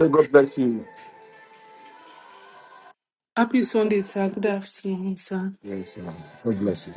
Say God bless you. Happy Sunday, sir. Good afternoon, sir. Yes, man. God bless you.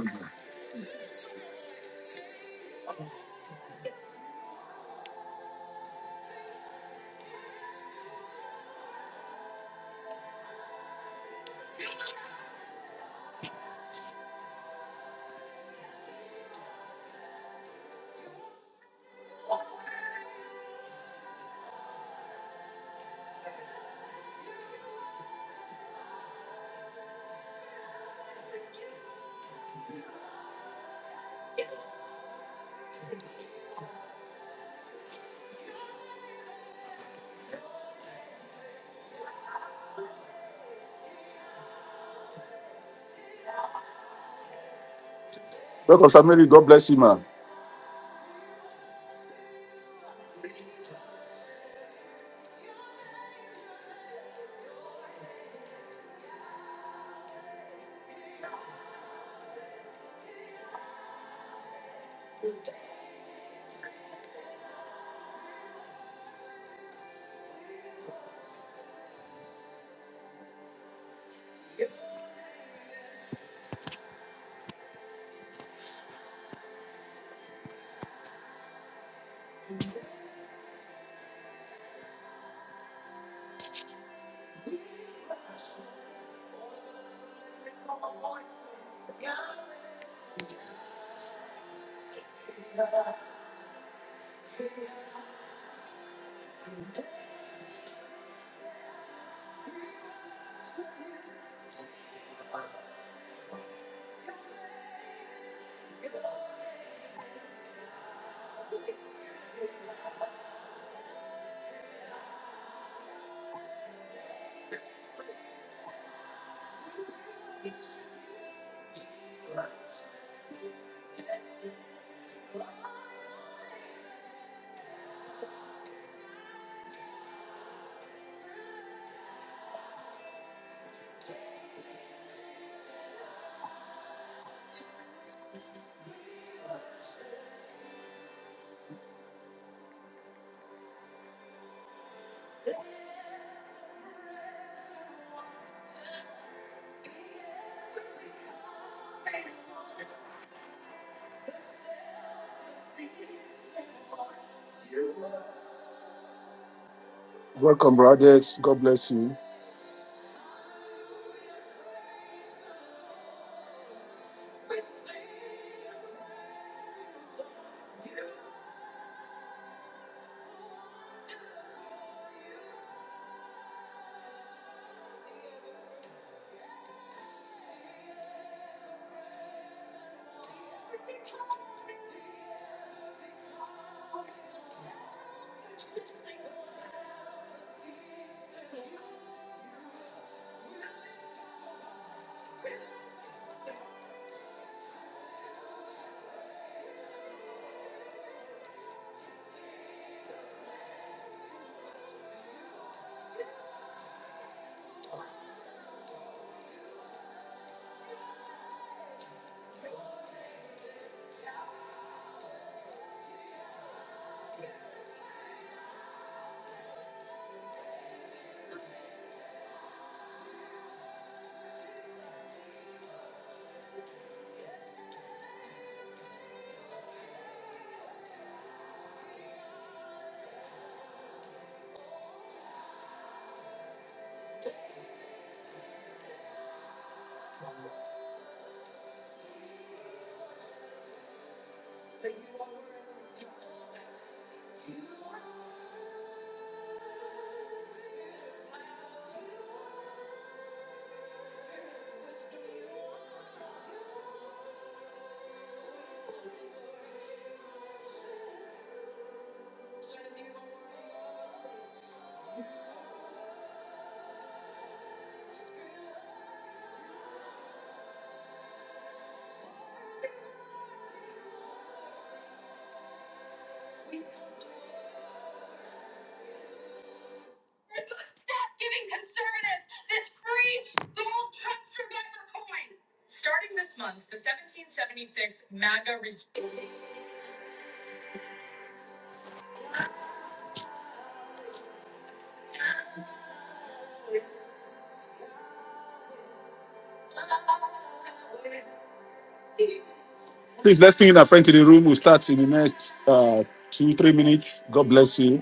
Welcome, Samiri. God bless you, man. Welcome, brothers. God bless you. Please let's bring in a friend to the room. We'll start in the next uh, two, three minutes. God bless you.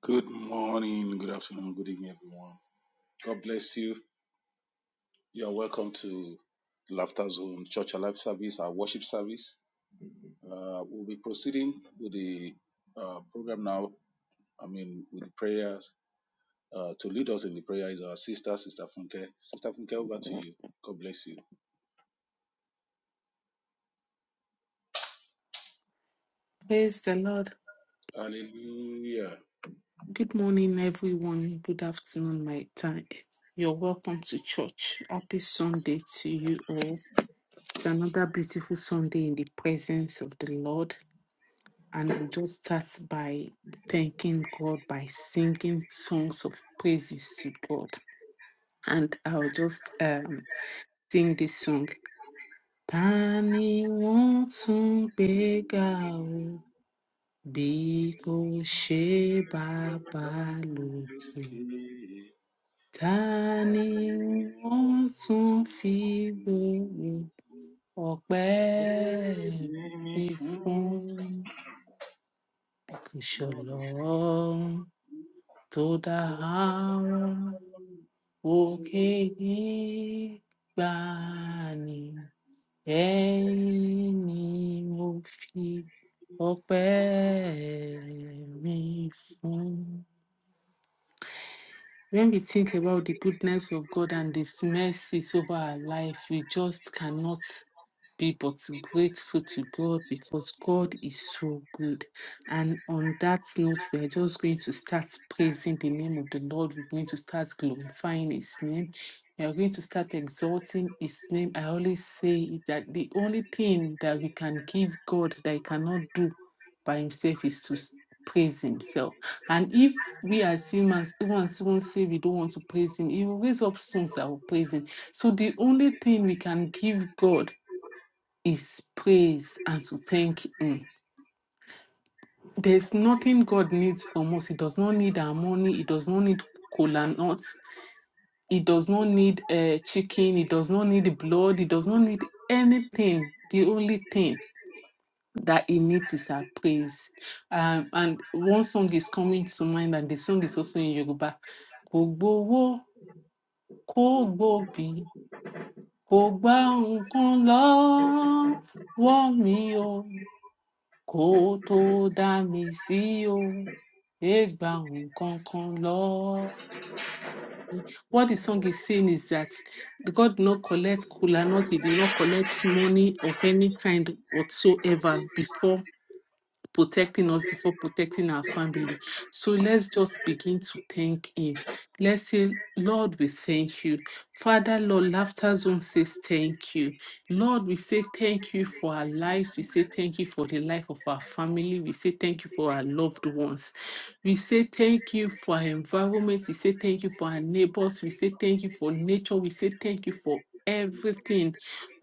Good morning, good afternoon, good evening, everyone. God bless you. You are welcome to Laughter Zone Church Alive Service, our worship service. Uh, we'll be proceeding with the uh, program now. I mean, with the prayers. Uh, to lead us in the prayer is our sister, Sister Funke. Sister Funke, over to you. God bless you. Praise the Lord. Hallelujah. Good morning, everyone. Good afternoon, my time. You're welcome to church. Happy Sunday to you all. It's another beautiful Sunday in the presence of the Lord. And we'll just start by thanking God by singing songs of praises to God. And I'll just um, sing this song. Tani wọ́n tún gbéga o? Bí kò ṣe bàbá lókè, ta ni wọ́n tún fi gbòòrò ọ̀pẹ́ mi fún? Bí kò ṣọlọ́run tó dá àwọn òkè gbígbà ni ẹ̀yìn ni mo fi ọ̀pẹ́ mi fún. When we think about the goodness of God and His mercies over our life, we just cannot be but grateful to God because God is so good. And on that note, we are just going to start praising the name of the Lord. We're going to start glorifying His name. We are going to start exalting His name. I always say it that the only thing that we can give God that He cannot do by Himself is to s- praise Himself and if we as humans, even as humans say we don't want to praise him, he will raise up stones that will praise him. So the only thing we can give God is praise and to thank him. There's nothing God needs from us. He does not need our money. He does not need cola nuts. He does not need uh, chicken. He does not need blood. He does not need anything. The only thing that in it is our praise. Um, and one song is coming to mind, and the song is also in Yoruba. Kò gbowó, kò gbòbí, kò gbá nǹkan lọ́wọ́ mi o, kò tó dá mi sí o, ẹ gba nǹkan kan lọ́wọ́ me. What the song is saying is that God did not collect kula not, he did not collect money of any kind whatsoever before protecting us before protecting our family. So let's just begin to thank Him. Let's say, Lord, we thank you. Father, Lord, Laughter Zone says thank you. Lord, we say thank you for our lives. We say thank you for the life of our family. We say thank you for our loved ones. We say thank you for our environment. We say thank you for our neighbors. We say thank you for nature. We say thank you for everything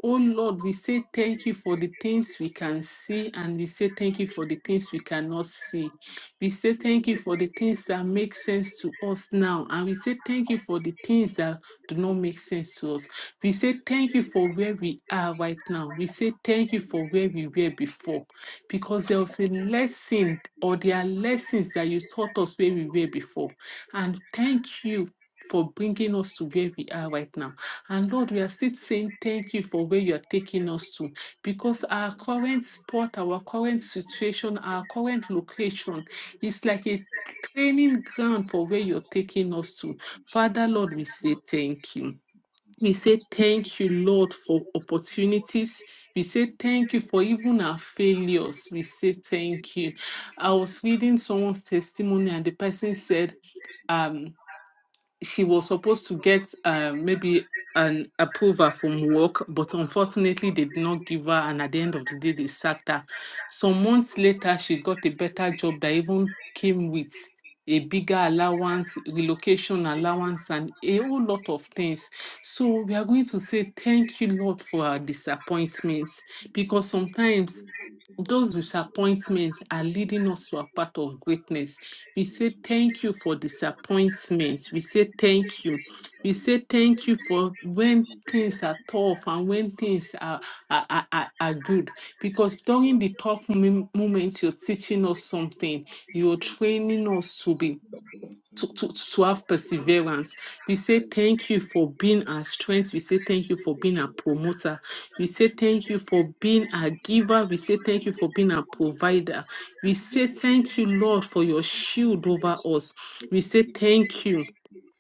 Oh Lord, we say thank you for the things we can see, and we say thank you for the things we cannot see. We say thank you for the things that make sense to us now, and we say thank you for the things that do not make sense to us. We say thank you for where we are right now. We say thank you for where we were before, because there was a lesson, or there are lessons that you taught us where we were before. And thank you for bringing us to where we are right now. And Lord, we are still saying thank you for where you're taking us to because our current spot, our current situation, our current location is like a training ground for where you're taking us to. In Father, Jesus, Lord, thank we you, say Lord. thank you. Thank We you, Lord. Thank say you, thank you, Lord, for opportunities. We say thank you for even our failures. We say thank you. I was reading someone's testimony and the person said, um she was supposed to get uh, maybe an approval from work, but unfortunately, they did not give her. And at the end of the day, they sacked her. Some months later, she got a better job that even came with a bigger allowance, relocation allowance, and a whole lot of things. So we are going to say thank you, Lord, for our disappointments, because sometimes thank you, Lord. those Thank you, Lord. disappointments are leading us to a path of greatness. We Thank say you, thank Jesus. you for disappointments. We say thank you. We Father, Lord. say thank you for when Thank Lord. Thank things you, are tough and when things are, are, are, are are good. Because during the tough mom- moments, you're teaching us something. You're training us to be Lord. Thank you, to, to, Lord. Thank you, Lord. Thank you, Lord. Thank you, Lord. to have perseverance. We say thank you for being our strength. We say thank you for being our promoter. We say thank you for being our giver. We say thank you for being our provider. We say Thank thank you, Lord, for your shield over us. We say thank you.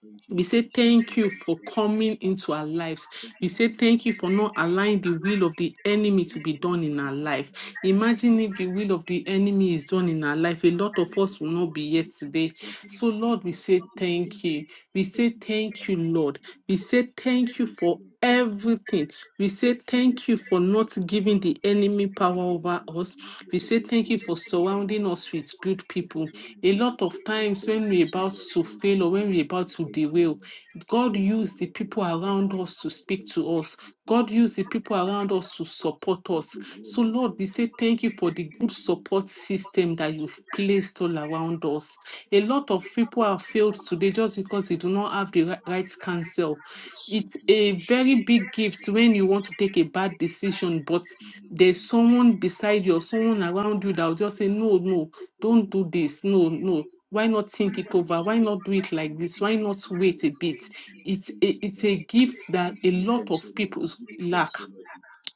you, We say thank you, thank you thank for coming into our lives. We say thank you for not allowing the will of the enemy to be done in our life. Imagine if the will of the enemy is done in our life. A lot of us will not be here today. So, you, thank you, Lord. Thank you, Lord. Thank Lord, you, we thank say thank you. We say you, thank you, Lord. We say thank you thank for everything. We say you. thank you for not giving the enemy power Thank over us. you, We say Jesus. thank you for Thank you, surrounding us with good people. A Jesus. lot of times Thank when we're about to fail or when we're about to you, Lord. Thank you, Lord. Thank you, Lord. Thank you, Lord. derail, God used the people around us to speak to us. God used the people around us to support us. So, Lord, we say thank you for the good support system that you've placed all around us. A lot of Thank people have failed today just because they do not have the ri- right counsel. It's a very big gift when you want to take a bad decision, but there's someone beside you or someone around you that will just say, No, no, don't do this no no why not think it you, Lord. Thank over why not do it like this why you, not wait a bit it's Lord. a, Thank you, it's Lord. a gift We that a give you lot thanks, O of Lord. people We give you thanks, lack O Lord. We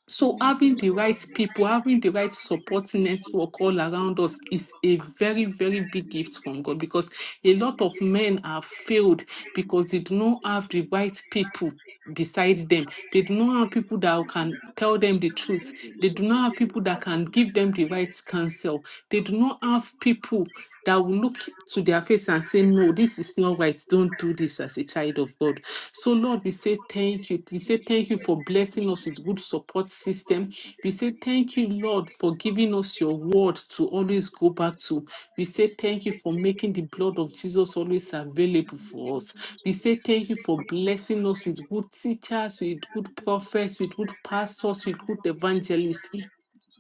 so give you having thanks the for our right people, worship. having the right support Lord, show for network all grace. Thank around you, us Lord. is a Thank you. very, very big gift from God because a lot of men are failed because they do not have the right people beside them. They do not have people that can tell them the truth. They do not have people that can give them the right counsel. They do not have people that will look to their face and say, No, this is not right. Don't do this as a child of God. So, Lord, we say thank you. We say thank you for blessing us with good support system. We say thank you, Lord, for giving us your word to always go back to. We say thank you for making the blood of Jesus always available for us. We say thank you for blessing us with good teachers, with good prophets, with good pastors, with good evangelists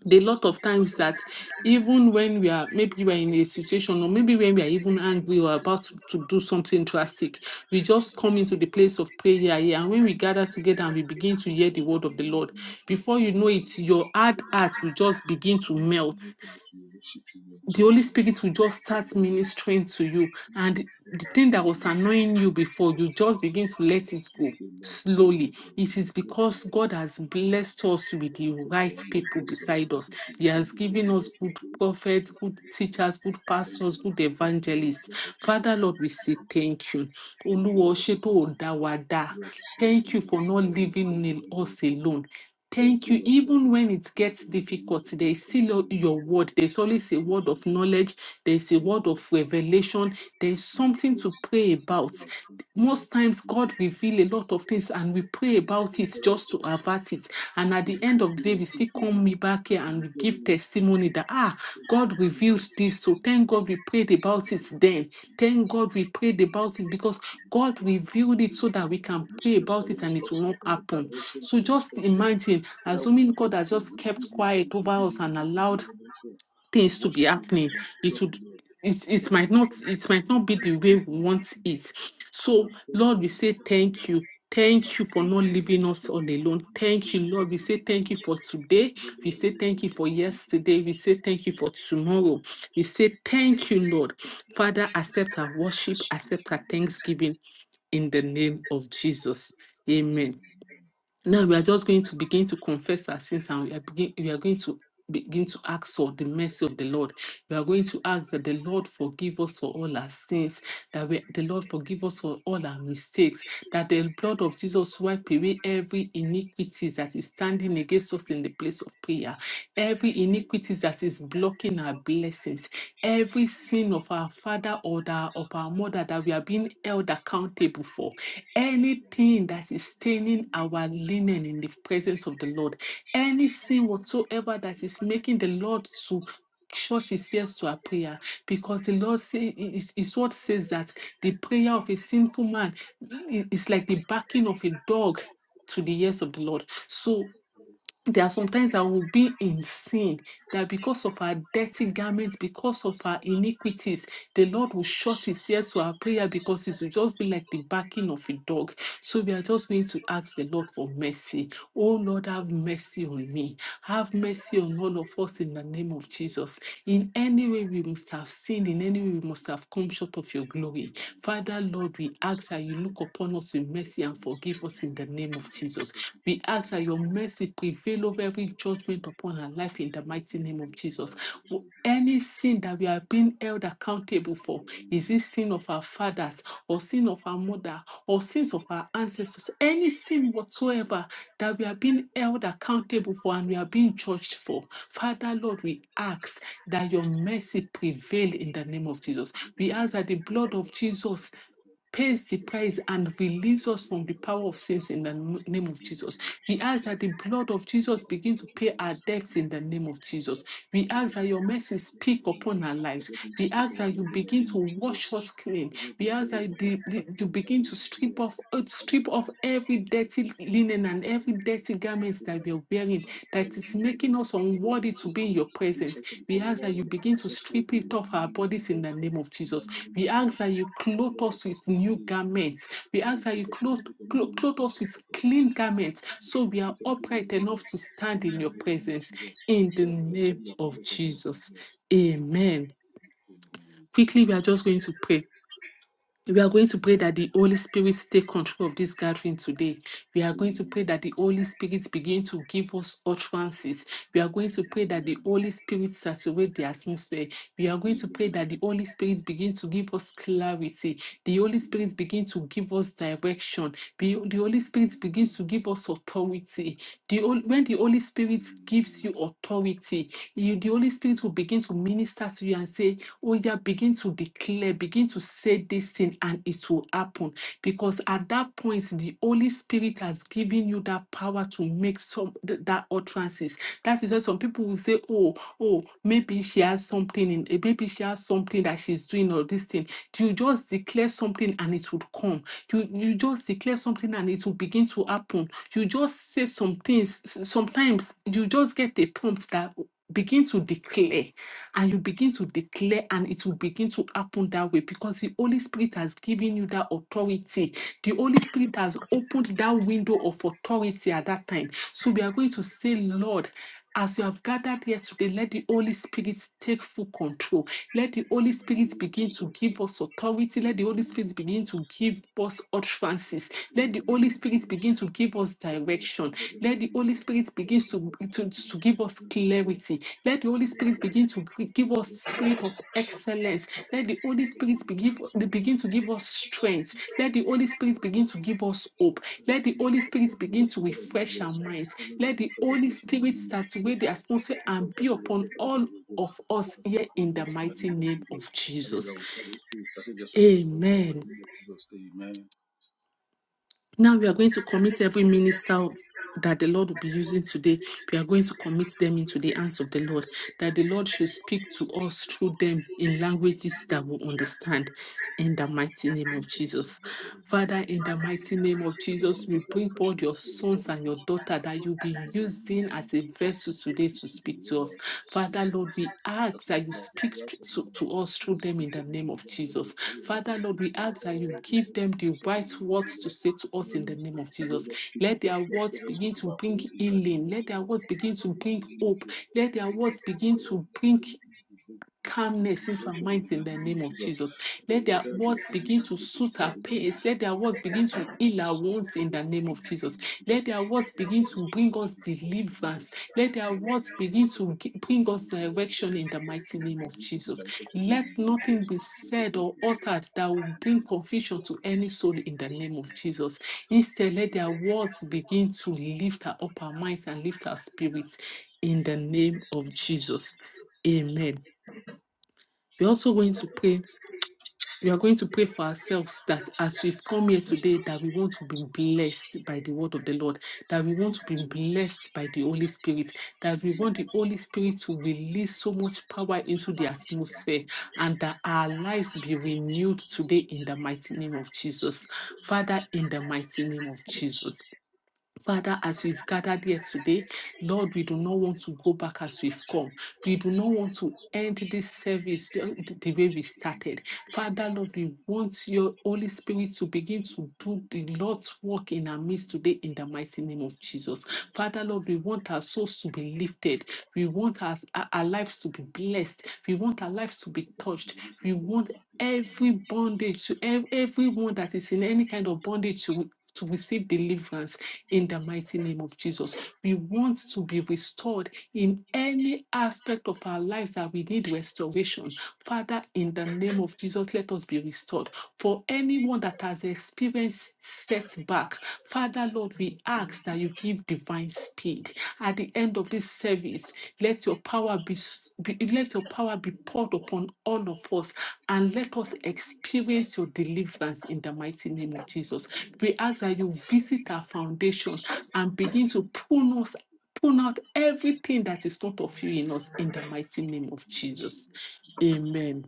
the lot of times that even when we are maybe we're in a situation or maybe when we are even angry or about to to do something drastic we just come into the place of prayer here and when we gather together and we begin to hear the word of the lord We give you thanks. before O you know Lord. it your hard heart will just begin We to give melt you thanks. O Lord. We give you thanks. We worship you. We the exalt Holy you. Lord. O Spirit will just start Lord, ministering to you. Thank you And for the that. thing that Thank was you, Son, for annoying you grace. before, you just begin to Thank let it go you, thank you, Lord. Thank you, slowly. Lord. We It will is pray for because Lord. God has Thank you, Lord. blessed us with We the thank you for right all your people blessings. beside We thank us. you. Thank He has you for given the us Holy good Spirit. prophets, good teachers, good Thank pastors, you. Lord. good Bless us. evangelists. We Father Thank Lord, we say thank you. Oluwa o ṣé tó o dá wa dá. Thank you for not leaving in us alone. Thank you. Even when it gets you. Thank difficult, you. there Lord. is still Thank your you. Lord. your word. There's always a word of knowledge. There's a word Thank of revelation. There's you. Lord. Thank you. something to Lord. pray Thank you. about. Lord. Thank you. Most Lord. times, God reveals a lot of things and we pray about your mission, for it just to avert it. And at the end of the day, we still come me back here and we give testimony that, ah, God your revealed this. So thank God we prayed about it then. Thank God we prayed about it because God revealed it so that we can pray about it and it will instruction, not for your happen. direction, So for your just instruction. imagine, Father, we assuming God thank has you. We just give kept you quiet thanks. We over give you thanks. we give you us and allowed adoration. things We to be worship you, Lord. happening, We it exalt would you, Lord. it, it Father, we might not thank you, it Lord. might We not be thank the you, Lord. way we want it. We So exalt you, Lord, we Lord. This say thank you. Thank much you for not greater than leaving us sin all that alone. we Thank you, do in this Lord. We say thank you for season. today. Thank We you, say Lord. Thank thank you you, for yesterday. We say thank you for tomorrow. We say thank you, Lord. Father, accept our worship, accept our thanksgiving in the name of Jesus. Amen. Now we are just going to begin to confess our sins and we are, begin, we are going to begin to ask for the mercy of the Lord. We are going to ask that the Lord forgive us for all our sins, that we, the Lord forgive us for all our mistakes, that the blood of Jesus wipe away every iniquity that is standing against us in the place of prayer, every iniquity that is blocking our blessings, every sin of our father or the, of our mother that we are being held accountable for anything that is staining our linen in the presence of the Lord, any sin whatsoever that is making the Lord to shut his ears to our prayer because the lord say, is, is what says that the prayer of a sinful man i- is like the barking of a dog to the ears of the lord so there are sometimes that will be in sin that because of our dirty garments, because of our iniquities, the Lord will shut his ear to our prayer because it will just be like the barking of a dog. So we are just going to ask the Lord for mercy. Oh Lord, have mercy on me. Have mercy on all of us in the name of Jesus. In any way we must have sinned, in any way we must have come short of your glory. Father, Lord, we ask that you look upon us with mercy and Lord. forgive us in the name of Thank Jesus. We ask you. Thank you, Lord. Thank you, Lord. Thank you, Lord. that your mercy prevail over every judgment upon her life in the mighty name of Jesus. Thank Any sin that we are being held accountable for, is it sin of our fathers or sin of our mother or sins of our ancestors, any sin whatsoever that we are being held accountable for and we are being judged for, Father Lord, we ask that your mercy prevail in the name of Jesus. We ask that the blood of Jesus pays the you, Lord. price and release us from the Thank you, power of Lord. sins in the n- I just want to keep going. I just want to keep going. I just want to keep going. I name of Jesus. We ask that the blood of Jesus begin to pay our debts in the name of Jesus. We ask that your mercy speak upon our lives. We ask that you begin to wash us clean. We ask that the- the- you begin to strip off, uh, strip off every dirty linen and every dirty garments that we are wearing that is making us unworthy to be in your presence. We ask that you begin to strip it off our bodies in the name of Jesus. We ask that you clothe us with new garments. We ask that you clothe, clothe, clothe us with clean garments so we are upright enough to stand in your presence. In the name of just want to keep Jesus. Amen. going. Quickly, we are just going to pray. We are going to pray that the Holy Spirit take control of this gathering today. We are going to pray that the Holy Spirit begin to give us utterances. We are going to pray that the Holy Spirit saturate the atmosphere. We are going to pray that the Amen. Holy Spirit begin to give us clarity. The Holy Spirit begin to give us direction. The, the Holy Spirit begins to give us authority. The, Hol- when the Holy Spirit gives In you authority, you, the Holy Spirit will begin to minister to you and say, Oh, yeah, begin to declare, begin to say this thing, and it will happen. Because at that point, the Holy Spirit has given you that power to make some th- that utterances. That is why some people will say, Oh, oh, maybe she has something in eh, maybe she has something that she's doing or this thing. You just declare something and it would come. You you just declare something and it will begin to happen. You just say some things. s- Sometimes you just get a prompt that begin to declare and you begin to declare and it will begin to happen that way because the Holy Spirit has given you that authority. The Holy Spirit has opened that window of authority at that time. So we are going to say, Lord, as you have gathered here today, let the Holy Spirit take full control. Let the Holy the Spirit name of begin to Jesus, give us authority. in Let the the Holy name Spirit begin to give us utterances. in Let the the Holy name of Spirit Jesus, begin to give us Lord, so direction. that the Let Lord the may Holy hear us, Spirit begin to, to, that the to Lord has give us said in the words, clarity. Let the Holy in the name of Spirit Jesus, begin to gi- in give the us name of Jesus, spirit of excellence. Let the Holy Spirit begin, begin to give us strength. Let the Holy Spirit begin to give us hope. Let the in Holy the name Spirit of begin Jesus, to in the name refresh of our Jesus. minds. Father, we Let the confess our Holy blessing in the Spirit name of Jesus. saturate the atmosphere Father, Lord, and so be that the Lord has upon said in all the words, that the Lord has said in the of us here in the mighty name of name Jesus. of Father, Jesus. Lord, we pray this peace, that the Lord shall take all of us in Amen. the name of Jesus. Amen. Now we are going to commit every minister that the Lord will be using today. We are going to commit them into the hands of the Lord, that the Lord should speak to us through them in languages that we In Jesus' name. understand. In the mighty name of Thank you, Father, Jesus. Lord, for the city Father, of in the faith. mighty name of Father, Jesus, make we us like bring fresh forth your water, Lord, sons in and your Jesus' name. daughter that you'll be until we using release a as a relationship to vessel you today to today, speak oh to us. Lord. We Father, can Lord, we release us ask that today, you Lord. speak We thr- ask of you, to, Lord. to us That through is them in the teaching name of me, Lord, that is Jesus. telling me, that Father, is Lord, taking we me ask that you all the give best them in the the second right we release it, words to Lord. say to And oh us in the Lord, name of let Jesus. us not speak of Let our their flesh, words let us speak begin to of our bring own in the name healing. of in Let their words begin to the bring name of hope. Jesus. Let their Let us words not begin to bring calmness into our Association minds in the in the name of name of Jesus. Jesus. The Let their order be words in begin name to suit our pace. Let their words begin to heal our wounds in the name of of Jesus. Jesus. Let their words begin to bring us We deliverance. Let their words begin to gi- bring us need direction in the mighty name of to be Jesus. direction today Let in nothing be said or uttered that will bring confusion to any soul in the name of Jesus. Instead, let their words begin to lift our upper minds and lift our spirits in the name of Jesus. Amen. We're also going to pray. We are going to pray for ourselves that as we've come here today, that we want to be blessed by the word of the Lord, that we want to be blessed by the Holy Spirit, that we want the Holy Spirit to release so much power into the atmosphere, and that our lives be renewed today in the mighty name of Jesus. Father, in the mighty name of Jesus. Father, as we've gathered here today, Lord, we do not want to go back as we've come. We do not want to end this service ju- th- the way we started. Father, Lord, we want your Holy Jesus. Spirit to begin to do the Lord's work in our midst today in the mighty name of Jesus. Father, Lord, we want our souls to be lifted. We want our, our our lives to be blessed. We want our lives to be Jesus, touched. we just thank We you for this want in the every bondage to ev- everyone that is in any kind of bondage to to receive deliverance in the mighty name of Jesus. We want to be restored in any aspect of our lives that we need restoration. Father, in the name of Jesus, let us be restored. For anyone that has experienced setback, Father, Lord, we ask that you give divine speed. At the end of this service, let your power be, be let your power be poured upon all of us and let us experience your deliverance in the mighty name of Jesus. We ask that you visit our foundation and begin to prune us, prune out everything that is not of you in us in the mighty name of Jesus. Amen.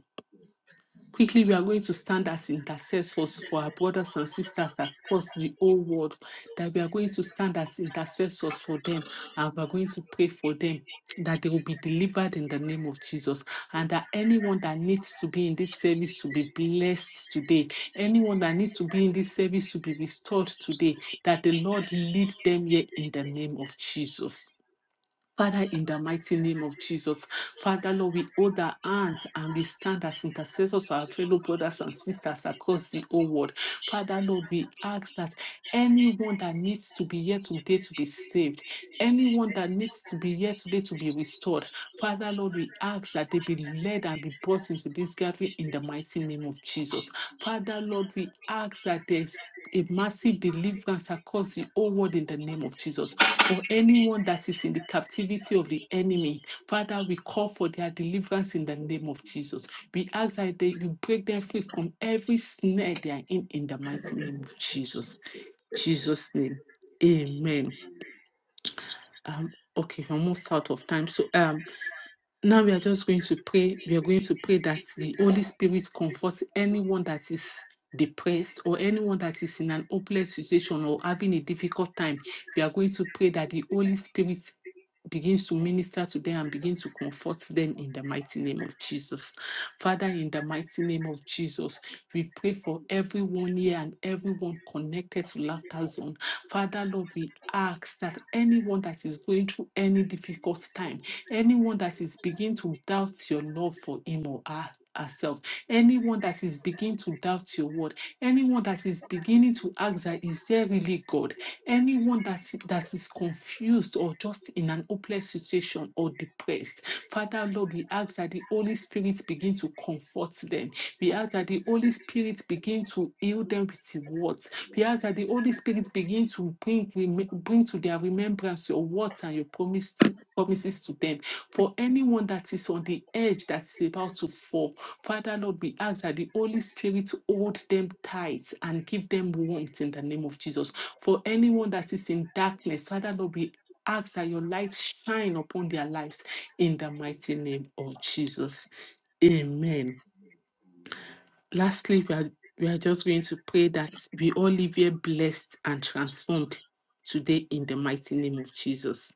Quickly, we are going to stand as intercessors for our brothers and sisters across the whole world, that we are going to stand as intercessors for them, and we are going to pray for them. That they will be delivered in the name of Jesus, and that anyone that needs to be in this service to be blessed today, anyone that needs to be in this service to be restored today, that the Lord lead them here in the name of Jesus. Father, in the mighty name of Jesus, Father, Lord, we hold our hands and we stand as intercessors for our fellow brothers and sisters across the whole world. Father, Lord, we ask that anyone that needs to be here today to be saved, anyone that needs to be here today to be restored, Father, Lord, we ask that they be led and be brought into this gathering in the mighty name of Jesus. Father, Lord, we ask that there's a massive deliverance across the whole world in the name of Jesus for anyone that is in the captivity of the enemy. Father, we call for their deliverance in the name of Jesus. We ask that they, you break them free from every snare they are in, in the mighty name of Jesus. Jesus' name. Amen. Um, okay, we're almost out of time. So um, now we are just going to pray. We are going to pray that the Holy Spirit comforts anyone that is depressed or anyone that is in an hopeless situation or having a difficult time. We are going to pray that the Holy Spirit begins to minister to them and begins to comfort them in the mighty name of Jesus. Father, in the mighty name of Jesus, we pray for everyone here and everyone connected to Laughter Zone. Father, Lord, we ask that anyone that is going through any difficult time, Anyone that is beginning to doubt your love for him or her, herself, anyone that is beginning to doubt your word, anyone that is beginning to ask that is there really God, anyone that, that is confused or just in an hopeless situation or depressed, Father Lord, we ask that the Holy Spirit begin to comfort them. We ask that the Holy Spirit begin to heal them with the words. We ask that the Holy Spirit begin to bring reme- bring to their remembrance your words and your promises promises to them. For anyone that is on the edge that is about to fall, Father Lord, we ask that the Holy Spirit hold them tight and give them warmth in the name of Jesus. For anyone that is in darkness, Father Lord, we ask that your light shine upon their lives in the mighty name of Jesus. Amen. Lastly, we are we are just going to pray that we all live here blessed and transformed today in the mighty name of Jesus.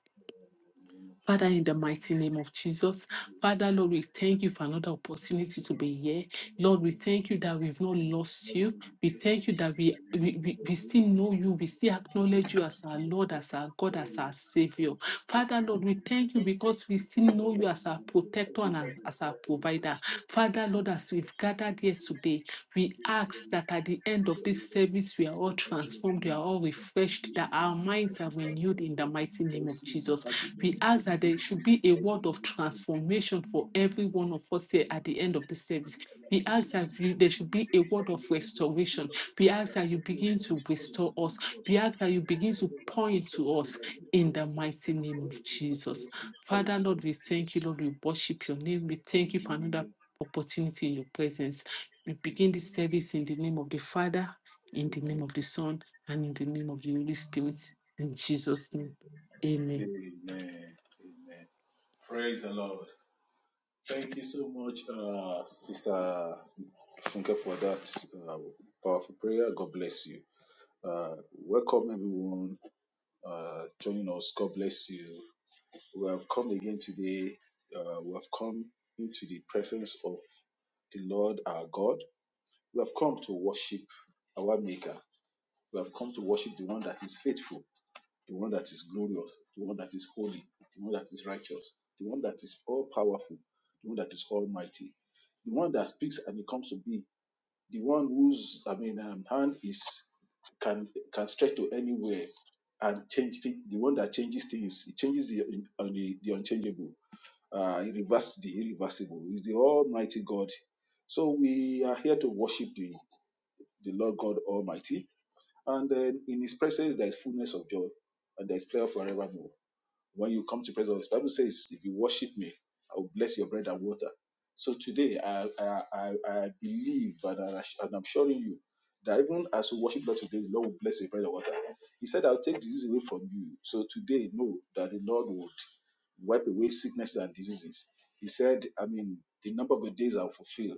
name of Father, in Jesus. the mighty name of Jesus, Father, Lord, we thank you for another We opportunity thank you for to be here. Lord, we being our thank you healer. that we've not lost Lord, you. when we We sin, thank and you that we, then we, we we, we deserve you, still we know come you. and We still contribute acknowledge to you the as our Lord, forgiveness. as our God, Father, as we our Savior. confess we confess Father, in the Lord, we name of thank you Jesus. because we Thank still you for know your you life, as our because you have protector and taken back an- and as set our us in your provider. position. Father, Lord, as we've We thank you gathered here for today, we being with ask that us. at the end We thank you for of being this with us. service, we are all We thank you for transformed, being we are with all us. refreshed, We that thank our you for minds are renewed in transforming the us. We mighty name rejoice of in our Jesus. heart in the We name of ask that there should be a Jesus. We word of rejoice in the transformation for name of every Jesus. one of us here at Amen. the end of the service. We ask that you, there should be a word of restoration. We ask that you begin to restore us. We ask that you begin to point to us in the mighty name of Jesus. Father, Lord, we thank you. Lord, we worship your name. We thank you for another opportunity in your presence. We begin this service in the name of the Father, in the name of the Son, and in the name of the Holy Spirit. In Jesus' name, amen. Amen. Praise the Lord. Thank you so much, uh, Sister Funke, for that uh, powerful prayer. God bless you. Uh, welcome, everyone uh, joining us. God bless you. we have come again today. Uh, we have come into the presence of the Lord our God. We have come to worship our Maker. We have come to worship the one that is faithful, the one that is glorious, the one that is holy, the one that is righteous, the one that is all powerful, the one that is almighty, the one that speaks and it comes to be, the one whose I mean um, hand is can can stretch to anywhere and change things, the one that changes things, it changes the, un- uh, the, the unchangeable uh, irreverse the irreversible. He's the Almighty God. So we are here to worship the, the Lord God Almighty. And then in His presence, there is fullness of joy and there is prayer forevermore when you come to praise the Bible says, if you worship me, I will bless your bread and water. So today, I I, I, I believe and, I, and I'm assuring you that even as you worship God today, the Lord will bless your bread and water. He said, I'll take disease away from you. So today, know that the Lord would wipe away sicknesses and diseases. He said, I mean, the number of the days are fulfilled.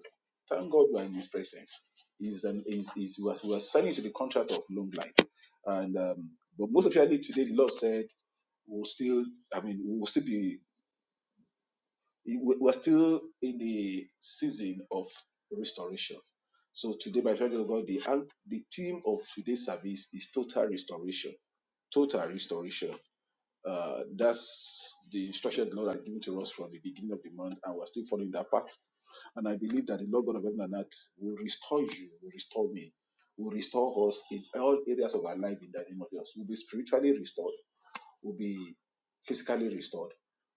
Thank God we are in His presence. He's an, he's, he's, we, are, we are signing to the contract of long life. And um, But most especially today, the Lord said, we'll still, I mean, we'll still be, we- we're still in the season of restoration. So today, by the grace of God, the, an- the theme of today's service is total restoration. Total restoration. Uh, that's the instruction the Lord had given to us from the beginning of the month, and we're still following that path. And I believe that the Lord God of heaven and earth will restore you, will restore me, will restore us in all areas of our life in the name of Jesus. We'll be spiritually restored will be physically restored.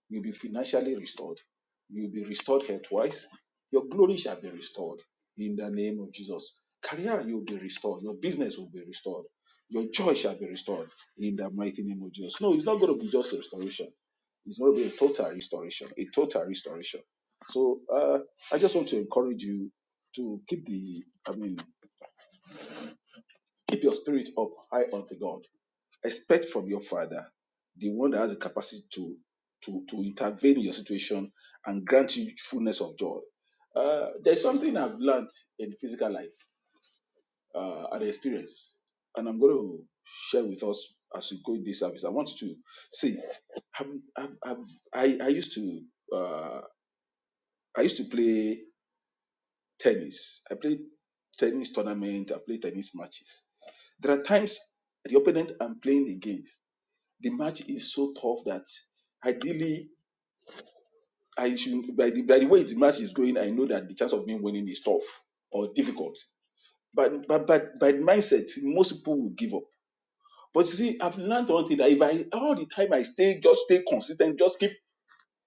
You'll be financially restored. You'll be restored health-wise. Your glory shall be restored in the name of Jesus. Career, you'll be restored. Your business will be restored. Your joy shall be restored in the mighty name of Jesus. No, it's not going to be just restoration. It's going to be a total restoration, a total restoration. So uh, I just want to encourage you to keep the, I mean, keep your spirit up high unto God expect from your father, the one that has the capacity to to to intervene in your situation and grant you fullness of joy. Uh, there's something I've learned in physical life uh, and experience, and I'm going to share with us as we go in this service. I want you to see. I've, I've, I've, I I used to uh, I used to play tennis. I played tennis tournament. I played tennis matches. There are times the opponent I'm playing against The match is so tough that ideally I should by the by the way the match is going, I know that the chance of me winning is tough or difficult. But but but by mindset, most people will give up. But you see, I've learned one thing that if I all the time I stay, just stay consistent, just keep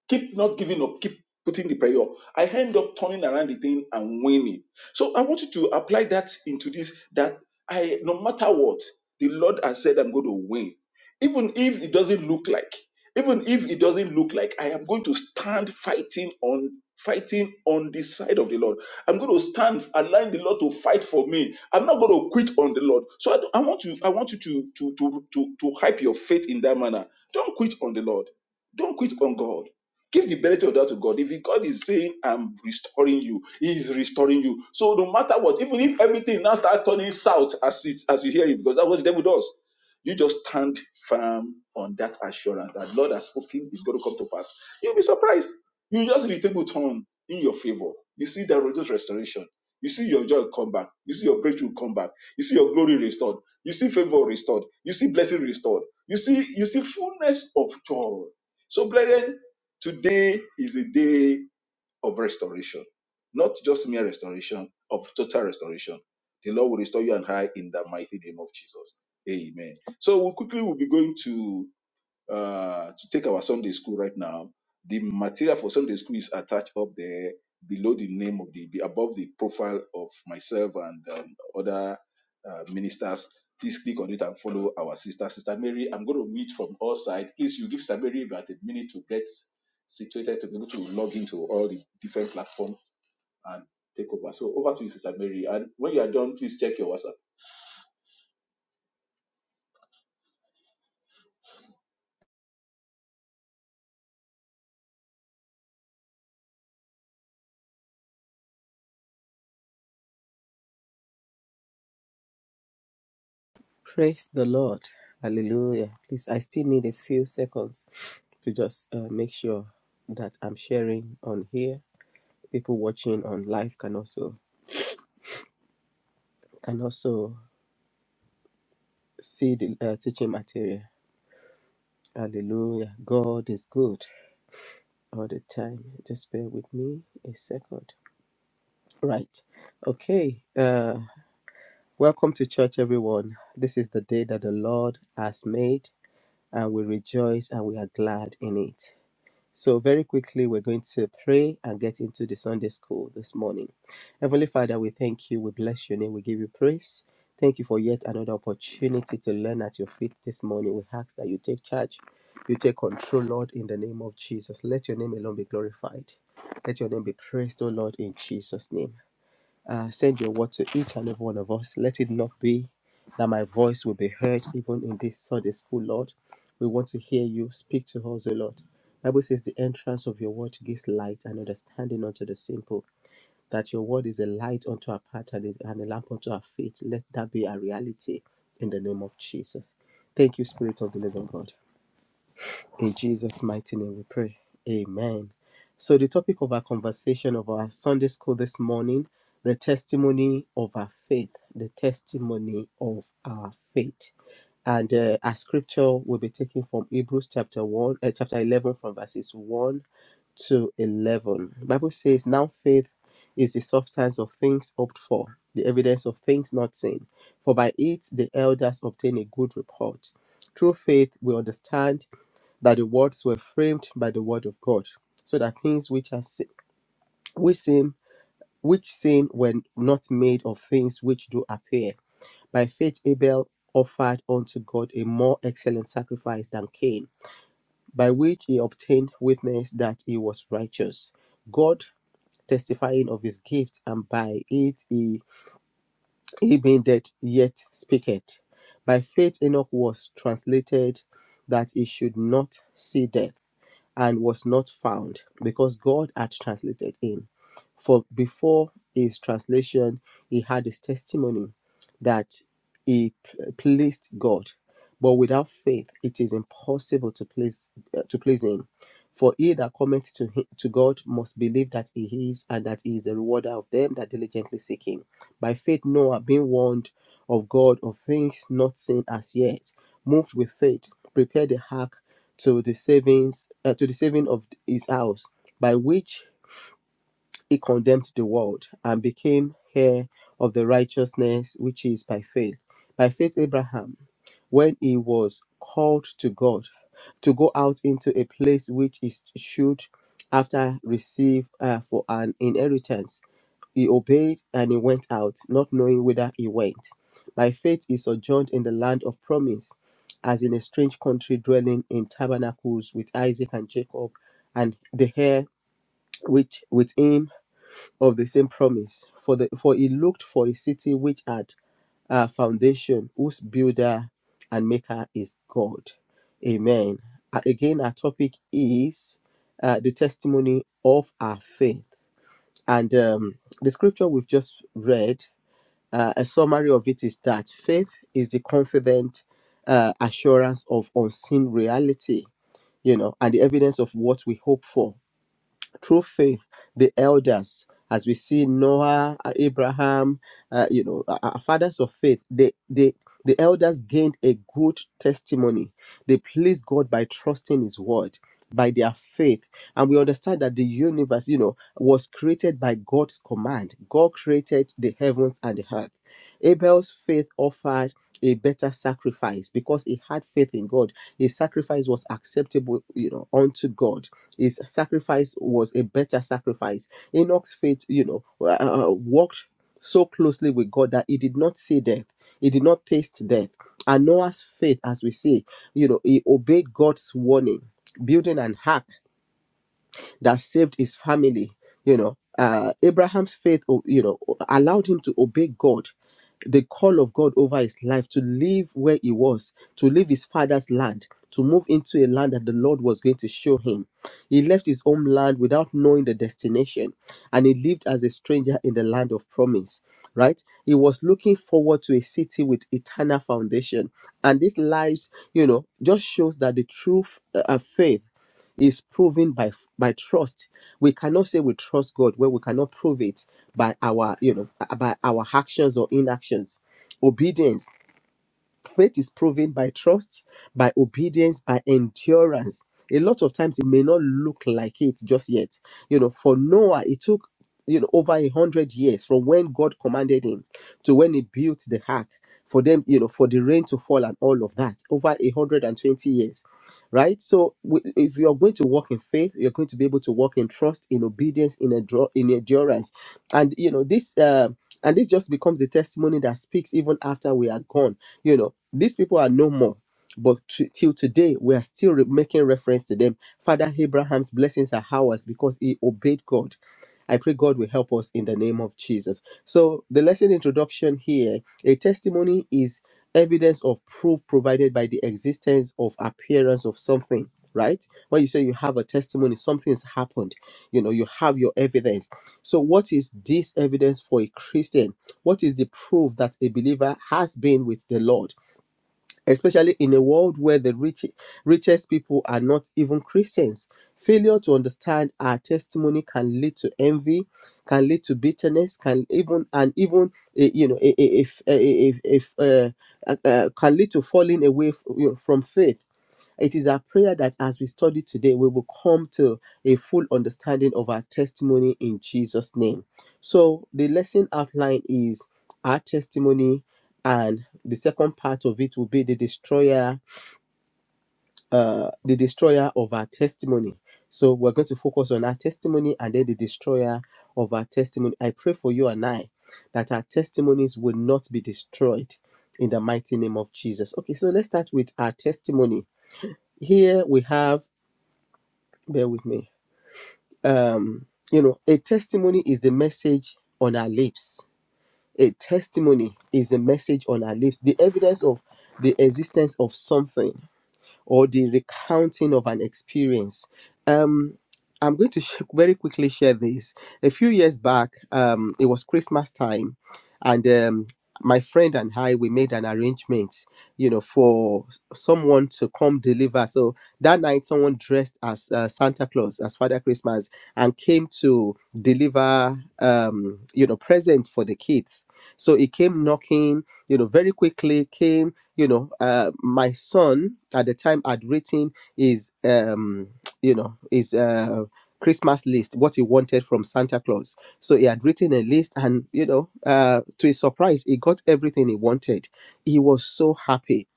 Keep not giving up. Keep putting the prayer up. I end up turning around the thing and winning. So I want you to apply that into this that I, no matter what, the Lord has said I'm going to win. Even if it doesn't look like, even if it doesn't look like, I am going to stand fighting on fighting on the side of the Lord. I'm going to stand, align the Lord to fight for me. I'm not going to quit on the Lord. So I, don't- I want you, I want you to to to to to hype your faith in that manner. Don't quit on the Lord. Don't quit on God. Give the benefit of that to God. If God is saying, I'm restoring you, He is restoring you. So no matter what, even if everything now starts turning south as it as you hear it, because that's what the devil does. You just stand firm on that assurance that Lord has spoken is going to come to pass. You'll be surprised. You just see the table turn in your favor. You see the religious restoration. You see your joy come back. You see your breakthrough come back. You see your glory restored. You see favor restored. You see blessing restored. You see you see fullness of joy. So brethren, Today is a day of restoration, not just mere restoration, of total restoration. The Lord will restore you and I in the mighty name of Jesus. Amen. So we quickly will be going to uh, to take our Sunday school right now, the material for Sunday school is attached up there below the name of the, above the profile of myself and um, other uh, ministers. Please click on it and follow our sister, Sister Mary. I'm going to meet from all sides. Please, you give Sister Mary about a minute to get situated to be able to log into all the different platforms and take over. So over to you, Sister Mary. And when you are done, please check your WhatsApp. Praise the Lord. Hallelujah. Please, I still need a few seconds to just uh, make sure that I'm sharing on here. People watching on live can also can also see the uh, teaching material. Hallelujah. God is good all the time. Just bear with me a second. Right. Okay. Uh, welcome to church, everyone. This is the day that the Lord has made, and we rejoice and we are glad in it. So, very quickly, we're going to pray and get into the Sunday school this morning. Heavenly Father, we thank you. We bless your name. We give you praise. Thank you for yet another opportunity to learn at your feet this morning. We ask that you take charge, you take control, Lord, in the name of Jesus. Let your name alone be glorified. Let your name be praised, O Lord, in Jesus' name. Uh, send your word to each and every one of us. Let it not be that my voice will be heard even in this Sunday school, Lord. We want to hear you speak to us, O Lord. Bible says the entrance of your word gives light and understanding unto the simple. That your word is a light unto our path and a and a lamp unto our feet. Let that be our reality in the name of Jesus. Thank you, Spirit of the Living God. In Jesus' mighty name we pray. Amen. So, the topic of our conversation of our Sunday school this morning the testimony of our faith, the testimony of our faith. And uh, our scripture will be taken from Hebrews chapter 1, uh, chapter 11, from verses 1 to 11. The Bible says, Now faith is the substance of things hoped for, the evidence of things not seen. For by it the elders obtain a good report. Through faith we understand that the words were framed by the word of God, so that things which are se- which seem which seem were not made of things which do appear. By faith Abel offered unto God a more excellent sacrifice than Cain, by which he obtained witness that he was righteous. God testifying of his gift, and by it he, he being dead yet speaketh. By faith Enoch was translated that he should not see death and was not found because God had translated him. For before his translation, he had his testimony that he p- pleased God. But without faith, it is impossible to please uh, to please Him. For he that cometh to hi- to God must believe that He is, and that He is a rewarder of them that diligently seek Him. By faith, Noah, being warned of God of things not seen as yet, moved with faith, prepared the ark to the savings uh, to the saving of his house, by which he condemned the world and became heir of the righteousness which is by faith. By faith, Abraham, when he was called to God to go out into a place which is should after receive uh, for an inheritance, he obeyed and he went out, not knowing whither he went. By faith he sojourned in the land of promise, as in a strange country, dwelling in tabernacles with Isaac and Jacob, and the heir which with him of the same promise. For the for he looked for a city which had a foundation, whose builder and maker is God. Amen. A- Again, our topic is uh, the testimony of our faith. And um, the scripture we've just read, uh, a summary of it is that faith is the confident uh, assurance of unseen reality, you know, and the evidence of what we hope for through faith the elders as we see noah uh, abraham uh, you know uh, uh, fathers of faith they they the elders gained a good testimony they pleased god by trusting his word by their faith and we understand that the universe you know was created by god's command god created the heavens and the earth abel's faith offered a better sacrifice because he had faith in god his sacrifice was acceptable you know unto god his sacrifice was a better sacrifice. Enoch's faith, you know, uh, uh, walked so closely with God that he did not see death. He did not taste death. And Noah's faith, as we see, you know, he obeyed God's warning, building an ark that saved his family. You know, uh, Abraham's faith, o- you know, allowed him to obey God, the call of God over his life, to leave where he was, to leave his father's land, to move into a land that the Lord was going to show him. He left his home land without knowing the destination, and he lived as a stranger in the land of promise. Right? He was looking forward to a city with eternal foundation. And these lives, you know, just shows that the true f- uh, uh, faith is proven by by trust. We cannot say we trust God when we cannot prove it by our you know by our actions or inactions. Obedience faith is proven by trust, by obedience, by endurance. A lot of times it may not look like it just yet. You know, for Noah, it took you know over a hundred years from when God commanded him to when he built the ark for them, you know, for the rain to fall and all of that. Over a hundred and twenty years. Right, so w- if you are going to walk in faith, you're going to be able to walk in trust, in obedience, in endro- in endurance, and you know this. Uh, and this just becomes the testimony that speaks even after we are gone you know, these people are no more. But t- till today, we are still re- making reference to them. Father Abraham's blessings are ours because he obeyed God. I pray God will help us in the name of Jesus. So, the lesson introduction here a testimony is evidence of proof provided by the existence of appearance of something, right? When you say you have a testimony, something's happened. You know, you have your evidence. So, what is this evidence for a Christian? What is the proof that a believer has been with the Lord, especially in a world where the rich, richest people are not even Christians? Failure to understand our testimony can lead to envy, can lead to bitterness, can even and even eh, you know if if eh, eh, if, uh, uh, can lead to falling away f- you know, from faith it is our prayer that as we study today, we will come to a full understanding of our testimony in Jesus' name. So, the lesson outline is our testimony, and the second part of it will be the destroyer, uh, the destroyer of our testimony. So, we're going to focus on our testimony and then the destroyer of our testimony. I pray for you and I that our testimonies will not be destroyed in the mighty name of Jesus. Okay, so let's start with our testimony. Here we have bear with me. Um, you know, a testimony is the message on our lips. A testimony is the message on our lips, the evidence of the existence of something or the recounting of an experience. Um, I'm going to sh- very quickly share this. A few years back, um, it was Christmas time, and um, my friend and I we made an arrangement, you know, for someone to come deliver. So that night, someone dressed as uh, Santa Claus, as Father Christmas, and came to deliver, um, you know, present for the kids. So he came knocking, you know, very quickly came you know uh, my son at the time had written his um you know his uh christmas list what he wanted from santa claus so he had written a list and you know uh to his surprise he got everything he wanted he was so happy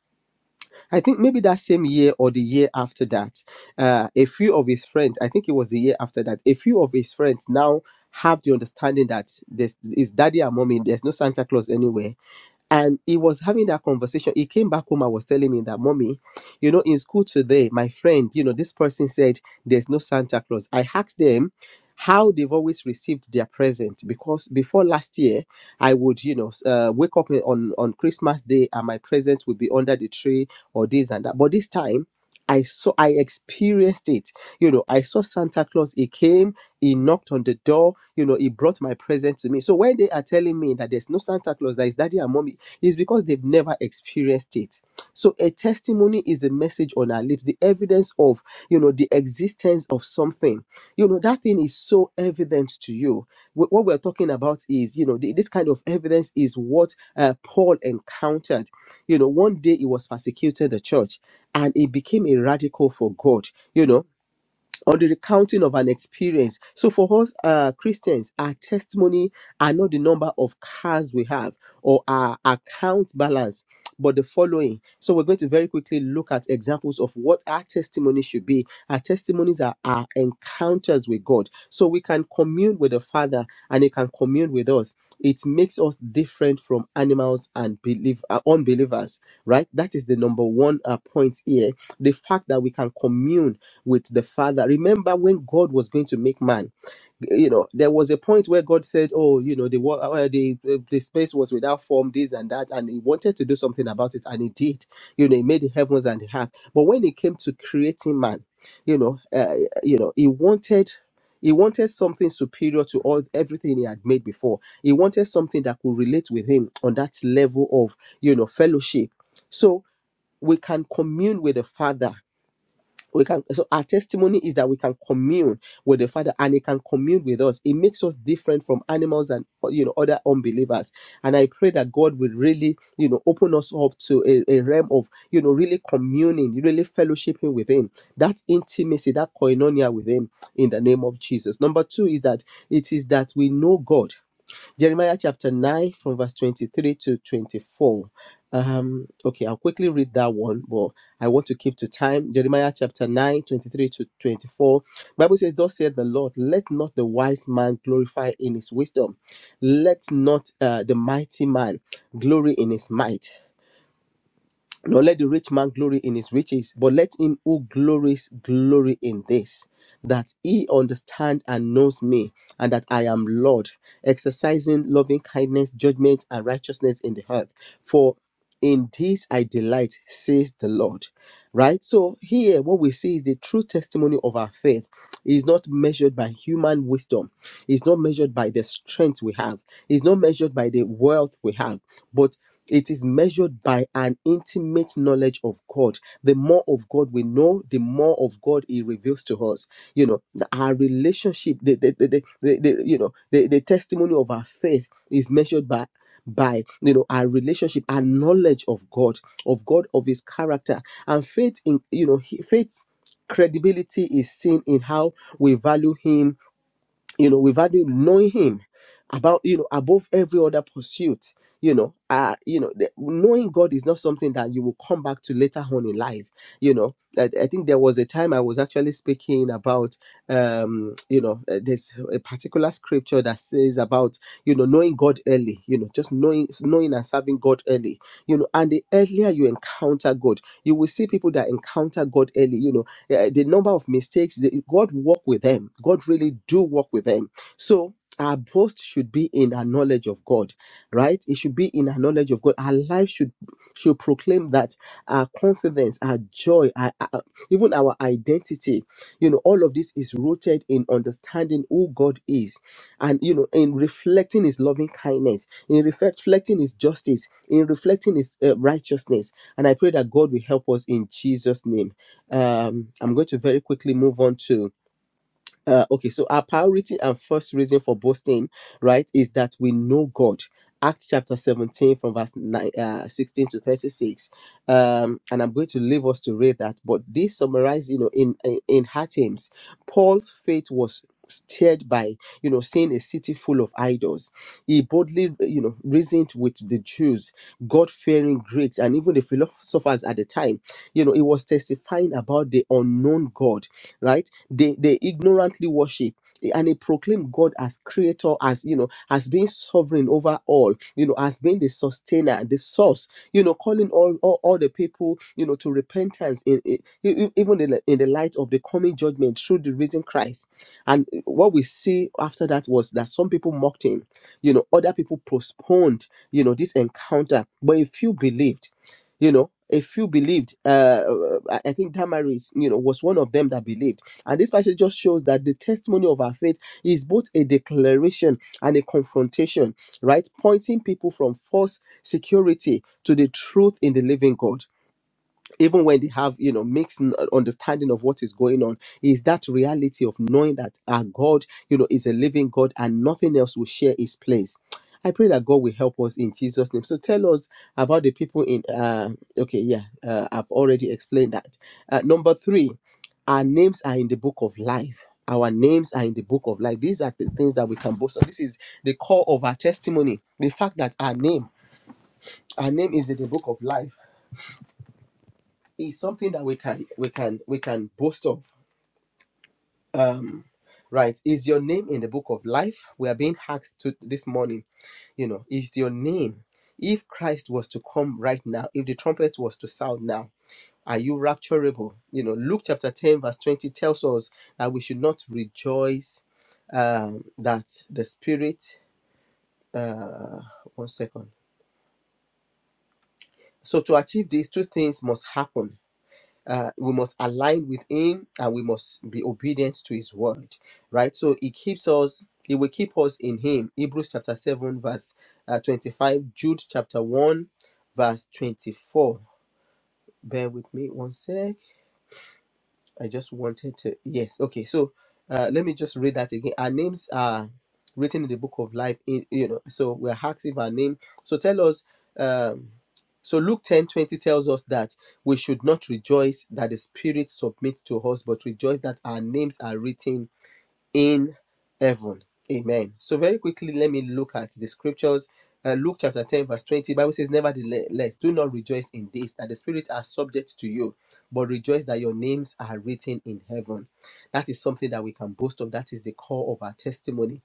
i think maybe that same year or the year after that uh a few of his friends i think it was the year after that a few of his friends now have the understanding that there's his daddy and mommy there's no santa claus anywhere and he was having that conversation. He came back home and was telling me that, Mommy, you know, in school today, my friend, you know, this person said there's no Santa Claus. I asked them how they've always received their present because before last year, I would, you know, s- uh, wake up on, on Christmas Day and my present would be under the tree or this and that. But this time, I saw, I experienced it. You know, I saw Santa Claus. He came, he knocked on the door, you know, he brought my present to me. So when they are telling me that there's no Santa Claus, that is daddy and mommy is because they've never experienced it. So a testimony is the message on our lips, the evidence of, you know, the existence of something. You know, that thing is so evident to you. Wh- What we're talking about is, you know, the- this kind of evidence is what uh, Paul encountered. You know, one day he was persecuting the church and he became a radical for God. You know, or the recounting of an experience. So for us uh, Christians, our testimony are not the number of cars we have or our account balance, but the following. So we're going to very quickly look at examples of what our testimony should be. Our testimonies are our encounters with God. So we can commune with the Father and He can commune with us. It makes us different from animals and believe, uh, unbelievers, right? That is the number one uh, point here. The fact that we can commune with the Father. Remember when God was going to make man, you know, there was a point where God said, "Oh, you know, the wa- uh, the uh, the space was without form, this and that," and He wanted to do something about it, and He did. You know, He made the heavens and the earth. But when it came to creating man, you know, uh, you know, He wanted. He wanted something superior to all everything he had made before. He wanted something that could relate with him on that level of, you know, fellowship. So we can commune with the Father we can so our testimony is that we can commune with the father and he can commune with us it makes us different from animals and you know other unbelievers and i pray that god will really you know open us up to a, a realm of you know really communing really fellowshipping with him that intimacy that koinonia with him in the name of jesus number two is that it is that we know god Jeremiah chapter 9, from verse 23 to 24. Um, okay, I'll quickly read that one, but I want to keep to time. Jeremiah chapter 9, 23 to 24. Bible says, Thus said the Lord, let not the wise man glorify in his wisdom, let not uh, the mighty man glory in his might. Nor let the rich man glory in his riches, but let him who glories glory in this, that he understand and knows me, and that I am Lord, exercising loving kindness, judgment, and righteousness in the earth. For in this I delight, says the Lord. Right? So here what we see is the true testimony of our faith is not measured by human wisdom, it's not measured by the strength we have, it's not measured by the wealth we have, but it is measured by an intimate knowledge of God. The more of God we know, the more of God He reveals to us. You know, the- our relationship, the, the, the, the, the, the- you know, the, the testimony of our faith is measured by by you know our relationship our knowledge of god of god of his character and faith in you know he- faith credibility is seen in how we value him you know, we've had him knowing him about, you know, above every other pursuit, you know, uh, you know, the, knowing God is not something that you will come back to later on in life. You know, I, I think there was a time I was actually speaking about, um, you know, uh, there's a particular scripture that says about, you know, knowing God early, you know, just knowing, knowing and serving God early, you know, and the earlier you encounter God, you will see people that encounter God early, you know, uh, the number of mistakes the, god walk with them god really do walk with them so our boast should be in our knowledge of god right it should be in our knowledge of god our life should should proclaim that our confidence our joy our, our- even our identity you know all of this is rooted in understanding who god is and you know in reflecting his loving kindness in reflect- reflecting his justice in reflecting his uh, righteousness and i pray that god will help us in jesus name um, I'm going to very quickly move on to uh, okay, so our priority and first reason for boasting, right, is that we know God. Acts chapter 17 from verse nine, uh, 16 to 36. Um, and I'm going to leave us to read that. But this summarized, you know, in, in, in her terms, Paul's faith was stirred by, you know, seeing a city full of idols. He boldly, you know, reasoned with the Jews, God-fearing Greeks, and even the philosophers at the time. You know, he was testifying about the unknown God right they they ignorantly worship and they proclaim god as creator as you know as being sovereign over all you know as being the sustainer the source you know calling all all, all the people you know to repentance in, in e- e- even in the, in the light of the coming judgment through the risen christ and what we see after that was that some people mocked him you know other people postponed you know this encounter but a few believed you know a few believed uh i I think damaris you know was one of them that believed and this passage just shows that the testimony of our faith is both a declaration and a confrontation right pointing people from false security to the truth in the living god even when they have you know mixed n- uh, understanding of what is going on is that reality of knowing that our god you know is a living god and nothing else will share his place i pray that god will help us in jesus name so tell us about the people in uh okay yeah uh, i've already explained that uh, number three our names are in the book of life our names are in the book of life these are the things that we can boast of this is the core of our testimony the fact that our name our name is in the book of life is something that we can we can we can boast of. Um, right? Is your name in the book of life? We are being asked to this morning. You know, is your name? If Christ was to come right now, if the trumpet was to sound now, are you rapturable? You know, Luke chapter ten verse twenty tells us that we should not rejoice um, that the spirit. Uh, one second. So to achieve these two things must happen uh, we must align with him and we must be obedient to his word right so he keeps us he will keep us in him hebrews chapter 7 verse uh, 25 jude chapter 1 verse 24 bear with me one sec I just wanted to. Yes, okay. So uh, let me just read that again. Our names are written in the book of life. In you know, so we're active. Our name. So tell us. Um, so Luke ten twenty tells us that we should not rejoice that the Spirit submits to us, but rejoice that our names are written in heaven. Amen. So very quickly, let me look at the scriptures. Uh, Luke chapter 10, verse 20. Bible says, Nevertheless, do not rejoice in this, that the spirits are subject to you, but rejoice that your names are written in heaven. That is something that we can boast of. That is the core of our testimony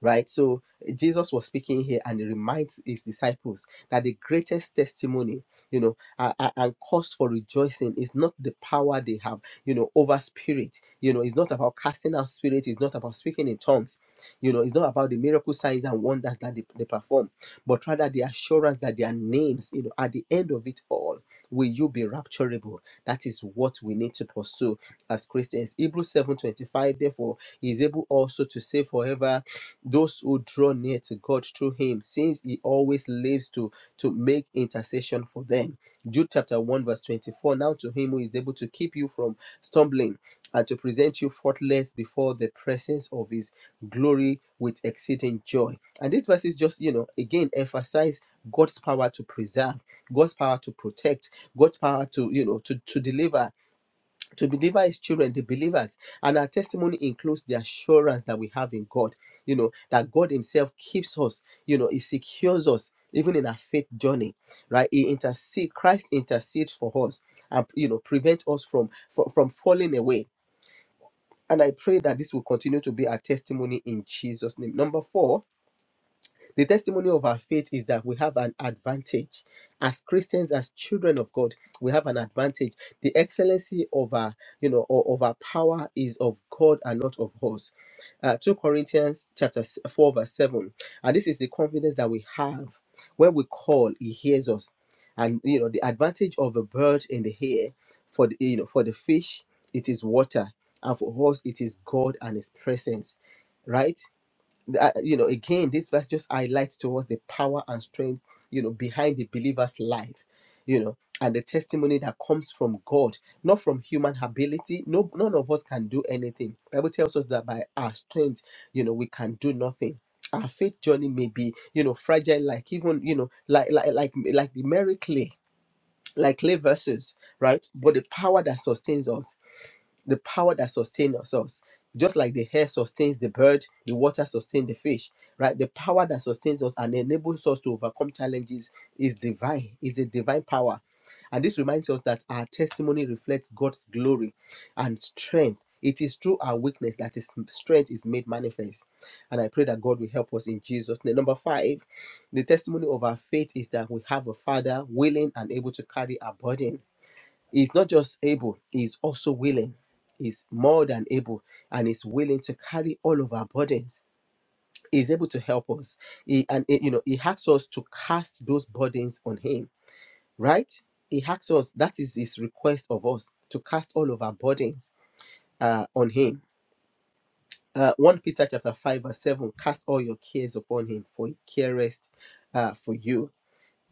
right? So Jesus was speaking here and he reminds his disciples that the greatest testimony, you know, a- a- and cause for rejoicing is not the power they have, you know, over spirit. You know, it's not about casting out spirit, it's not about speaking in tongues, you know, it's not about the miracle signs and wonders that they, they perform, but rather the assurance that their names, you know, at the end of it all, will you be rapturable? That is what we need to pursue as Christians. Hebrews 7:25, therefore, he is able also to save forever those who draw near to God through him, since he always lives to, to make intercession for them. Jude chapter 1, verse 24. Now to him who is able to keep you from stumbling and to present you faultless before the presence of his glory with exceeding joy. And these verses just, you know, again emphasize God's power to preserve, God's power to protect, God's power to, you know, to, to deliver, to deliver his children, the believers. And our testimony includes the assurance that we have in God, you know, that God Himself keeps us, you know, He secures us even in our faith journey, right? He intercede, Christ intercedes for us and you know, prevent us from from, from falling away. And I pray that this will continue to be our testimony in Jesus' name. Number four, the testimony of our faith is that we have an advantage. As Christians, as children of God, we have an advantage. The excellency of our, you know, o- of our power is of God and not of us. Uh, 2 Corinthians chapter s- 4, verse 7. And this is the confidence that we have. When we call, he hears us. And you know, the advantage of a bird in the air for the you know for the fish, it is water, and for us it is God and his presence right? uh, you know again this verse just highlights to us the power and strength you know behind the believer's life you know and the testimony that comes from god not from human ability no none of us can do anything bible tells us that by our strength you know we can do nothing our faith journey may be you know fragile like even you know like like like like the merry clay like clay vessels right but the power that sustains us the power that sustains us. Just like the hair sustains the bird, the water sustains the fish, right? The power that sustains us and enables us to overcome challenges is divine, is a divine power. And this reminds us that our testimony reflects God's glory and strength. It is through our weakness that His strength is made manifest. And I pray that God will help us in Jesus' name. Number five, the testimony of our faith is that we have a Father willing and able to carry our burden He's not just able, he's also willing. He's more than able and he's willing to carry all of our burdens. He's able to help us. He and eh, you know, he asks us to cast those burdens on him, right? He asks us, that is his request of us to cast all of our burdens uh, on him. Uh, 1 Peter chapter 5, verse 7, cast all your cares upon him, for he careth uh, for you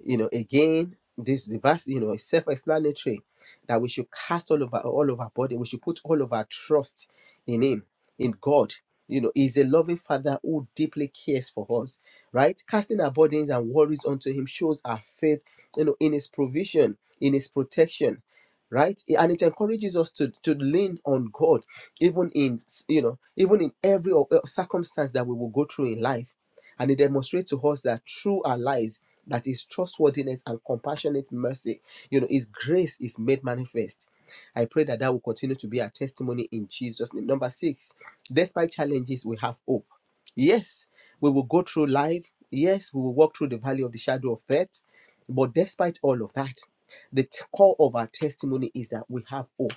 you know again this verse you know is self-explanatory that we should cast all of our all of our body we should put all of our trust in him in god you know he's a loving father who deeply cares for us right casting our burdens and worries onto him shows our faith you know in his provision in his protection right and it encourages us to to lean on god even in you know even in every uh, circumstance that we will go through in life and it demonstrates to us that through our lives that his trustworthiness and compassionate mercy, you know, his grace is made manifest. I pray that that will continue to be our testimony in Jesus' name. Number six, despite challenges, we have hope. Yes, we will go through life. Yes, we will walk through the valley of the shadow of death. But despite all of that, the t- core of our testimony is that we have hope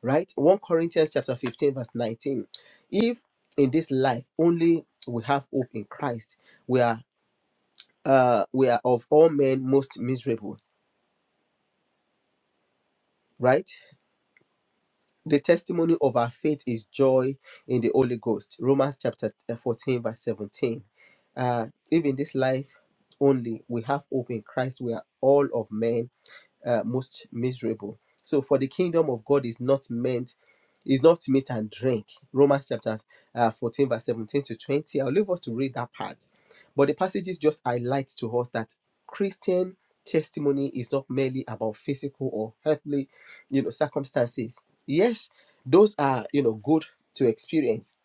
right 1 corinthians chapter 15 verse 19 if in this life only we have hope in christ we are uh, we are of all men most miserable, right? The testimony of our faith is joy in the Holy Ghost. Romans chapter uh, 14, verse 17. Uh, if in this life only we have hope in Christ, we are all of men uh, most miserable. So, for the kingdom of God is not meant, is not meat and drink. Romans chapter uh, 14, verse 17 to 20. I'll leave us to read that part. But the passages just highlight to us that Christian testimony is not merely about physical or earthly, you know, circumstances. Yes, those are, you know, good to experience.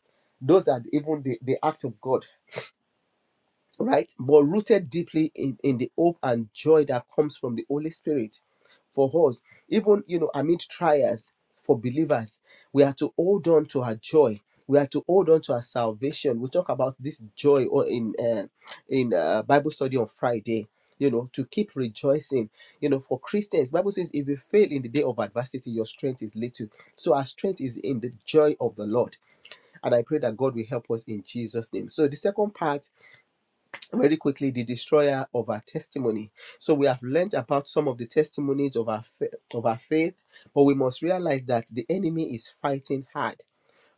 Those are even the, the act of God right? But rooted deeply in, in the hope and joy that comes from the Holy Spirit for us, even you know, amid trials for believers, we are to hold on to our joy. We are to hold on to our salvation. We talk about this joy or in uh, in uh, Bible study on Friday. You know, to keep rejoicing. You know, for Christians, Bible says, if you fail in the day of adversity, your strength is little. So our strength is in the joy of the Lord, and I pray that God will help us in Jesus' name. So the second part very quickly the destroyer of our testimony so we have learned about some of the testimonies of our fa- of our faith but we must realize that the enemy is fighting hard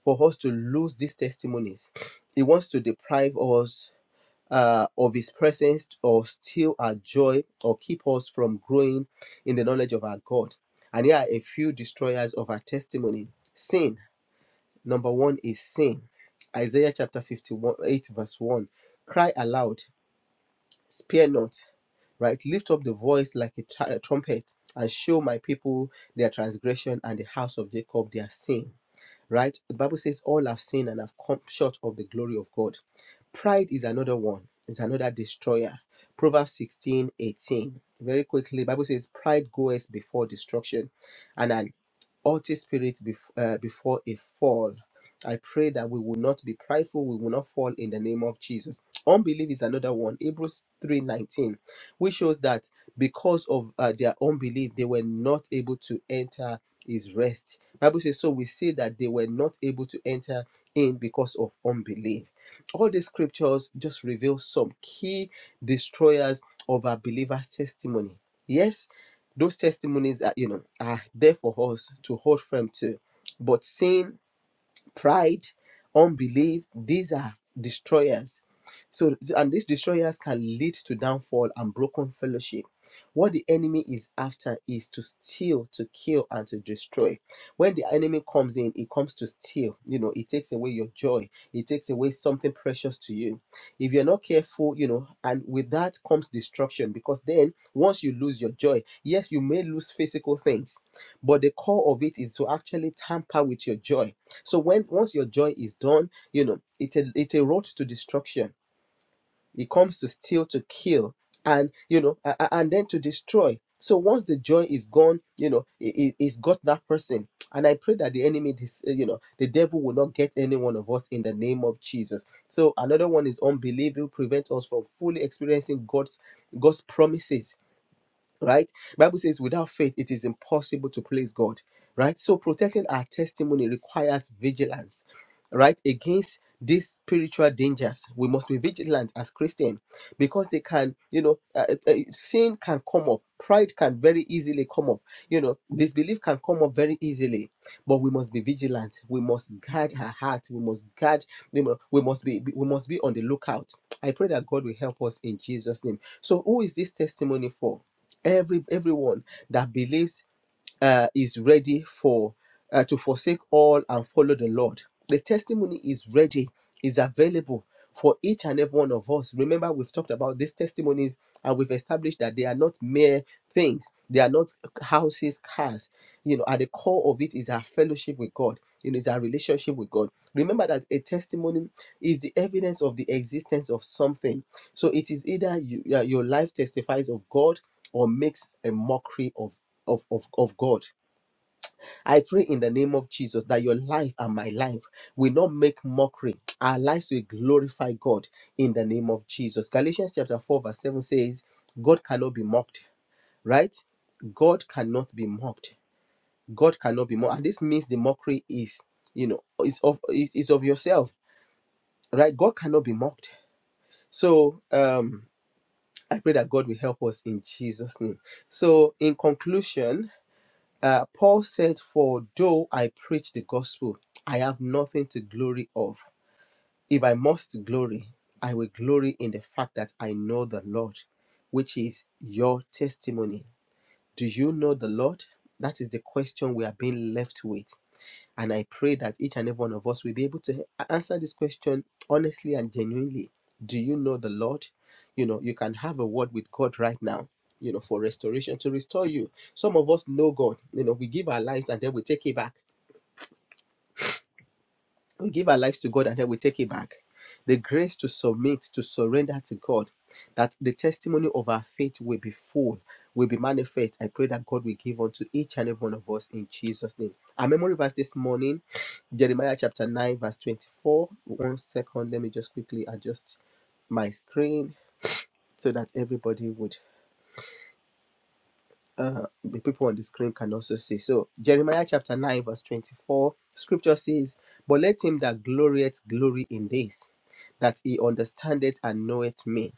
for us to lose these testimonies he wants to deprive us uh, of his presence or steal our joy or keep us from growing in the knowledge of our god and here are a few destroyers of our testimony sin number one is sin isaiah chapter 51 8 verse 1 cry aloud spare not right? Lift up the voice like a, tr- a trumpet and show my people their transgression and the house of Jacob their sin, right? The Bible says, All have sinned and have come short of the glory of God. Pride is another one, is another destroyer. Proverbs 16 18. Very quickly, Bible says, Pride goeth before destruction, and an haughty spirit bef- uh, before a fall. I pray that we will not be prideful, we will not fall in the name of Jesus. Unbelief is another one, Hebrews 3:19, which shows that because of uh, their unbelief, they were not able to enter his rest. Bible says, so we see that they were not able to enter in because of unbelief. All these scriptures just reveal some key destroyers of our believers' testimony. Yes, those testimonies are, you know, are there for us to hold firm to. But seeing pride, unbelief, these are destroyers. So, and these destroyers can lead to downfall and broken fellowship. What the enemy is after is to steal, to kill, and to destroy. When the enemy comes in, it comes to steal. You know, it takes away your joy, it takes away something precious to you. If you're not careful, you know, and with that comes destruction because then once you lose your joy, yes, you may lose physical things, but the core of it is to actually tamper with your joy so when once your joy is done, you know it's a it's a road to destruction. It comes to steal, to kill, and you know, a- a- and then to destroy. So once the joy is gone, you know, it, it, has got that person. And I pray that the enemy, this, eh, you know, the devil will not get any one of us in the name of Jesus. So another one is unbelief will prevent us from fully experiencing God's God's promises right bible says without faith it is impossible to please god right so protecting our testimony requires vigilance right against these spiritual dangers we must be vigilant as christian because they can you know uh, uh, uh, sin can come up pride can very easily come up you know disbelief can come up very easily but we must be vigilant we must guard our heart we must guard you know, we must be we must be on the lookout i pray that god will help us in jesus name so who is this testimony for every everyone that believes uh, is ready for uh, to forsake all and follow the Lord. The testimony is ready, is available for each and every one of us. Remember, we've talked about these testimonies and we've established that they are not mere things. They are not houses, cars. You know, at the core of it is our fellowship with God. You know, is our relationship with God. Remember that a testimony is the evidence of the existence of something so it is either you, yeah, your life testifies of God or makes a mockery of, of, of, of God. I pray in the name of Jesus that your life and my life will not make mockery. Our lives will glorify God in the name of Jesus. Galatians chapter 4, verse 7 says, God cannot be mocked, right? God cannot be mocked. God cannot be mocked. And this means the mockery is, you know, is of is is of yourself, right? God cannot be mocked. So um I pray that God will help us in Jesus' name. So, in conclusion, uh, Paul said, For though I preach the gospel, I have nothing to glory of. If I must glory, I will glory in the fact that I know the Lord, which is your testimony. Do you know the Lord? That is the question we are being left with. And I pray that each and every one of us will be able to answer this question honestly and genuinely. Do you know the Lord? You know, you can have a word with God right now, you know, for restoration to restore you. Some of us know God, you know, we give our lives and then we take it back we give our lives to God and then we take it back. The grace to submit, to surrender to God, that the testimony of our faith will be full, will be manifest. I pray that God will give unto each and every one of us in Jesus' name. Our memory verse this morning, Jeremiah chapter 9, verse 24. One second, let me just quickly adjust my screen so that everybody would uh, the people on the screen can also see. So, Jeremiah chapter 9, verse 24, scripture says, But let him that glorieth glory in this, that he understandeth and knoweth me,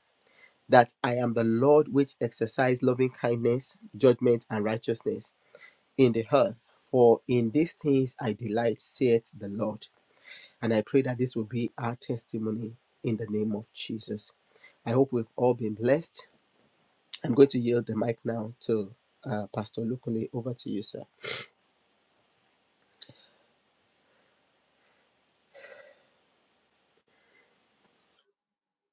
that I am the Lord which exercise loving kindness, judgment, and righteousness in the earth. For in these things I delight, saith the Lord. And I pray that this will be our testimony in the name of Jesus. I hope we've all been blessed. I'm going to yield the mic now to uh, Pastor Lukule. Over to you, sir.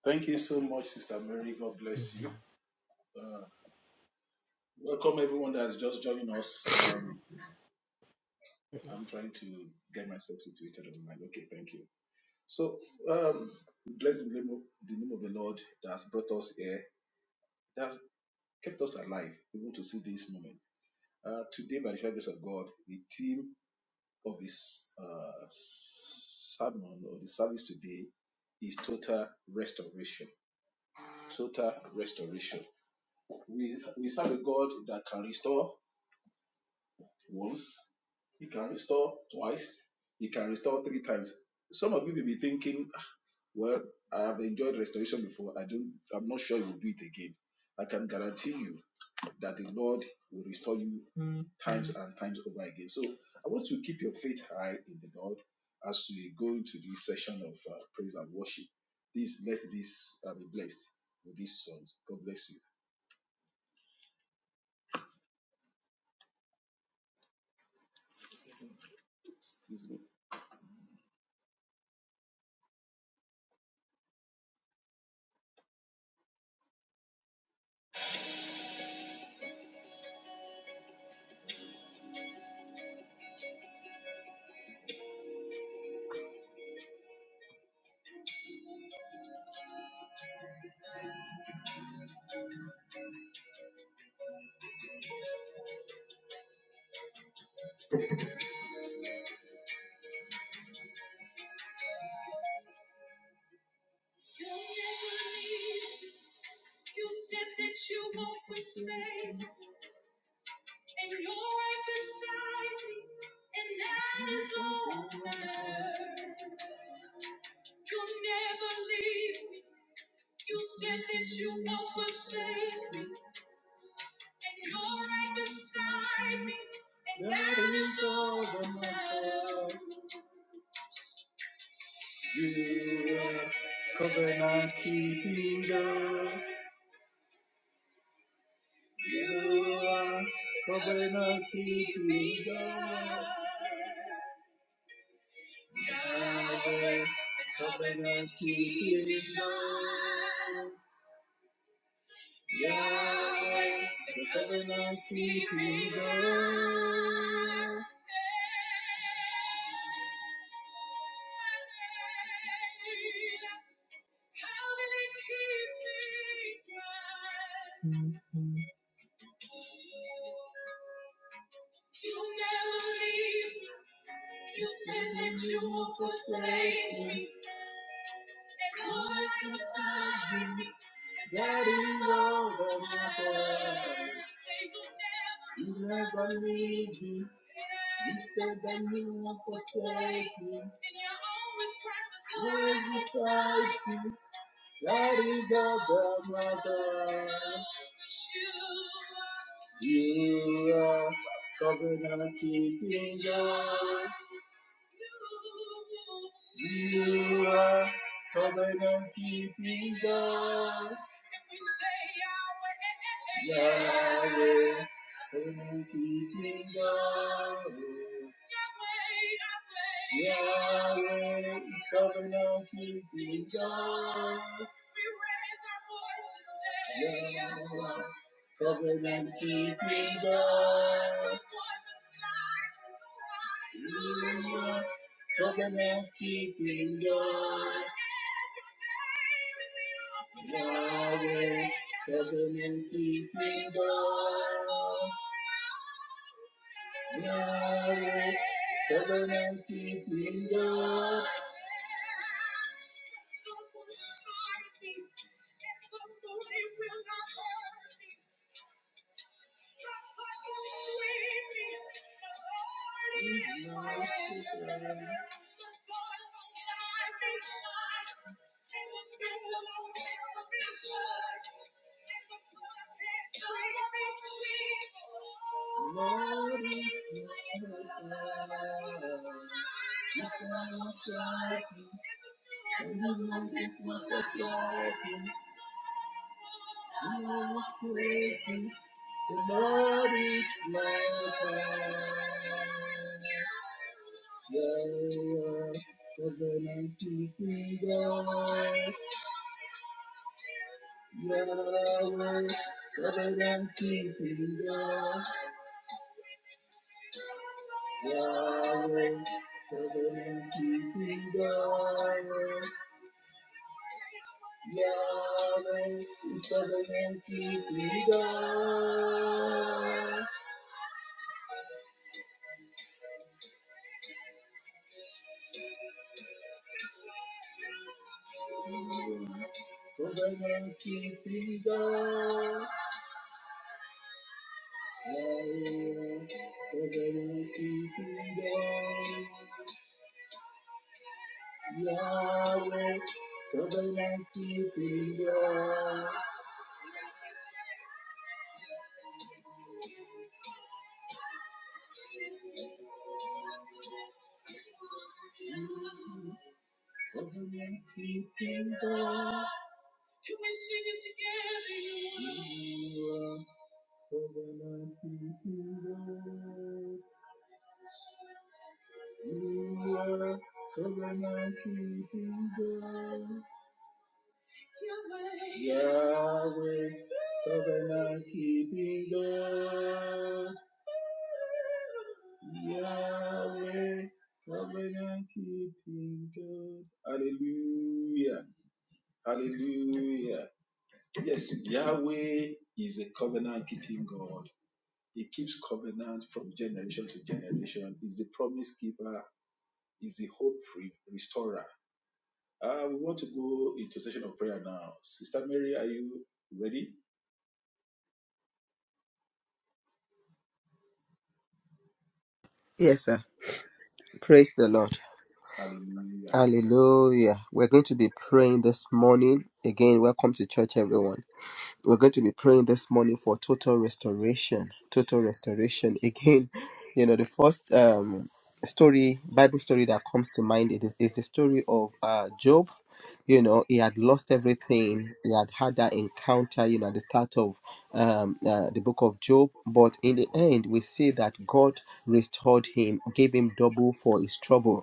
Thank you so much, Sister Mary. God Mm. bless you. Welcome everyone that has just joined us. Um, I'm trying to get myself situated on the mind. Okay, thank you. So, um, bless the name, of, the name of the Lord that's brought us here, that has kept us alive, able to see this moment. Uh, today, by the sheer grace of God, the theme of this uh, sermon or the service today is total restoration. Total restoration. We we serve a God that can restore once, he can restore twice, he can restore three times. Some of you may be thinking, "Ah, well, I have enjoyed restoration before. I don't I'm not sure he will do it again. I can guarantee you that the Lord will restore you Mm. times and times over again. So I want to keep your faith high in the Lord as we go into this session of uh, praise and worship. This let this uh, be blessed with these songs. God bless you. Excuse me. You are You are keeping keeping covenant That is all that matters. He never leave me. You said that you won't forsake me. Always beside you. That is all that matters. You are covenant keeping God. You are covered and keeping God. And we say Yahweh, Yahweh, covenant keeping God. Yahweh is covenant keeping God. We raise our voices, say Yahweh, covenant keeping God. You are Covenant keeping God. Yahweh, covenant keeping God. Yahweh, covenant keeping God. Lord, hear my cry. The Lord is my God. Yahweh, everlasting King God. Yahweh, everlasting King God. Yahweh, everlasting King God. Yahweh, is everlasting King God. Covenant keeping God, Yahweh, covenant keeping God, covenant keeping God. Can we sing it together? You are covenant keeping God. You are covenant keeping God. Covenant keeping God. Hallelujah. Hallelujah. Yes, Yahweh is a covenant keeping God. He keeps covenant from generation to generation. He's a promise keeper. He's the hope re- restorer. Uh, we want to go into session of prayer now. Sister Mary, are you ready? Yes, sir. Praise the Lord. Hallelujah. Hallelujah. We're going to be praying this morning. Again, welcome to church, everyone. We're going to be praying this morning for total restoration. Total restoration. Again, you know, the first um, story, Bible story that comes to mind it is, is the story of uh, Job. You know, he had lost everything. He had had that encounter, you know, at the start of um, uh, the book of Job. But in the end, we see that God restored him, gave him double for his trouble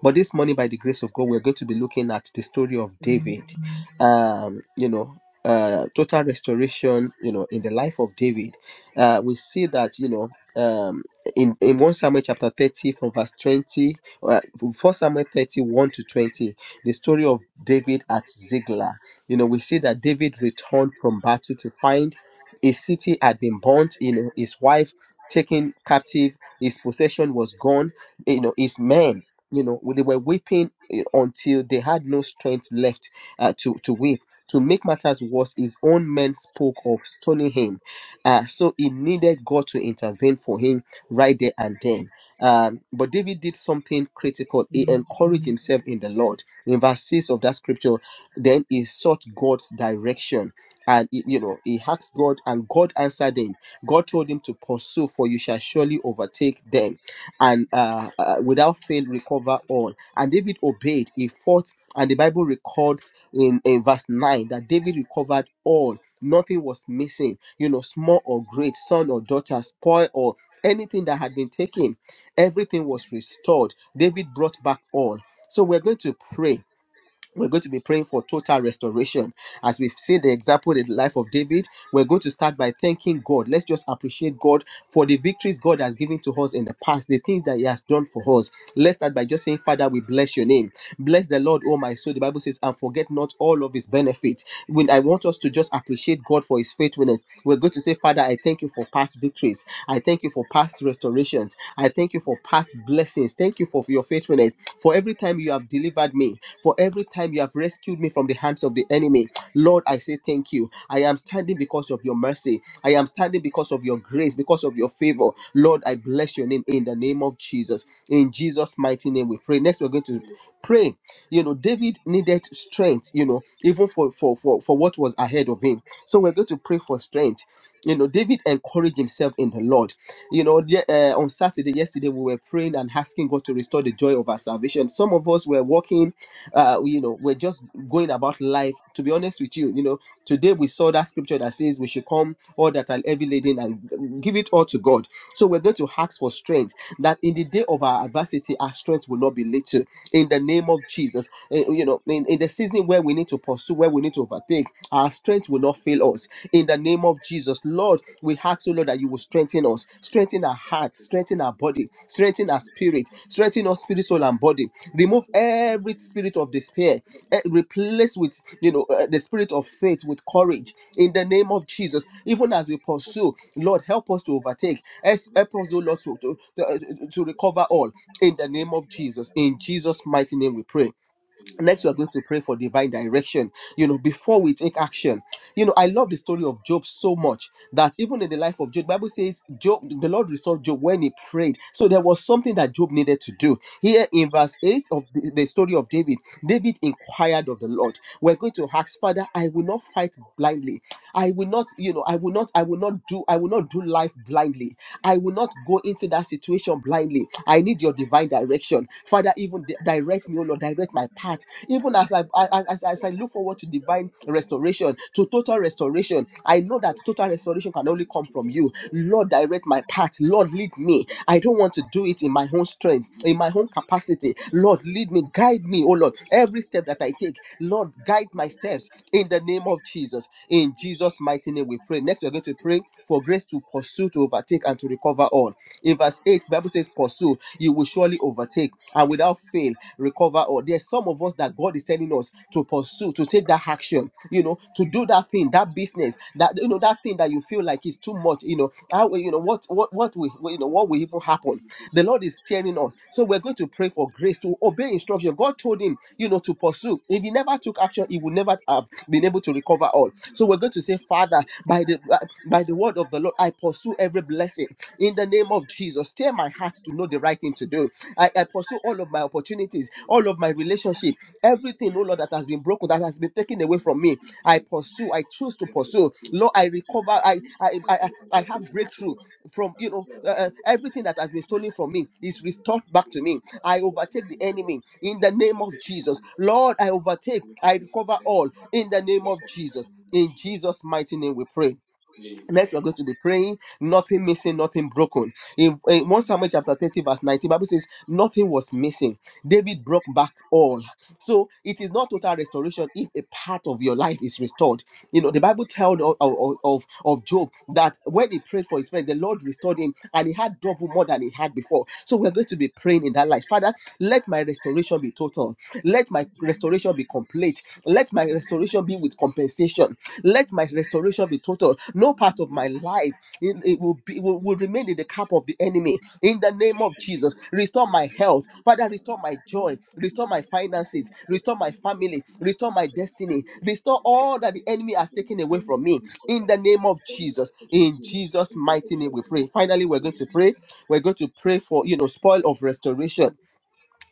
but this morning, by the grace of God, we're going to be looking at the story of David. Um, you know, uh, total restoration. You know, in the life of David, uh, we see that you know. Um, in, in 1 Samuel chapter 30 from verse 20, uh, 1 Samuel 31 to 20, the story of David at Ziglag. You know, we see that David returned from battle to find a city had been burnt, you know, his wife taken captive, his possession was gone, you know, his men you know they were weeping eh, until they had no strength left uh, to to weep to make matters worse his own men spoke of stoning him uh, so he needed god to intervene for him right there and then um, but david did something critical he encouraged himself in the lord in verse 6 of that scripture then he sought god's direction and he- you know he asked god and god answered him god told him to pursue for you shall surely overtake them and uh, uh, without fail recover all. And David obeyed, he fought, and the Bible records in, in verse 9 that David recovered all, nothing was missing, you know, small or great, son or daughter, spoil or anything that had been taken, everything was restored. David brought back all. So we're going to pray we're going to be praying for total restoration. As we've seen the example in the life of David, we're going to start by thanking God. Let's just appreciate God for the victories God has given to us in the past, the things that He has done for us. Let's start by just saying, Father, we bless your name. Bless the Lord, oh my soul. The Bible says, and forget not all of His benefits. When I want us to just appreciate God for His faithfulness, we're going to say, Father, I thank you for past victories. I thank you for past restorations. I thank you for past blessings blessings. Thank you for, for your faithfulness, for every time you have delivered me, for every time you have rescued me from the hands of the enemy. Lord, I say thank you. I am standing because of your mercy. I am standing because of your grace, because of your favor. Lord, I bless your name in the name of Jesus. In Jesus' mighty name, we pray. Next, we're going to Pray. You know, David needed strength, you know, even for, for, for, for what was ahead of him. So we're going to pray for strength. You know, David encouraged himself in the Lord. You know, ye- uh, on Saturday, yesterday, we were praying and asking God to restore the joy of our salvation. Some of us were walking, uh, you know, we're just going about life. To be honest with you, you know, today we we saw that scripture that says we should come all that are heavy laden and give it all to God. So we're going to ask for strength that in the day of our adversity, our strength will not be little. In the name of Jesus, eh, you know, in, in the season where we need to pursue, where we need to overtake, our strength will not fail us. In the name of Jesus, Lord, we ask, you, Lord, that you will strengthen us, strengthen our heart heart, strengthen our body, strengthen our spirit, strengthen our spirit, soul, and body. Remove every spirit of despair, eh, replace with you know eh, the spirit of faith with courage in the name of Jesus. Even as we pursue, Lord, help us to overtake. Help help us, oh Lord, to, to, to, eh, to recover all in the name of Jesus. In Jesus' mighty name, we pray next Amen. we're going to pray for divine direction you know before we take action you know i love the story of job so much that even in the life of job bible says job the lord restored job when he prayed so there was something that job needed to do here in verse 8 of the, the story of david david inquired of the lord we're going to ask father i will not fight blindly i will not you know i will not i will not do i will not do life blindly I will not go into that situation blindly. I need your divine direction. Father, Father, even di- direct me, oh Lord, direct my path. Even as I I- as, as I look forward to divine restoration, to total restoration, I know that total restoration can only come from you. Amen. Lord, direct my path. Lord, lead me. I don't want to do it in my own strength, in my own capacity. Lord, lead me, guide me, oh Lord. Every step that I take, Lord, guide my steps in the name of Jesus. In Jesus' mighty name, we pray. Next, we're going to pray for grace to pursue, to overtake, and to recover all. In verse 8, the Bible says, pursue, you will surely overtake and without fail recover all. There's some of us that God is telling us to pursue, to take that action, you know, to do that thing, that business, that you know, that thing that you feel like is too much, you know. How you know what what what will you know what will even happen? The Lord is telling us. So we're going to pray for grace to obey instruction. God told him, you know, to pursue. If he never took action, he would never have been able to recover all. So we're going to say, Father, by the by the word of the Lord, I pursue every blessing in the name of Jesus. Steer my heart to know the right thing to do. I, I pursue all of my opportunities, all of my relationship, everything, oh Lord, that has been broken, that has been taken away from me. I pursue, I choose to pursue. Lord, I recover, I I I, I I have breakthrough from you know uh, uh, everything that has been stolen from me is restored back to me i overtake the enemy in the name of jesus lord i overtake i recover all in the name of jesus in jesus mighty name we pray Next, we're Amen. going to be praying, nothing missing, nothing broken. In, in 1 Samuel chapter 30, verse 19, Bible says, nothing was missing. David brought back all. So it is not total restoration if a part of your life is restored. You know, the Bible tells of, of, of of Job that when he prayed for his friend, the Lord restored him and he had double more than he had before. So we're going to be praying in that light. Father, let my restoration be total. Let my restoration be complete. Let my restoration be with compensation. Let my restoration be total. No part of my life it it will be will, will remain in the cup of the enemy. In the name of Jesus, restore my health. Father, restore my joy. Restore my finances. Restore my family. Restore my destiny. Restore all that the enemy has taken away from me. In the name of Jesus. In Jesus' mighty name, we pray. Finally, we're going to pray. We're going to pray for, you know, spoil of restoration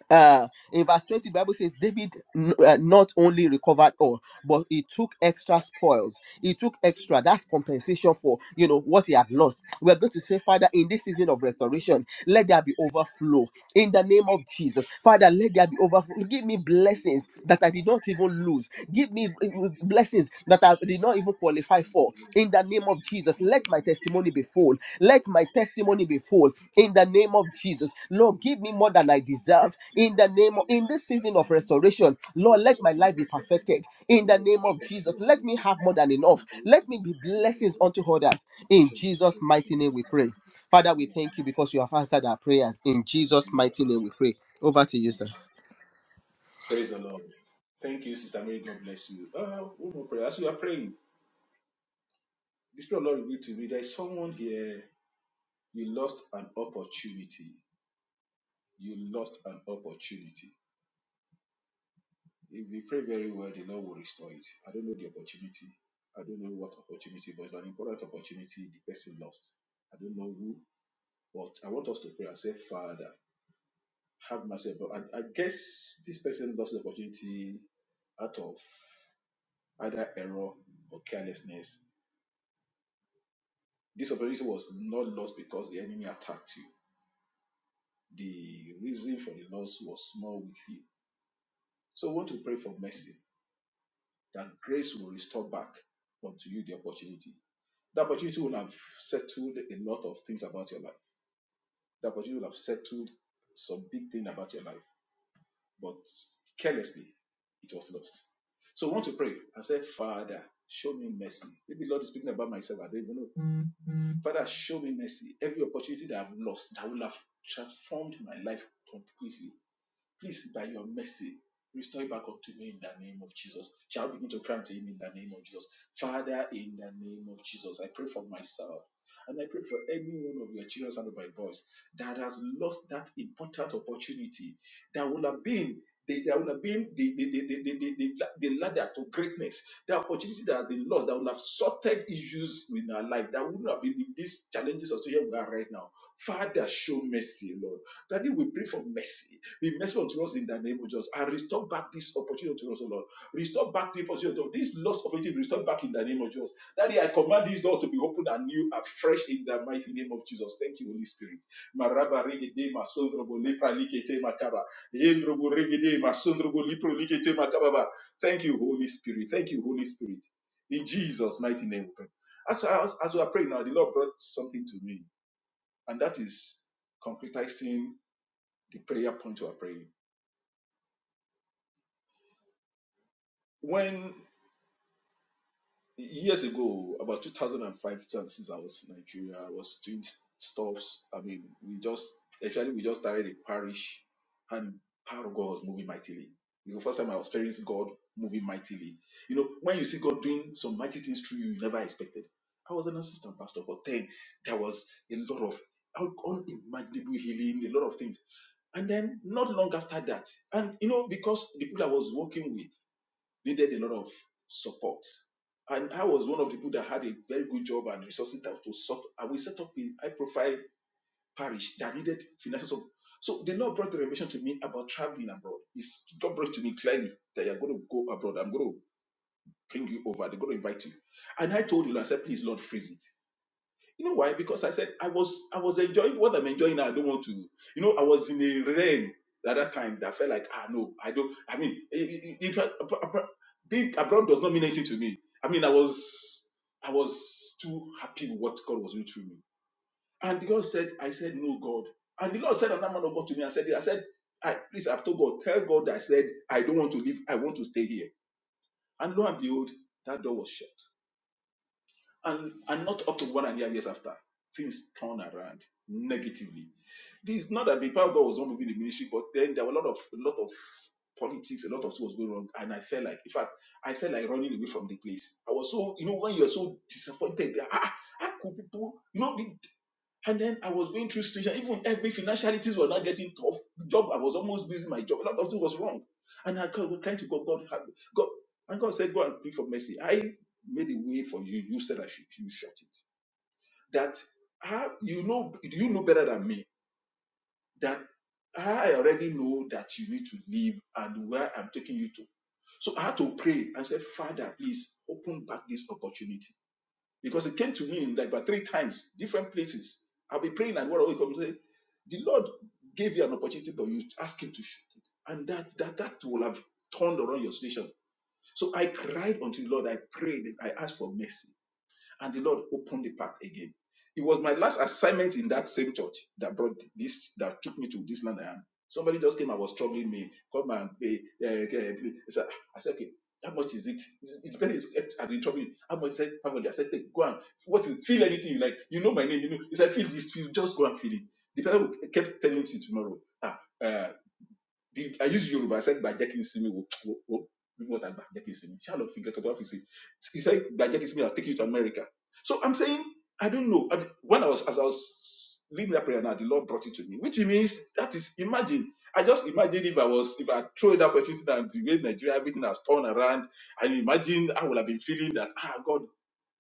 uh, in verse 20 the bible says david n- uh, not only recovered all but he took extra spoils he took extra that's compensation for you know what he had lost we're going to say father in this season of restoration let there be overflow in the name of jesus father let there be overflow give me blessings that i did not even lose give me uh, blessings that i did not even qualify for in the name of Jesus, let my testimony be full. Let my testimony be full in the name of Jesus. Lord, give me more than I deserve in the name of in this season of restoration. Lord, let my life be perfected in the name of Jesus. Let me have more than enough. Let me be blessings unto others. In Jesus' mighty name we pray. Father, we thank you because you have answered our prayers. In Jesus' mighty name we pray. Over to you, sir. Praise the Lord. Thank you, Sister Mary. God bless you. Uh, one more prayer. As you are praying, the Spirit of the Lord revealed to me there is someone here, you lost an opportunity. You lost an opportunity. If you pray very well, the Lord will restore it. I don't know the opportunity. I don't know what opportunity, but it's an important opportunity the person lost. I don't know who, but I want us to pray and say, Father, have mercy. But I, I guess this person lost the opportunity out of either error or carelessness This opportunity was not lost because the enemy attacked you. The reason for the loss was small with you. So we want to pray for mercy that grace will restore back unto you the opportunity. The opportunity will have settled a lot of things about your life. The opportunity will have settled some big thing about your life, but carelessly it was lost. So I want to pray and say, Father, show me mercy. Maybe Lord is speaking about myself. I don't even know Father, show me mercy. Every opportunity that I've lost, that will have transformed my life completely. Please, by your mercy, restore it back up to me in the name of Jesus. Shall we begin to cry unto him in the name of Jesus? Father, in the name of Jesus, I pray for myself. And I pray for any one of your children under my voice that has lost that important opportunity that would have been they that would have been the, the, the, the, the, the, the ladder to greatness, the opportunity that has been lost, that would have sorted issues in our life, that wouldn't have been in these challenges of here we are right now. Father, show mercy, Lord. Daddy, we pray for mercy be merciful unto us in the name of Jesus. And restore back this opportunity to us, O Lord. Restore back the opportunity of this lost opportunity. Restore back in the name of Jesus. Daddy, I command this door to be opened and anew, afresh in the mighty name of Jesus. Thank you, Holy Spirit. Maraba regede masondrobo lepra likete makaba. Yendrobo regede masondrobo lipro likete makababa. Thank you, Holy Spirit. Thank you, Holy Spirit. In Jesus' mighty name. we pray. As, as, as we are praying now, the Lord brought something to me, and that is concretizing the prayer point we are praying when years ago, about 2005, 2006, I was in Nigeria. I was doing stuffs. I mean, we just actually we just started a parish, and power of God was moving mightily. It was the first time I was experienced God moving mightily. You know, when you see God doing some mighty things through you, you never expected. I was an assistant pastor, but then there was a lot of un- unimaginable healing, a lot of things. And then not long after that, and you know, because the people I was working with needed a lot of support. And I was one of the people that had a very good job and resources that to support. And we set up a high profile parish that needed financial support. So the Lord brought the revelation to me about traveling abroad. It's, God brought to me clearly that you're going to go abroad. I'm going to bring you over. They're going to invite you. And I told the Lord, I said, please, Lord, freeze it. You know why? Because I said I was I was enjoying what I'm enjoying now. I don't want to. You know, I was in a rain at that time that felt like ah no, I don't. I mean, i- i- in fact, ab- ab- being abroad does not mean anything to me. I mean, I was I was too happy with what God was doing through me. And the God said, I said no, God. And the Lord said another man of God to me. I said, I said, I, please, I've told God, tell God that I said I don't want to leave. I want to stay here. And lo and behold, that door was shut and and not up to one and a half years after, things turn around negatively. This is not that big part of God was not moving the ministry, but then there were a lot of a lot of politics, a lot of things was going wrong, and I felt like, in fact, I felt like running away from the place. I was so, you know, when you're so disappointed, that, ah, how could people, you know, the- and then I was going through situation, even every financialities were not getting tough. Job, I was almost losing my job. A lot of things was wrong, and I was trying to go. God, have- God, and God said, go and pray for mercy. I made a way for you. You said I should. You shut it that how you know you know better than me that I already know that you need to leave and where I'm taking you to. So I had to pray and say, Father, please open back this opportunity. Because it came to me in like about three times, different places. I'll be praying and what I will come say, the Lord gave you an opportunity, but you ask him to shoot it. And that that that will have turned around your situation. So I cried unto the Lord, I prayed, I asked for mercy and the Lord opened the path again. It was my last assignment in that same church that brought this, that took me to this land I am. Somebody just came and was troubling me, come and pay. eh, eh, I said, "Ah," okay, how much is it? It's very it's, I've been trouble. How much is it? How much? I said, take, go and what is it? feel anything you like. You know my name, you know. He said, feel this, feel, just go and feel it. The person kept telling me tomorrow. Ah, uh, the, I used Yoruba. I said, "Gbàjẹ́ kí n sinmi." Wo, wo, wo. what I gbàjẹ́ kí n sinmi? Ṣé àlọ́ fi nǹkan kan tó sí? He said, "Gbàjẹ́ kí n sinmi has taken you to America." So I'm saying, I don't know. I mean, when I was, as I was leading that prayer now, the Lord brought it to me, which means that is, imagine. I just imagine if I was, if I throw that opportunity and the way Nigeria, everything has turned around, I imagine I would have been feeling that, ah, God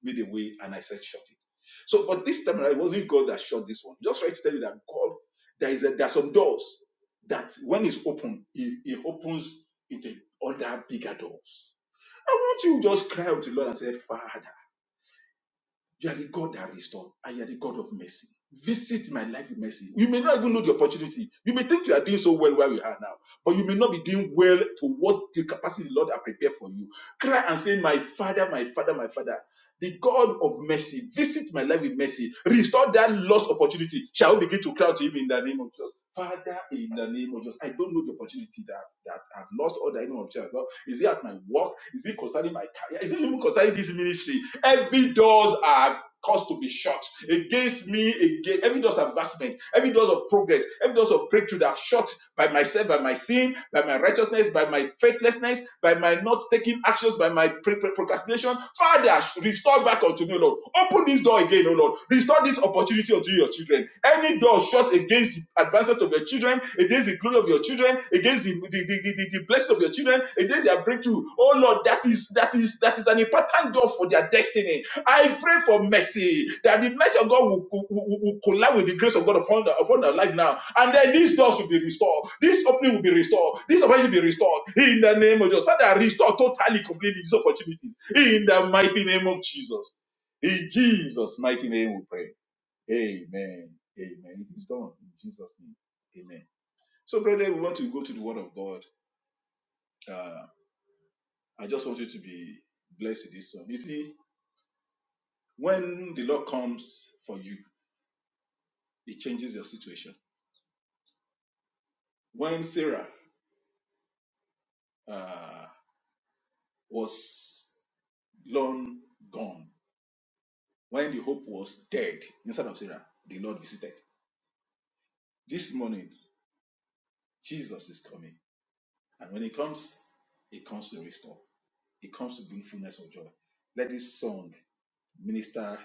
made a way and I said, shut it. So, but this time around, it wasn't God that shut this one. Just trying to tell you that God, there is a, there are some doors that when it's open, it, it opens into other bigger doors. I want you to just cry out to the Lord and say, Father. You are the God that restores, and you are the God of mercy. Visit my life with mercy. You may not even know the opportunity. You may think you are doing so well where you are now, but you may not be doing well to what the capacity the Lord has prepared for you. Cry and say, My Father, my Father, my Father. The God of mercy, visit my life with mercy. Restore that lost opportunity. Shall we begin to cry to Him in the name of Jesus? Father, in the name of Jesus, I don't know the opportunity that, that I've lost or the name of Jesus. Is it at my work? Is it concerning my career. Is it even concerning this ministry? Every doors are caused to be shut against me. Against every doors of advancement, every doors of progress, every doors of breakthrough that are shut by myself, by my sin, by my righteousness, by my faithlessness, by my not taking actions, by my procrastination. Father, restore back unto me, Lord. Open this door again, O Lord. Restore this opportunity unto your children. Any door shut against the advancement of your children, against the glory of your children, against the, the, the, the- the blessing of your children, against their breakthrough. Oh Lord, that is that is that is an important door for their destiny I pray for mercy that the mercy of God will, will, will- collide with the grace of God upon the, upon their life now, and then these doors will be restored, this opening will be restored, this opportunity will be restored in the name of Jesus. Father, restore totally, completely these opportunities in the mighty name of Jesus. In Jesus' mighty name, we pray. Amen. Amen. It is done in Jesus' name. Amen. So, brethren, we want to go to the Word of God. Uh, I just want you to be blessed in this song. You see, when the Lord comes for you. it changes your situation. When Sarah uh, was long gone, when the hope was dead, instead of Sarah, the Lord visited. This morning, Jesus is coming. And when he comes, he comes to restore, he comes to bring fullness of joy. Let this song minister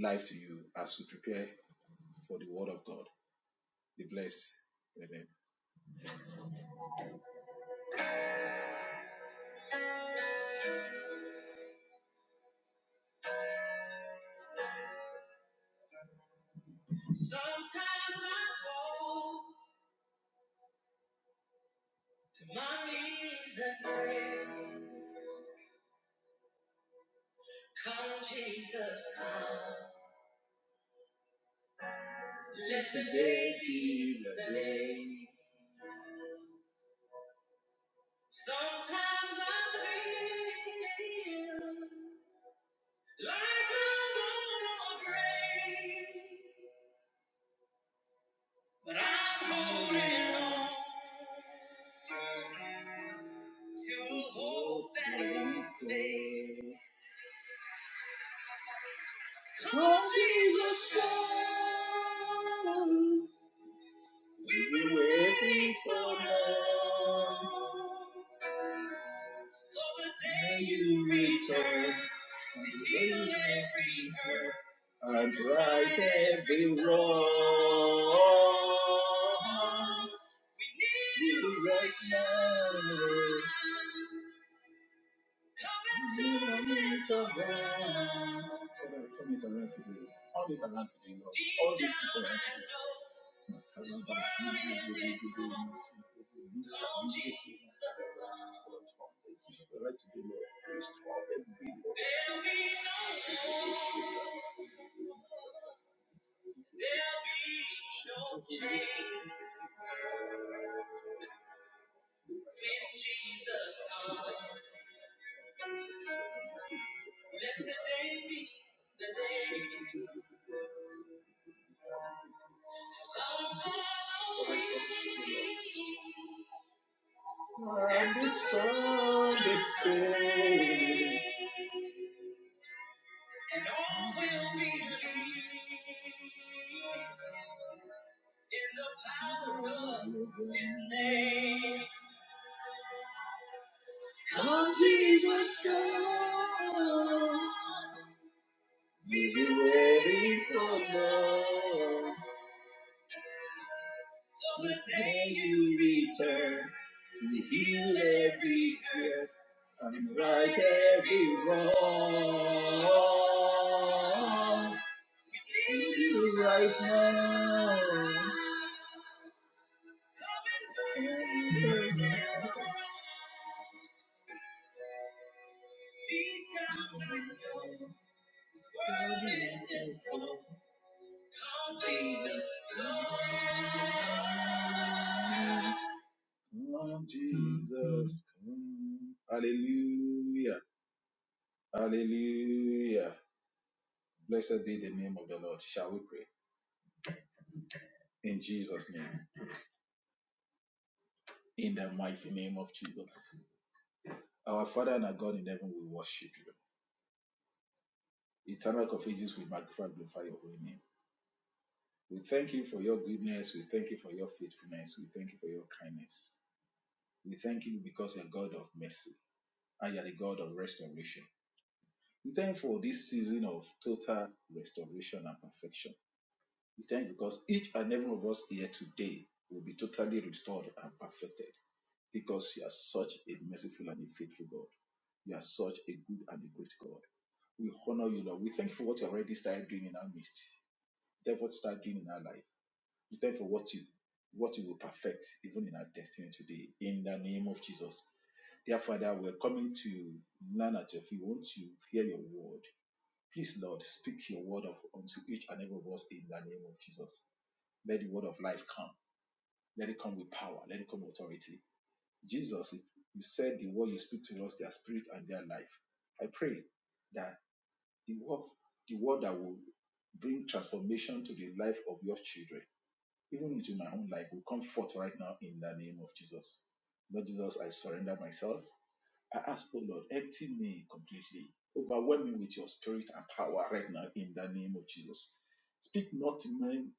life to you as you prepare for the word of God. Be blessed. Amen. Sometimes I fall to my knees and pray. Come, Jesus, come. Let the come. and Come and turn this around. Father, turn it around today. Turn it around today, Lord. Restore this. Restore it today, Lord. Restore everything. And the song they say, Come, Jesus, come. We've been waiting so long for the day you return to heal every fear. and wrong. now, Lord Jesus. come. Hallelujah. Hallelujah. Blessed be the name of the Lord. Shall we pray? In Jesus' name. In the mighty name of Jesus. Our Father and our God in heaven, we worship you. Eternal of ages, we magnify and glorify your holy name. We thank you for your goodness. We thank you for your faithfulness. We thank you for your kindness. We thank you because you're a God of mercy and you're the God of restoration. We thank you for this season of total restoration and perfection. We thank you because each and every one of us here today will be totally restored and perfected because you are such a merciful and a faithful God. You are such a good and a great God. We honor you, Lord. We thank you for what you already started doing in our midst. Therefore, start doing in our life. Therefore, what you what you will perfect even in our destiny today, in the name of Jesus. Dear Father, we're coming to learn at your feet. We want to hear your word. Please, Lord, speak your word of, unto each and every of us in the name of Jesus. Let the word of life come. Let it come with power. Let it come with authority. Jesus, it, you said the word you speak to us, their spirit and their life. I pray that the word, the word that will bring transformation to the life of your children even it my own life, will come forth right now in the name of Jesus. Lord Jesus, I surrender myself. I ask, oh Lord, empty me completely. Overwhelm me with your spirit and power right now in the name of Jesus. Speak not men,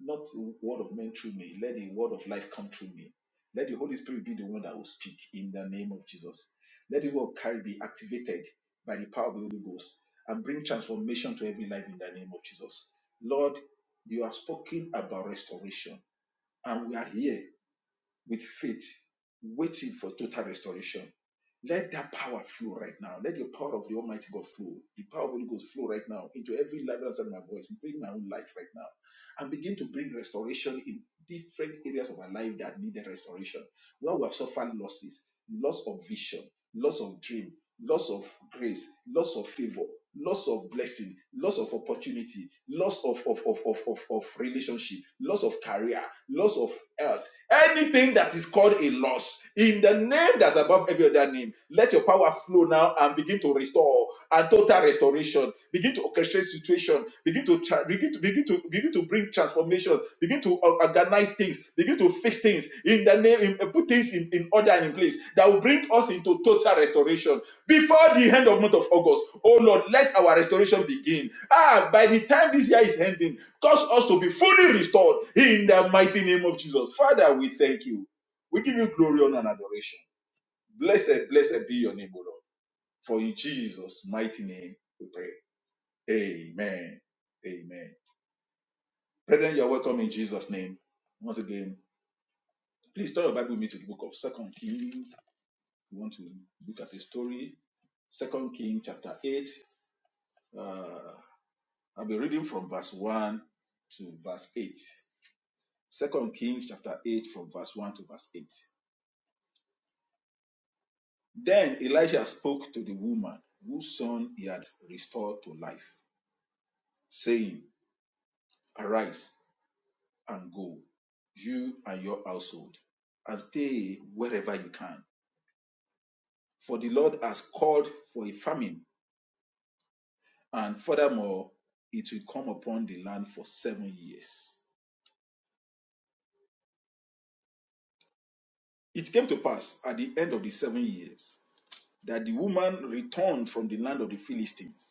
not the word of men through me. Let the word of life come through me. Let the Holy Spirit be the one that will speak in the name of Jesus. Let the word carry be activated by the power of the Holy Ghost and bring transformation to every life in the name of Jesus. Lord, you have spoken about restoration and we are here with faith, waiting for total restoration. Let that power flow right now. Let the power of the Almighty God flow. The power of the Holy Ghost flow right now into every life that's in my voice, including my own life right now. And begin to bring restoration in different areas of my life that needed restoration when we have suffered losses, loss of vision, loss of dream, loss of grace, loss of favor, loss of blessing, loss of opportunity, loss of, of, of, of, of, of relationship, loss of career, loss of health, anything that is called a loss, in the name that's above every other name, let your power flow now and begin to restore and total restoration. Begin to orchestrate situation. Begin to tra- begin to begin to begin to bring transformation. Begin to or- organize things. Begin to fix things in the name. In, uh, put things in, in order and in place that will bring us into total restoration before the end of month of August. Oh Lord, let our restoration begin. Ah, by the time this year is ending, cause us to be fully restored in the mighty name of Jesus. Father, we thank you. We give you glory, honor, and adoration. Blessed, blessed be your name, O Lord. For in Jesus' mighty name we pray. Amen. Amen. Brethren, you're welcome in Jesus' name. Once again, please turn your Bible with me to the book of Second Kings. We want to look at the story. Second Kings chapter 8. Uh, I'll be reading from verse 1 to verse 8. Second Kings chapter 8 from verse 1 to verse 8. Then Elijah spoke to the woman whose son he had restored to life, saying, Arise and go, you and your household, and stay wherever you can. For the Lord has called for a famine, and furthermore, it will come upon the land for seven years. It came to pass at the end of the seven years that the woman returned from the land of the Philistines,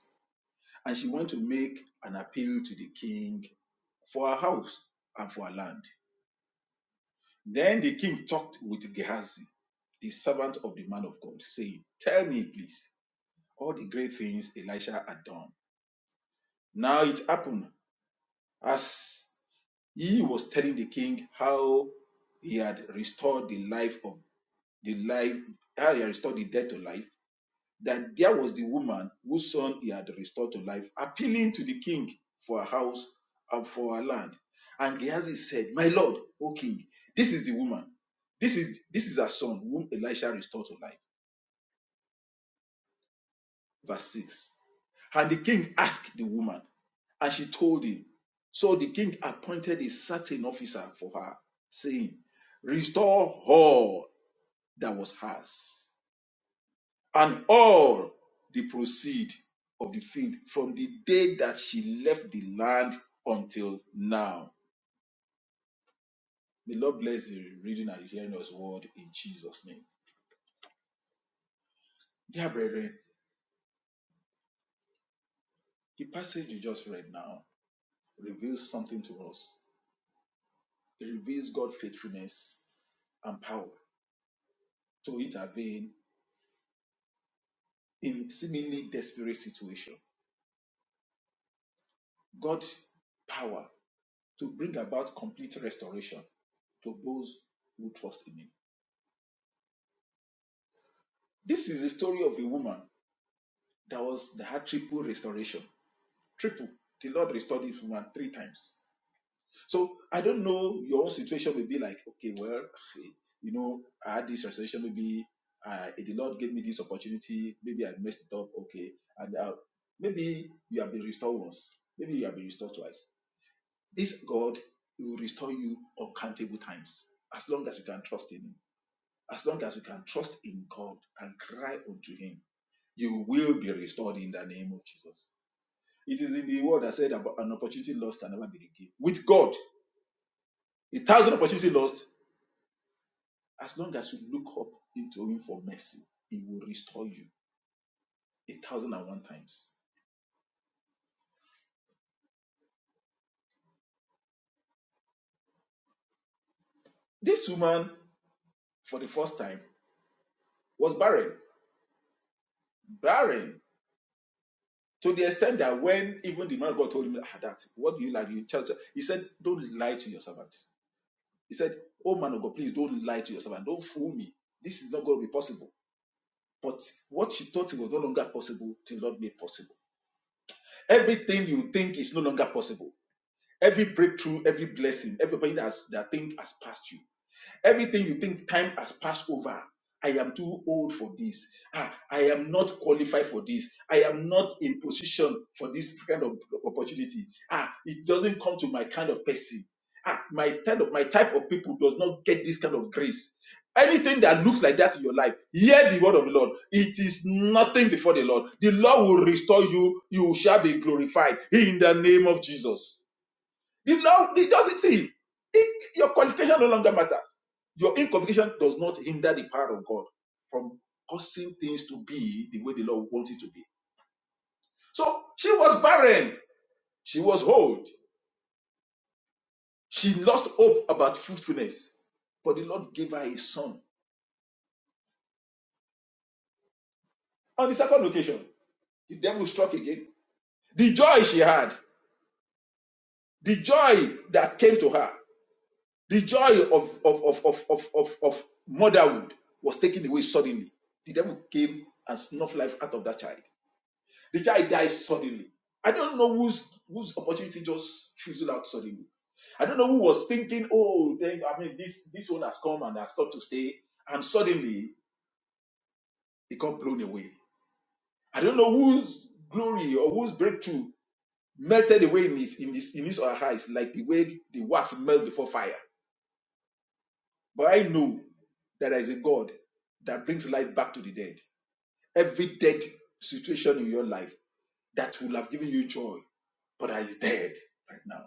and she went to make an appeal to the king for her house and for her land. Then the king talked with Gehazi, the servant of the man of God, saying, Tell me, please, all the great things Elisha had done Now it happened as he was telling the king how he had restored the life of the life, how he had restored the dead to life, that there was the woman whose son he had restored to life, appealing to the king for a house and for her land. And Gehazi said, My lord, O king, this is the woman. This is this is her son whom Elisha restored to life. Verse 6. And the king asked the woman, and she told him. So the king appointed a certain officer for her, saying, Restore all that was hers, and all the proceed of the field from the day that she left the land until now. May Lord bless the reading and hearing of His word in Jesus' name. Dear brethren, the passage you just read now reveals something to us. It reveals God's faithfulness and power to intervene in seemingly desperate situation, God's power to bring about complete restoration to those who trust in Him. This is the story of a woman that was that had triple restoration. Triple. The Lord restored this woman three times. So I don't know your own situation will be like, okay, well, you know, I had this restoration. Maybe uh, the Lord gave me this opportunity. Maybe I messed it up. Okay, and uh, maybe you have been restored once. Maybe you have been restored twice This God he will restore you uncountable times as long as you can trust in Him. As long as you can trust in God and cry unto Him, you will be restored in the name of Jesus. It is in the word I said about an opportunity lost can never be regained. With God, a thousand opportunities lost, as long as you look up into Him for mercy, He will restore you a thousand and one times. This woman, for the first time, was barren. Barren. To the extent that when even the man of God told him "Ah, that, what do you like? You tell, he said, don't lie to your servant. He said, oh man of God, please don't lie to your servant. Don't fool me. This is not going to be possible. But what she thought was no longer possible, the Lord made possible. Everything you think is no longer possible. Every breakthrough, every blessing, everybody that's, that think has passed you Everything you think time has passed over. I am too old for this. Ah, I am not qualified for this. I am not in position for this kind of opportunity. Ah, it doesn't come to my kind of person. Ah, my kind of my type of people does not get this kind of grace. Anything that looks like that in your life, hear the word of the Lord. It is nothing before the Lord. The Lord will restore you. You shall be glorified in the name of Jesus. The law it doesn't see. It, your qualification no longer matters. Your inqualification does not hinder the power of God from causing things to be the way the Lord wants it to be. So she was barren. She was old. She lost hope about fruitfulness. But the Lord gave her a son. On the second occasion, the devil struck again. The joy she had, the joy that came to her. The joy of, of, of, of, of, of, of motherhood was taken away suddenly. The devil came and snuffed life out of that child. The child died suddenly. I don't know whose whose opportunity just fizzled out suddenly. I don't know who was thinking, oh, then I mean this this one has come and has come to stay, and suddenly it got blown away. I don't know whose glory or whose breakthrough melted away in his in his in his or her eyes, like the way the wax melts before fire. But I know that there is a God that back to the dead. Every dead situation in your life that would have given you joy, but that is dead right now.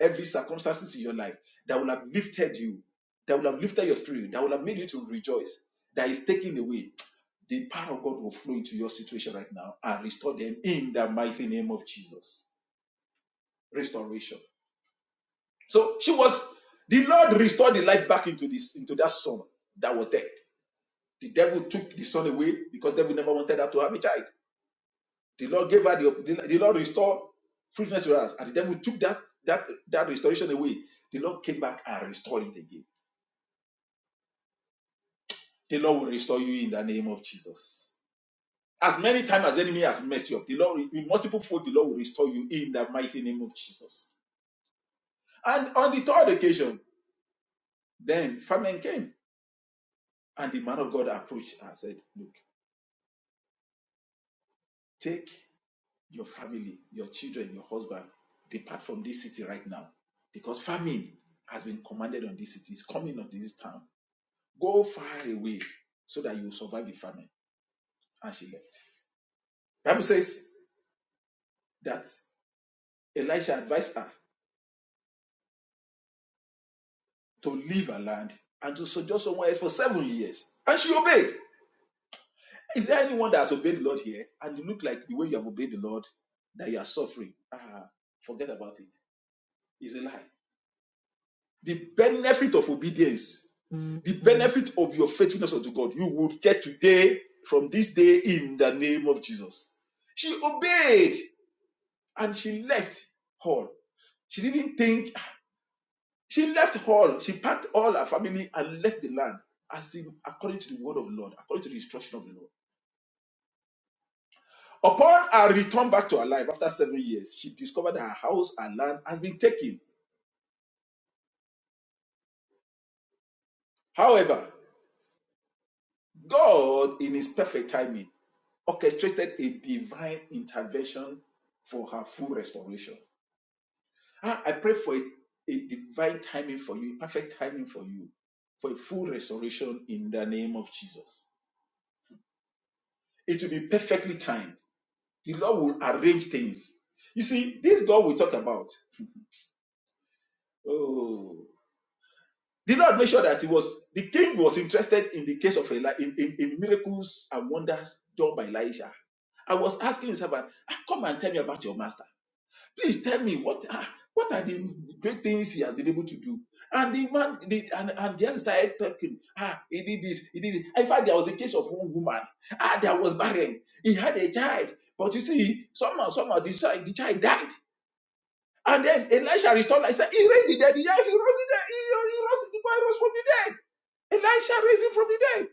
Every circumstances in your life that would have lifted you, that would have lifted your spirit, that would have made you to rejoice, that is taken away. The power of God will flow into your situation right now and restore them in the mighty name of Jesus. Restoration. So she was the Lord restored the life back into this into that son that was dead. The devil took the son away because the devil never wanted her to have a child. The Lord gave her the, the Lord restored fruitfulness to us, and the devil took that that that restoration away. The Lord came back and restored it again. The Lord will restore you in the name of Jesus. As many times as the enemy has messed you up, the Lord will- in multiple fold, the Lord will restore you in the mighty name of Jesus. And on the third occasion, then famine came, and the man of God approached and said, Look, take your family, your children, your husband, depart from this city right now. Because famine has been commanded on this city, It's coming on this town Go far away so that you survive the famine. And she left. Bible says that Elisha advised her to leave her land and to sojourn somewhere else for seven years. And she obeyed. Is there anyone that has obeyed the Lord here and you look like the way you have obeyed the Lord that you are suffering? Ah, forget about it. It's a lie. The benefit of obedience, the benefit of your faithfulness unto God, you would get today from this day in the name of Jesus. She obeyed and she left her. She didn't think. She left all. She packed all her family and left the land, as in, according to the word of the Lord, according to the instruction of the Lord. Upon her return back to her life after seven years, she discovered that her house and land has been taken. However, God, in His perfect timing, orchestrated a divine intervention for her full restoration. Ah, I pray for a, a divine timing for you, a perfect timing for you, for a full restoration in the name of Jesus. It will be perfectly timed The Lord will arrange things. You see, this God we talk about, oh, the Lord made sure that it was the king was interested in the case of Eli, in, in, in miracles and wonders done by Elijah. I was asking his servant, "Ah, come and tell me about your master. Please tell me what ah, what are the great things he has been able to do. And the man the, and, and just started talking. Ah, he did this, he did this. In fact, there was a case of one woman. Ah, that was barren. He had a child. But you see, somehow, somehow the child, the child died. And then Elisha restored. life. He said, He raised the dead. Yes, he rose the dead. He, he rose the boy rose from the dead. Elisha raised him from the dead.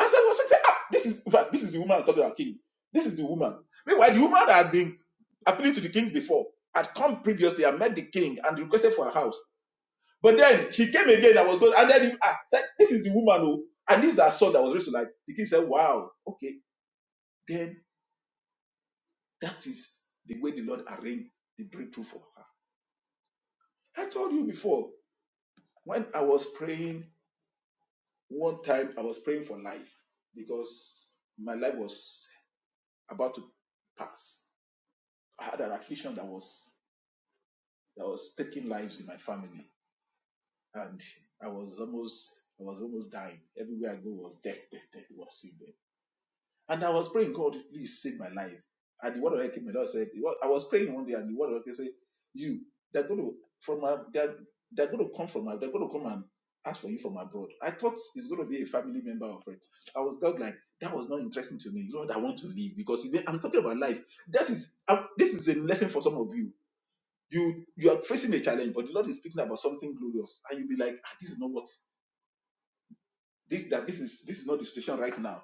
And so was said, ah, this is this is the woman I'm talking about king. This is the woman. Meanwhile, the woman that had been appealing to the king before had come previously and met the king and requested for her house. But then she came again and was going, and then he ah, said, This is the woman, who." and this is her son that was raised to life. The king said, Wow, okay, then that is the way the Lord arranged the breakthrough for her. I told you before when I was praying One time I was praying for life because my life was about to pass. I had an affliction that was that was taking lives in my family, and I was almost I was almost dying. Everywhere I go was death, death, death. It was sick. And I was praying, God, please save my life. And the word of God came, the Lord said, I was praying one day, and the word of God said, You, they're going to from a, they're, they're going to come from a, they're going to come and ask for you from abroad. I thought it's going to be a family member or friend. I was just like, that was not interesting to me. Lord, I want to leave because if- I'm talking about life. This is i this is a lesson for some of you. You you are facing a challenge, but the Lord is speaking about something glorious, and you'll be like, ah, this is not what this that this is this is not the situation right now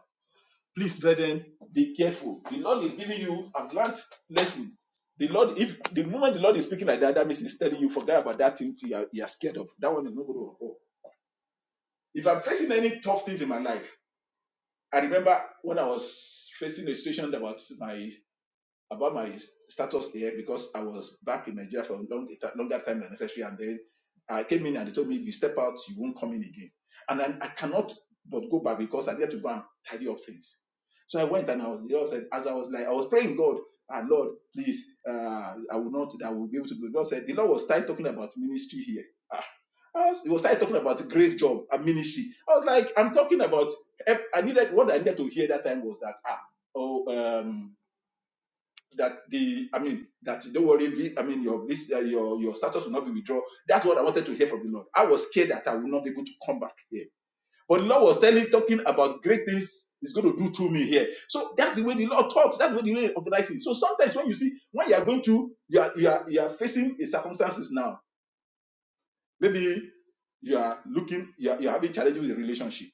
Please, brethren, be careful. The Lord is giving you a grant lesson. The Lord, if the moment the Lord is speaking like that, that means He's telling you, forget about that thing you are, you are scared of. That one is not going to occur. If I'm facing any tough things in my life, I remember when I was facing a situation about my about my status here because I was back in Nigeria for a long, longer time than necessary. And then I came in and they told me, if you step out, you won't come in again. And then I cannot but go back because I need to go and tidy up things. So I went and I was, the Lord said, as I was like, I was praying, God, ah, Lord, please, uh, I will not, I will be able to do. it." God said, the Lord was started talking about ministry here. Ah, I was, he was started talking about great job and ministry. I was like, I'm talking about, eh, I needed, what I needed to hear that time was that, ah, oh, um, that the I mean that don't worry, vi- I mean your visa, your your status will not be withdrawn. That's what I wanted to hear from the Lord. I was scared that I would not be able to come back here. But the Lord was telling, talking about great things He's going to do through me here. So that's the way the Lord talks. That's the way the Lord organizes. So sometimes when you see when you are going to you are you are, you are facing a circumstances now, maybe you are looking you are, you are having challenges with a relationship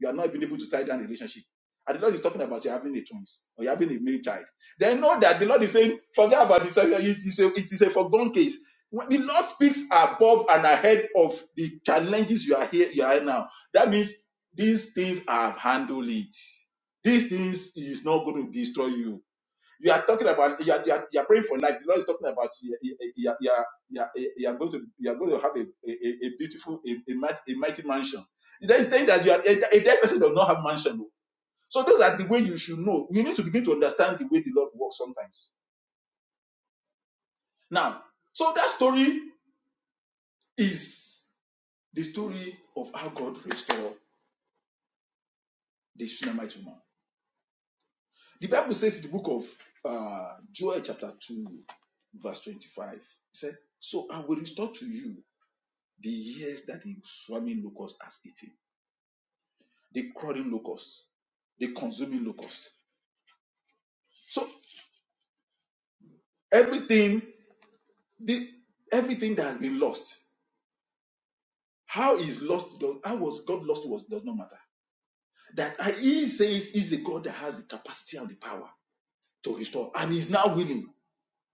you are not even able to tie down a relationship. And the Lord is talking about you having a twins or you having a male child. They know that the Lord is saying, forget about this. It is a, it is a foregone case. When the Lord speaks above and ahead of the challenges you are here, you are now. That means these things have handled it. These things is not going to destroy you you are talking about you are, you are, you are praying for life. The Lord is talking about you, you, you, are- you, are, you, are, you are going to you are going to have a, a, a beautiful a, a, mighty, a mighty mansion. Then saying that you are a, a dead person does not have mansion. oh. So those are the way you should know. You need to begin to understand the way the Lord works sometimes. Now, so that story is the story of how God restored the Shunammite woman. The Bible says in the book of uh, Joel chapter two, verse twenty-five. It said, "So I will restore to you." The years that the swarming locust has eaten, the crawling locust, the consuming locust. So everything, the everything that has been lost, how is lost? does- How was God lost? Was does not matter. That I- He says He's a God that has the capacity and the power to restore, and He's now willing.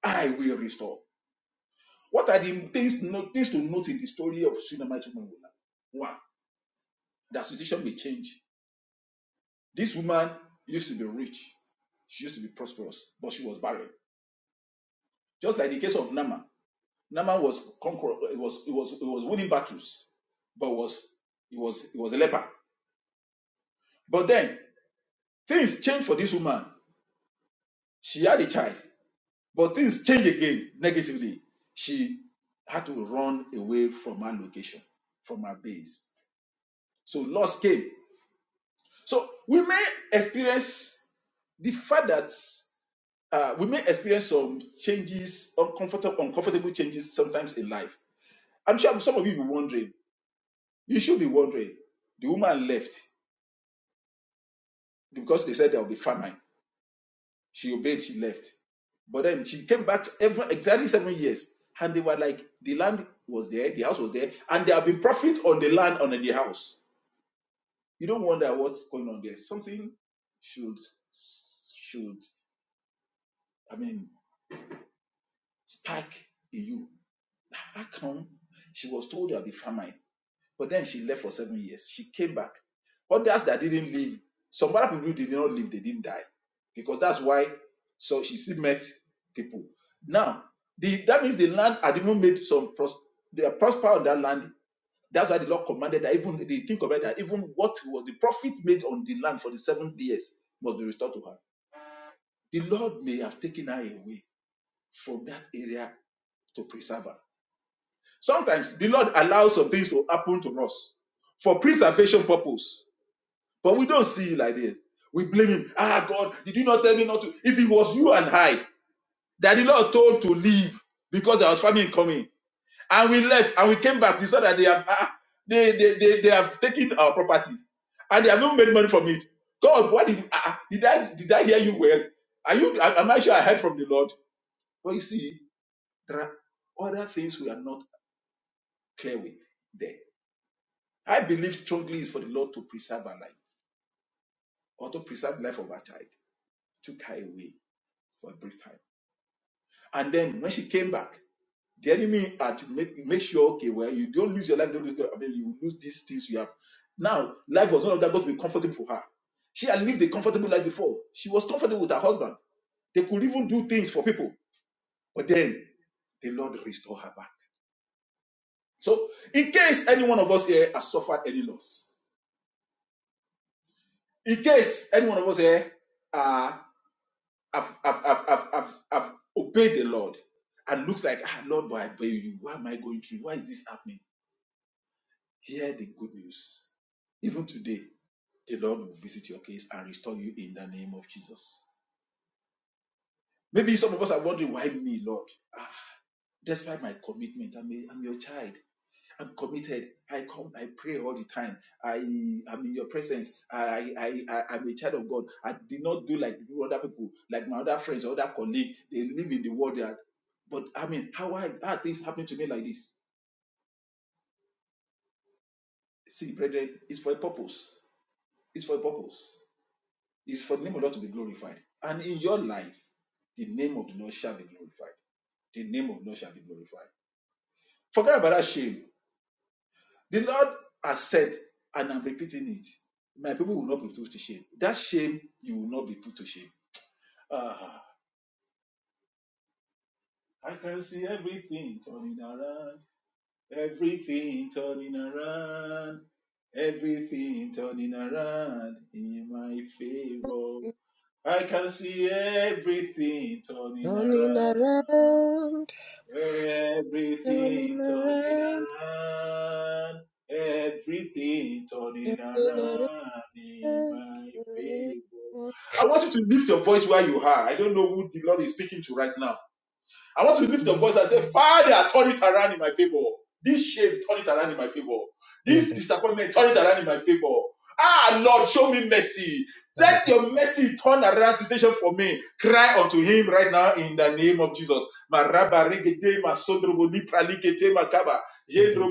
I will restore. What are the things, no, things to note in the story of Shunammite woman? One, the association may change. This woman used to be rich. She used to be prosperous, but she was barren Just like the case of Naaman. Naaman was conqueror, it was it was it was winning battles, but was it was it was a leper. But then things changed for this woman. She had a child, but things changed again negatively. She had to run away from her location, from her base. So loss came. So we may experience the fact that uh, we may experience some changes, uncomfortable, uncomfortable changes sometimes in life. I'm sure some of you will be wondering You should be wondering. The woman left because they said there will be famine. She obeyed, she left. But then she came back every, exactly seven years. And they were like, the land was there, the house was there, and there have been profit on the land and on the house. You don't wonder what's going on there. Something should, should I mean, spark in you. How come she was told there'll be famine? But then she left for seven years. She came back. Others that didn't leave, some other people did not leave, they didn't die. Because that's why so she still met people. Now, the, that means the land had even made some pros, they are prosper on that land. That's why the Lord commanded that even the king commanded that even what was the profit made on the land for the seven years must be restored to her. The Lord may have taken her away from that area to preserve her. Sometimes the Lord allows some things to happen to us for preservation purpose But we don't see it like this. We blame him. Ah, God, did you not tell me not to? If it was you and I that the Lord told to leave because there was famine coming, and we left and we came back, we saw that they have ah, they, they, they, they have taken our property and they have not made money from it. God, what did ah, ah, did I did I hear you well? Are you? I- I'm not sure I heard from the Lord. But you see, there are other things we are not clear with there. I believe strongly is for the Lord to preserve our life or to preserve the life of our child. Took her away for a brief time And then when she came back, the enemy had to make, make sure, okay, well, you don't lose your life. Don't lose, I mean, you lose these things you have. Now, life was no longer going to be comfortable for her. She had lived a comfortable life before. She was comfortable with her husband. They could even do things for people. But then the Lord restored her back. So, in case any one of us here has suffered any loss, in case any one of us here uh, have, have, have, have, have, have obeyed the Lord and looks like, ah, Lord, but I obey you. Why am I going through? Why is this happening? Hear the good news. Even today, the Lord will visit your case and restore you in the name of Jesus. Maybe some of us are wondering, why me, Lord? Ah, despite my commitment, I'm, a, I'm your child. I'm committed. I come, I pray all the time. I am in your presence. I, I, I, I'm a child of God. I did not do like other people, like my other friends, other colleagues. They live in the world. are, but I mean, how, I, how are things happening to me like this? See, brethren, it's for a purpose. It's for a purpose. It's for the name of the Lord to be glorified. And in your life, the name of the Lord shall be glorified. The name of the Lord shall be glorified. Forget about that shame. The Lord has said, and I'm repeating it, my people will not be put to shame. That shame, you will not be put to shame. Ah, I can see everything turning around, everything turning around, everything turning around in my favor. I can see everything turning Turning around. around, turning Everything turning around, around, everything turning turning around in my favor. around. I want you to lift your voice where you are. I don't know who the Lord is speaking to right now. I want you to lift your voice and say, Father, turn it around in my favor. This shame, turn it around in my favor. in This the disappointment, turn it around in my favor. Ah, Lord, show me mercy. Let sanitary, your mercy turn around situation for me. Cry unto him right now in the name of Jesus. in the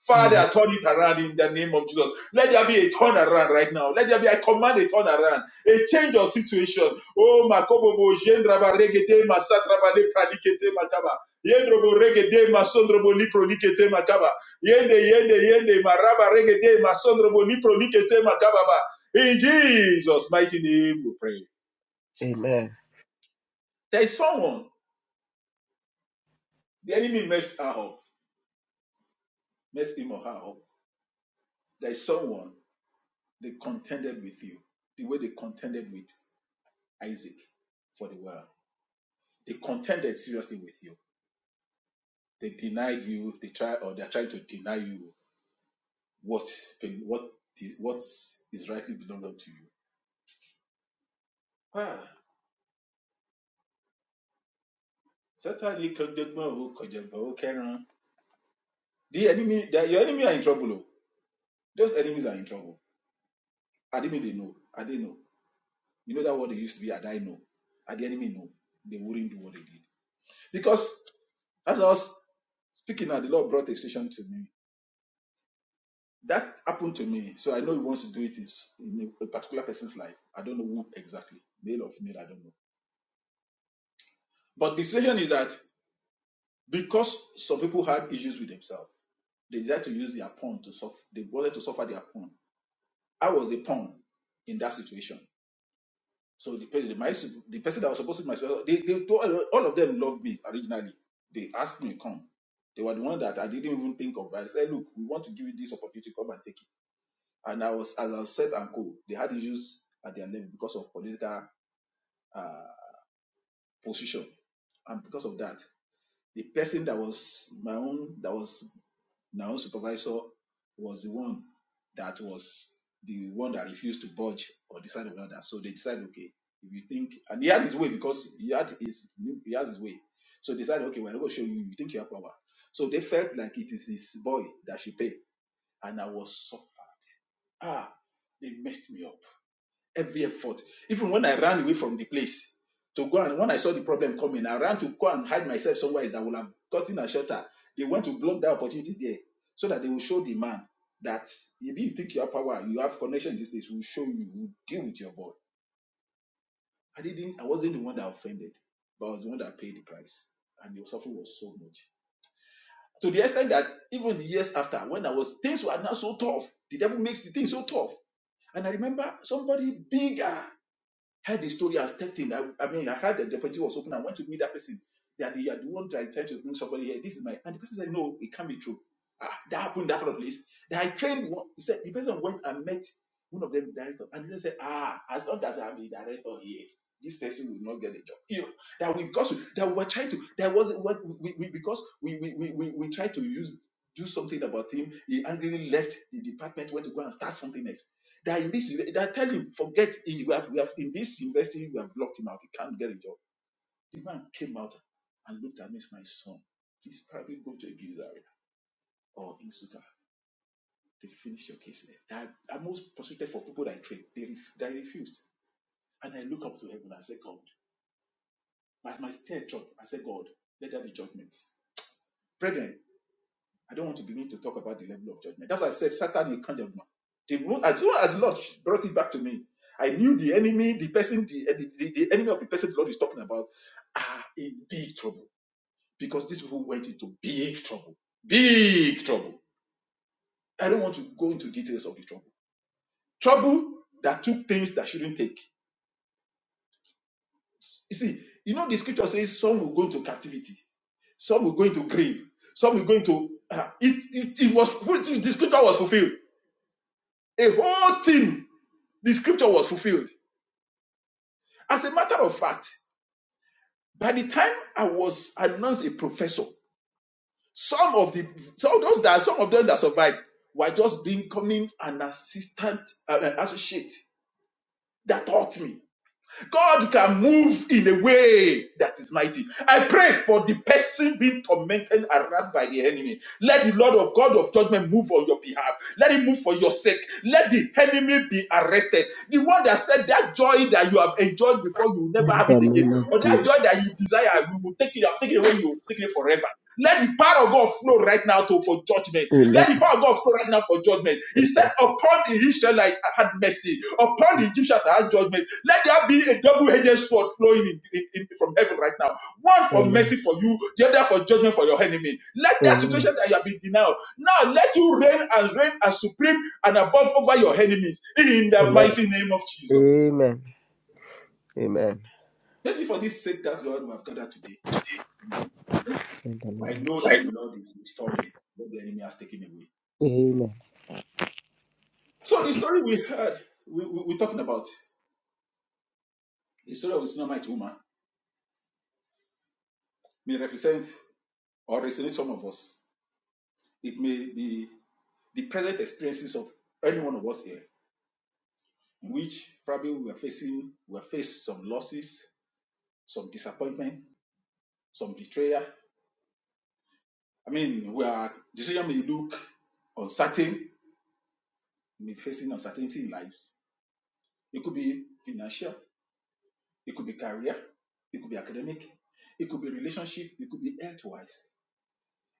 Father, Father, turn it around in the name of Jesus. Let there be a turnaround right now. Let there be a command a turnaround, a change of situation. Oh, Makobobo, Jendraba, Regede, Masatraba, Lepralikete, Makaba. Yendrobo, Regede, Masondrobo, Liprolikete, Makaba. Yende, Yende, Yende, Maraba, Regede, Masondrobo, Liprolikete, Makababa. In Jesus' mighty name we pray. Amen. There is someone, the enemy messed her up, messed him or her up. There is someone they contended with you, the way they contended with Isaac for the world. They contended seriously with you. They denied you. They try or they're trying to deny you. what be- what is what is rightly belonging to you. Ah, certainly kọjọgbọn o kọjọgbọn o kẹran. The enemy, the, your enemy are in trouble. o. Those enemies are in trouble. Adimi they know. Ade know. You know that word they used to be Adai know. And the enemy know. They wouldn't do what they did. Because as I was speaking now, the Lord brought a station to me. That happened to me. So I know he wants to do it in a particular person's life. I don't know who exactly. Male or female, I don't know. But the situation is that because some people had issues with themselves They decided to use their pawn to suffer. They wanted to suffer their pawn. I was a pawn in that situation. So the person, my, the person that was supposed to be my supervisor, they, they told, all of them loved me originally. They asked me to come. They were the one that I didn't even think of. I said, look, we want to give you this opportunity, come and take it. And I was, as I was set and cold, they had issues at their level because of political uh, position. And because of that, the person that was my own, that was My own supervisor was the one that was the one that refused to budge or decide on another. So they decided, okay, if you think, and he had his way because he had his he has his way. So they decided, okay, we're not going to show you. You think you have power. So they felt like it is his boy that should pay, and I was suffered. Ah, they messed me up every effort. Even when I ran away from the place to go and when I saw the problem coming, I ran to go and hide myself somewhere that would have gotten a shelter. They want to block that opportunity there so that they will show the man that if you think you have power, you have connection in this place, we'll show you, we'll deal with your boy. I didn't, I wasn't the one that offended, but I was the one that paid the price. And the suffering was so much. To the extent that even the years after, when I was, things were now so tough. The devil makes the things so tough. And I remember somebody bigger Heard the story, I stepped in. I, I mean, I heard that the opportunity was open. I went to meet that person. That you are the one that I tried to bring somebody here. This is my. And the person said, No, it can't be true. Ah, that happened in that kind place. Then I trained one. He said, The person went and met one of them, the director. And he said, Ah, as long as I'm the director here, this person will not get a job. You know, that we got to, that we were trying to, that was what we, we because we, we, we, we, we tried to use, do something about him, yet he's something else. That you forget, he, we have, we have he's investing, we have blocked him out. of the job. The man came out and looked at me my son. Please go to a Gizari or Insuka. They finished your case there. They I most prosecuted for people that I trained. They, ref- they refused. And I look up to heaven and I said, God, as my tear dropped, I said, God, let there be judgment. Brethren, I don't want to begin to talk about the level of judgment. That's why I said Satan is kind of man. The as soon as Lord brought it back to me, I knew the enemy, the person, the, the, the, the enemy of the person the Lord is talking about are in big trouble because these people went into big trouble. Big trouble. I don't want to go into details of the trouble. Trouble that took things that shouldn't take. You see, you know the scripture says some will go into captivity, some will go into grave, some will go into. Uh, it, it it was the scripture was fulfilled. A whole thing, the scripture was fulfilled. As a matter of fact, by the time I was announced a professor, some of the some those that some of them that survived were just becoming an assistant, uh, an associate that taught me. God can move in a way that is mighty. I pray for the person being tormented and harassed by the enemy. Let the Lord of God of judgment move on your behalf. Let him move for your sake. Let the enemy be arrested. The one that said that joy that you have enjoyed before, you will never In have the it again. name of Or that Jesus. joy that you desire, we will take it, I'll take it away, you will take it forever. Let the power of God flow right now to, for judgment. Let Amen. the power of God flow right now for judgment. He said, Upon the Israelites I had mercy, upon the Egyptians I had judgment. Let there be a double edged sword flowing in, in- in- from heaven right now. One for Amen. mercy for you, the other for judgment for your enemy. Let that Amen. situation that you have been denied now let you reign and reign as supreme and above over your enemies in the Amen. mighty name of Jesus. Amen. Amen. Amen. Thank you for this sake that we have gathered today. In the I name know that the Lord is restoring what the enemy has taken away. of Amen. So the story we heard, we, we, we're talking about the story of the Tsunamite woman may represent or resonate some of us. It may be the present experiences of any one of us here, in which probably we are facing, we are faced some losses, some disappointment, some betrayal. I mean, we are decision may look uncertain, may be facing uncertainty in lives. It could be financial, it could be career, it could be academic, it could be relationship, it could be health wise,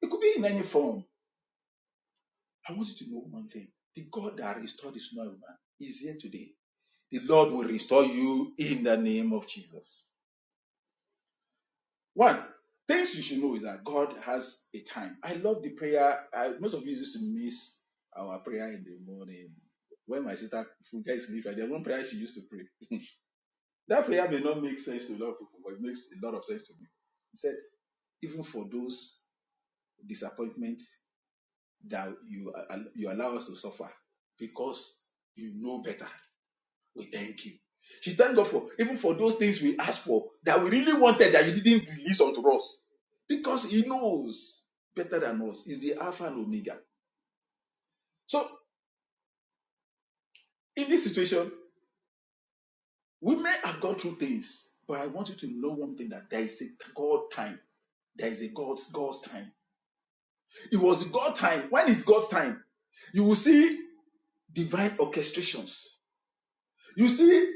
it could be in any form. one thing is here today. The Lord Jesus. One, things you should know is that God has a time. I love the prayer. I, most of you used to miss our prayer in the morning when my sister used to pray. that prayer may not make sense to a lot of people, but it makes a lot of sense to me. He said, even for those disappointments that you, you allow us to suffer because you know better. We thank you. She thanked God for even for those things we asked for that we really wanted that you didn't release unto us. Because He knows better than us. He's the Alpha and Omega. So in this situation, we may have gone through things, but I want you to know one thing that there is a God time. There is a God's God's time. It was God's time. When it's God's time, you will see divine orchestrations. You see,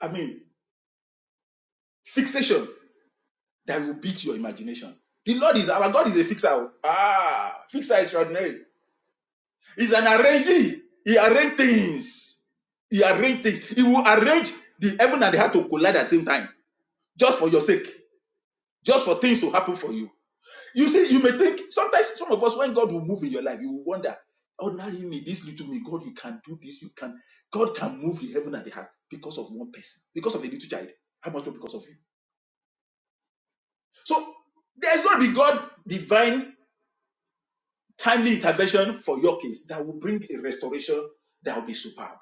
I mean, fixation that will beat your imagination. The Lord is our God is a fixer. oh. Ah, fixer extraordinary. He's an arranging. He arranged things. He arranged things. He will arrange the heaven and the heart to collide at the same time, just for your sake, just for things to happen for you. You see, you may think sometimes some of us when God will move in your life, you will wonder, ordinarily me, this little me, God, you can do this. You can. God can move the heaven and the heart because of one person, because of a little child. How much more because of you? So there's going to be God divine timely intervention for your case that will bring a restoration that will be superb.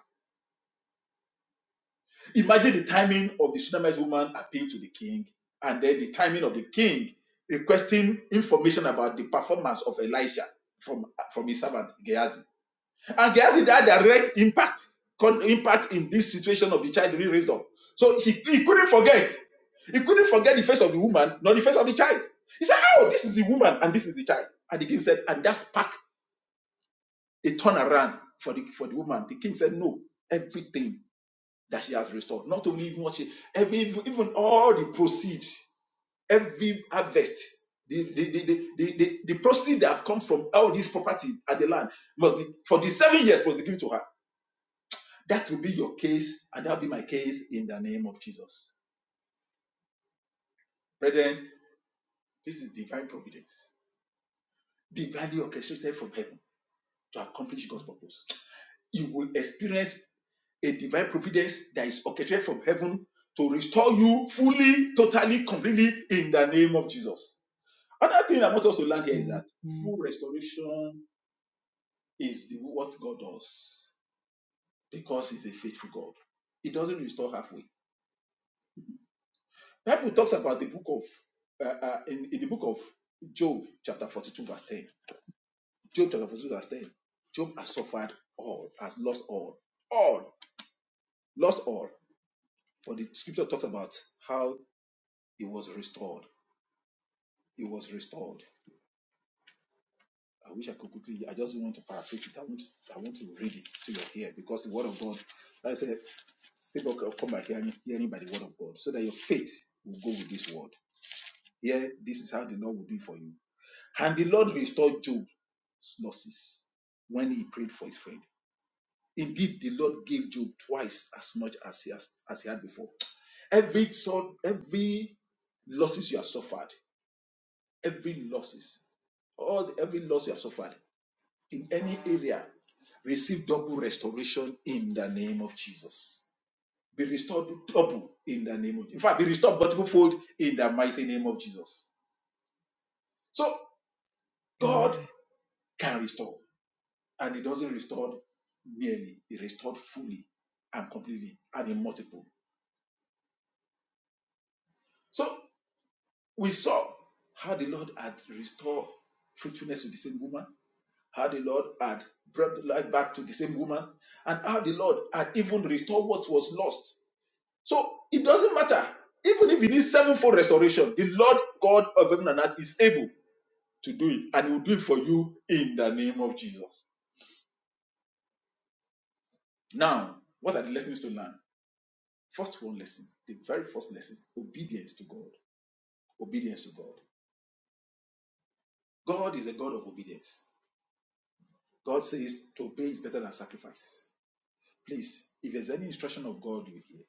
Imagine the timing of the Shunammite woman appealing to the king, and then the timing of the king requesting information about the performance of Elisha from, from his servant Gehazi. And Gehazi had a direct impact, impact in this situation of the child being raised up. So he, he couldn't forget. He couldn't forget the face of the woman, not the face of the child. He said, Oh, this is the woman and this is the child. And the king said, and that sparked a turnaround for the for the woman. The king said, No, everything that she has restored. Not only even what she, every, even all the proceeds, every harvest, the, the, the, the, the, the, the proceeds that have come from all these properties and the land must be, for the seven years, must be given to her. That will be your case, and that will be my case in the name of Jesus. Brethren, this is divine providence, divinely orchestrated from heaven to accomplish God's purpose. you will experience a divine providence that is orchestrated from heaven to restore you fully, totally, completely in the name of Jesus. Another thing I want us to learn here is that full restoration is the- what God does because He's a faithful God. He doesn't restore halfway. Bible talks about the book of uh, uh, in, in the book of Job, chapter forty-two, verse ten. Job chapter forty-two, verse ten. Job has suffered all, has lost all, all, lost all. But the scripture talks about how It was restored. It was restored. I wish I could quickly. I just want to paraphrase it. I want. I want to read it to your ear because the word of God. like I said, faith will come by hearing, hearing by the word of God, so that your faith will go with this word. Here, this is how the Lord will do it for you. And the Lord restored Job's losses when he prayed for his friend. Indeed, the Lord gave Job twice as much as he has, as he had before. Every sort, every losses you have suffered, every losses, all every loss you have suffered. in any area, receive double restoration in the name of Jesus. Be restored double in the name of Jesus. In fact, be restored multiple fold in the mighty name of Jesus. So God Amen. can restore, and He doesn't restore merely, He restored fully and completely and in multiple. So we saw how the Lord had restored fruitfulness to the same woman, how the Lord had brought life back to the same woman, and how the Lord had even restored what was lost So it doesn't matter. Even if it is sevenfold restoration, the Lord God of heaven and earth is able to do it, and He will do it for you in the name of Jesus. Now, what are the lessons to learn? First one lesson, the very first lesson: obedience to God. Obedience to God. God, God says, to us, please, if there's any instruction of God you hear,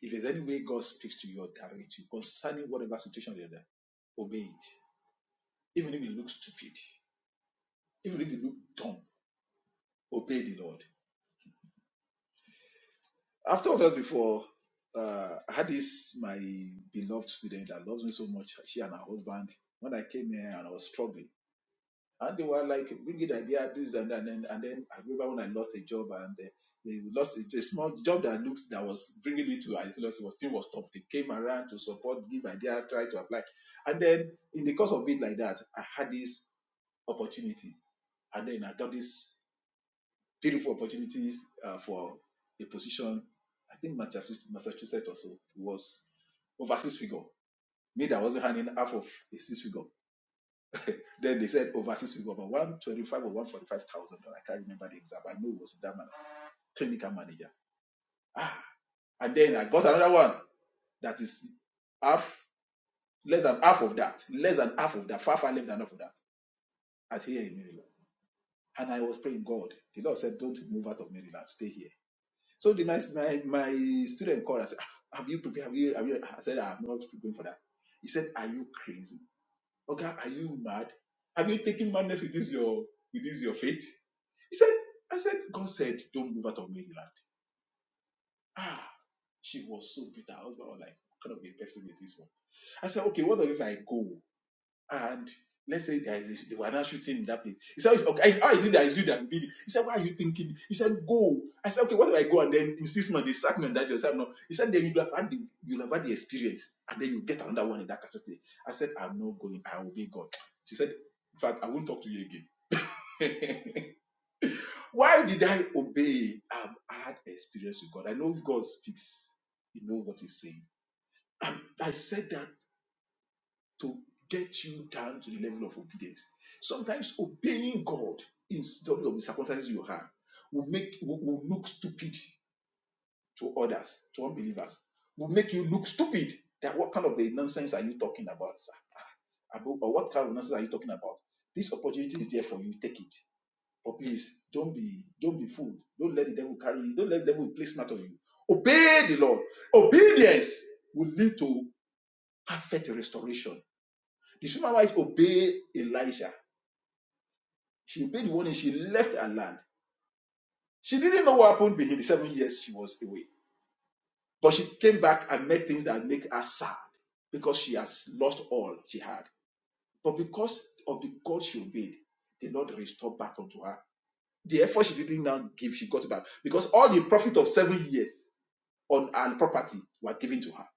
if there's any way God speaks to you or directs you concerning whatever situation you're in, obey it. Even if it looks stupid, even if it looks dumb, obey the Lord. I've told us before. Uh, I had this my beloved student that loves me so much. She and her husband. When I came here and I was struggling, and they were like bringing idea do this and that, and then and then I remember when I lost a job and they, they lost a, a small job that looks that was bringing me to I lost it was still was tough. They came around to support, give idea, try to apply, and then in the course of it like that, I had this opportunity, and then I got this three four opportunities uh, for a position. I think Massachusetts, Massachusetts also was over six figure. Me that wasn't handing half of a six figure. Then they said over six figure, about one twenty five or one forty five thousand. I can't remember the exact. but I know it was that man, clinical manager. Ah, and then I got another one that is half, less than half of that, less than half of that, far far less than half of that. At here in Maryland, and I was praying God. The Lord said, "Don't move out of Maryland, stay here." So the, my, my, my student called and said, "Ah, have you prepared? Have you, have you? I said, "Ah, I'm not preparing for that. He said, are you crazy? Okay, are you mad? Have you taken madness with this your, with this your faith? He said, I said, God said, don't move out of Maryland. Ah, she was so bitter. I was like, what kind of a person is this one? I said, okay, what if I go? and let's say there is, they were not shooting in that place. He said, okay, how is it that is you that did it? He said, why are you thinking? He said, go. I said, okay, what do I go? And then in six months, they sack me on that job. said, no. He said, then you'll have, had the, you'll have had the experience and then you get another one in that capacity. I said, I'm not going. I obey God. She said, in fact, I won't talk to you again. why did I obey? I've had experience with God. I know God speaks. He knows what he's saying. And I said that to get you down to the level of obedience. Sometimes obeying God in some of the circumstances you have will make will, will look stupid to others, to unbelievers, will make you look stupid. That what kind of a nonsense are you talking about, sir? About Or what kind of nonsense are you talking about? This opportunity is there for you, take it. But please don't be don't be fooled. Don't let the devil carry you, don't let the devil play smart on you. Obey the Lord. Obedience will lead to perfect restoration the Shunammite obeyed Elisha. She obeyed the warning. She left her land. She didn't know what happened within the seven years she was away. But she came back and met things that make her sad because she has lost all she had. But because of the God she obeyed, the Lord restored back unto her. The effort she didn't now give, she got back because all the profit of seven years on her property were given to her.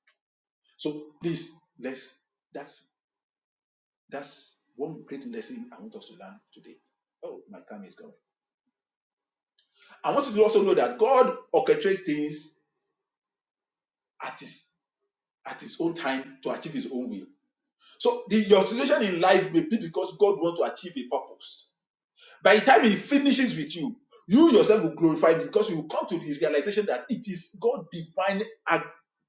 So please, let's that's that's one great lesson I want us to learn today. Oh, my time is gone. I want you to also know that God orchestrates things at his at his own time to achieve his own will. So the, your situation in life may be because God wants to achieve a purpose. By the time he finishes with you, you yourself will glorify me because you will come to the realization that it is God divine ac-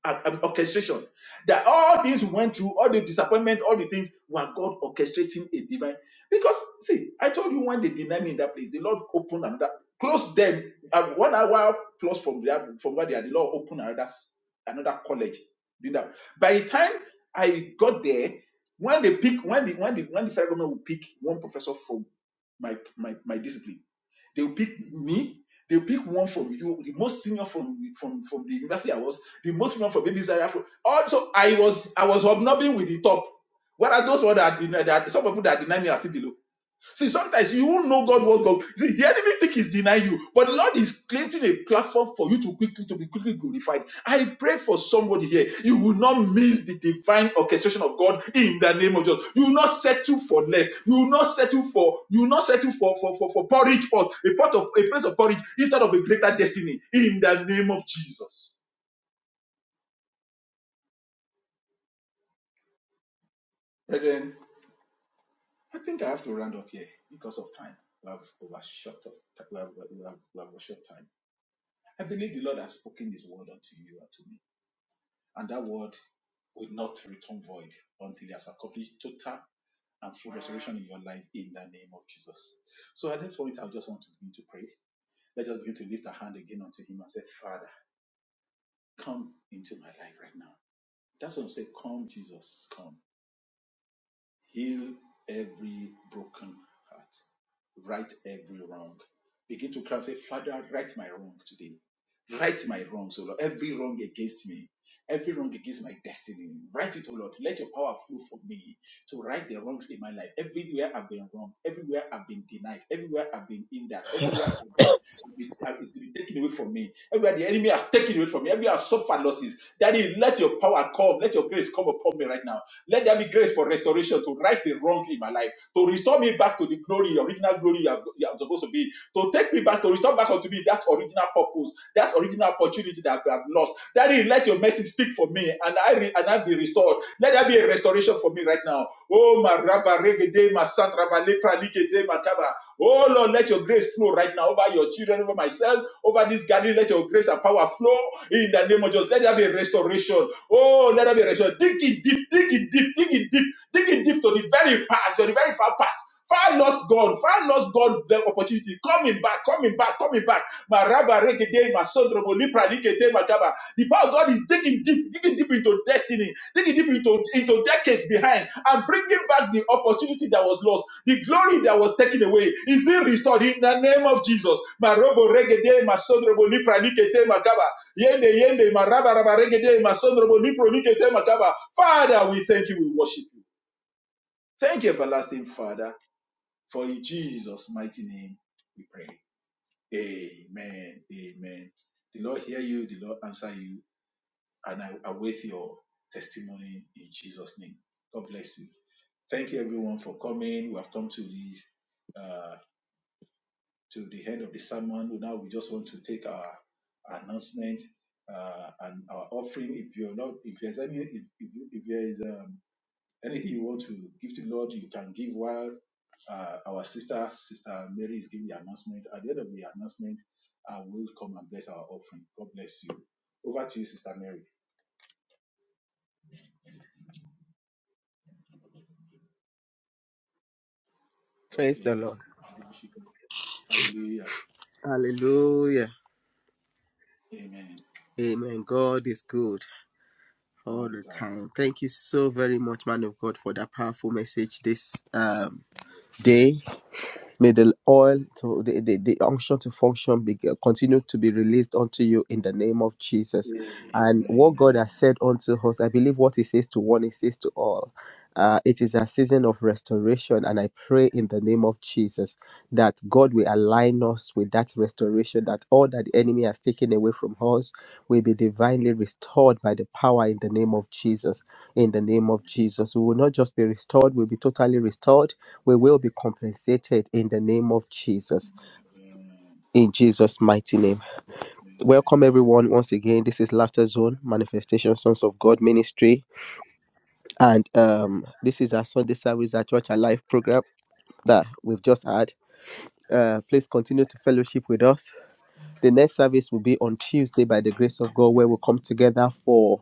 ac- um, orchestration. That all things you went through, all the disappointment, all the things were God orchestrating a divine. Because see, I told you when they denied me in that place, the Lord opened another, closed them uh, one hour plus from there, from where they are. The Lord opened another another college. Did that. By the time I got there, when they pick, when the when the when the federal government will pick one professor from my my my discipline. They'll pick me. They'll pick one from you, the most senior from from from the university I was, the most senior from Baby Zaria. From, also, I was I was hobnobbing with the top. What are those ones that deny that some people that deny me are still below? See, sometimes you won't know God what God. See, the enemy think he's denying you, but the Lord is creating a platform for you to quickly to be quickly glorified. I pray for somebody here. You will not miss the divine orchestration of God in the name of Jesus. You will not settle for less. You will not settle for you will not settle for for for, for porridge pot, a pot of a place of porridge instead of a greater destiny in the name of Jesus. Brethren, I think I have to round up here because of time. We have overshot of we have, we have, we have overshot time. I believe the Lord has spoken his word unto you and to me, and that word will not return void until he has accomplished total and full restoration in your life in the name of Jesus. So at this point, I just want to begin to pray. Let us begin to lift our hand again unto him and say, Father, come into my life right now. That's what I say, come, Jesus, come. Heal every broken heart. right every wrong. Begin to cry say, Father, right my wrong today. Right my wrongs, O Lord. Every wrong against me. Every wrong against my destiny. Right it, O Lord. Let your power flow for me to right the wrongs in my life. Everywhere I've been wrong. Everywhere I've been denied. Everywhere I've been hindered. Everywhere I've been, I've been, I've, it's been taken away from me. Everywhere the enemy has taken away from me. Everywhere I've suffered losses. Daddy, let your power come. Let your grace come upon me right now. Let there be grace for restoration to right the wrong in my life to restore me back to the glory, original glory you are supposed to be, to take me back, to restore back unto me that original purpose, that original opportunity that I have lost. Daddy, let your mercy speak for me and I re- and I be restored. Let there be a restoration for me right now. Oh, my rabba regede, my son rabba lepra likete, my kaba. Oh Lord, let your grace flow right now over your children, over myself, over this gathering. Let your grace and power flow in the name of Jesus. Let there be a restoration. Oh, let there be a restoration. Dig it deep, digging deep, digging deep, digging deep to the very past, to the very far past. Far lost God, far lost God, the opportunity. Coming back, coming back, coming back. My rabba regede, my sodrobo, lipra, likete, my kaba. The power of God is digging deep, digging deep into destiny, digging deep into, into decades decades behind and bringing back the opportunity that was lost, the glory that was taken away is being restored in the name of Jesus. Marobo regede masodrobo lipranikete makaba. Yende yende maraba raba regede masodrobo lipronikete makaba. Father, we thank you, we worship you. Thank you, everlasting Father, for in Jesus' mighty name we pray. Amen. Amen. The Lord hear you, the Lord answer you, and I await your testimony in Jesus' name. God bless you. Thank you everyone for coming. We have come to this uh, to the end of the sermon. Now we just want to take our announcement uh, and our offering. If you're not, if there's any, if if, if there is um, anything you want to give to the Lord, you can give while uh, our sister, Sister Mary, is giving the announcement. At the end of the announcement, I will come and bless our offering. God bless you. Over to you, Sister Mary. Praise Okay. the Lord. Hallelujah. Hallelujah. Amen. Amen. God is good all the time. Thank you so very much, man of God, for that powerful message this um day. May the oil, to, the, the, the unction to function be, uh, continue to be released unto you in the name of Jesus. And what God has said unto us, I believe what He says to one, He says to all. Uh, it is a season of restoration, and I pray in the name of Jesus that God will align us with that restoration, that all that the enemy has taken away from us will be divinely restored by the power in the name of Jesus. In the name of Jesus, we will not just be restored, we'll be totally restored. We will be compensated in the name of Jesus. In Jesus' mighty name. Welcome, everyone, once again. This is Laughter Zone Manifestation Sons of God Ministry. And um, this is our Sunday service, our Church Alive program that we've just had. Uh, please continue to fellowship with us The next service will be on Tuesday by the grace of God, where we'll come together for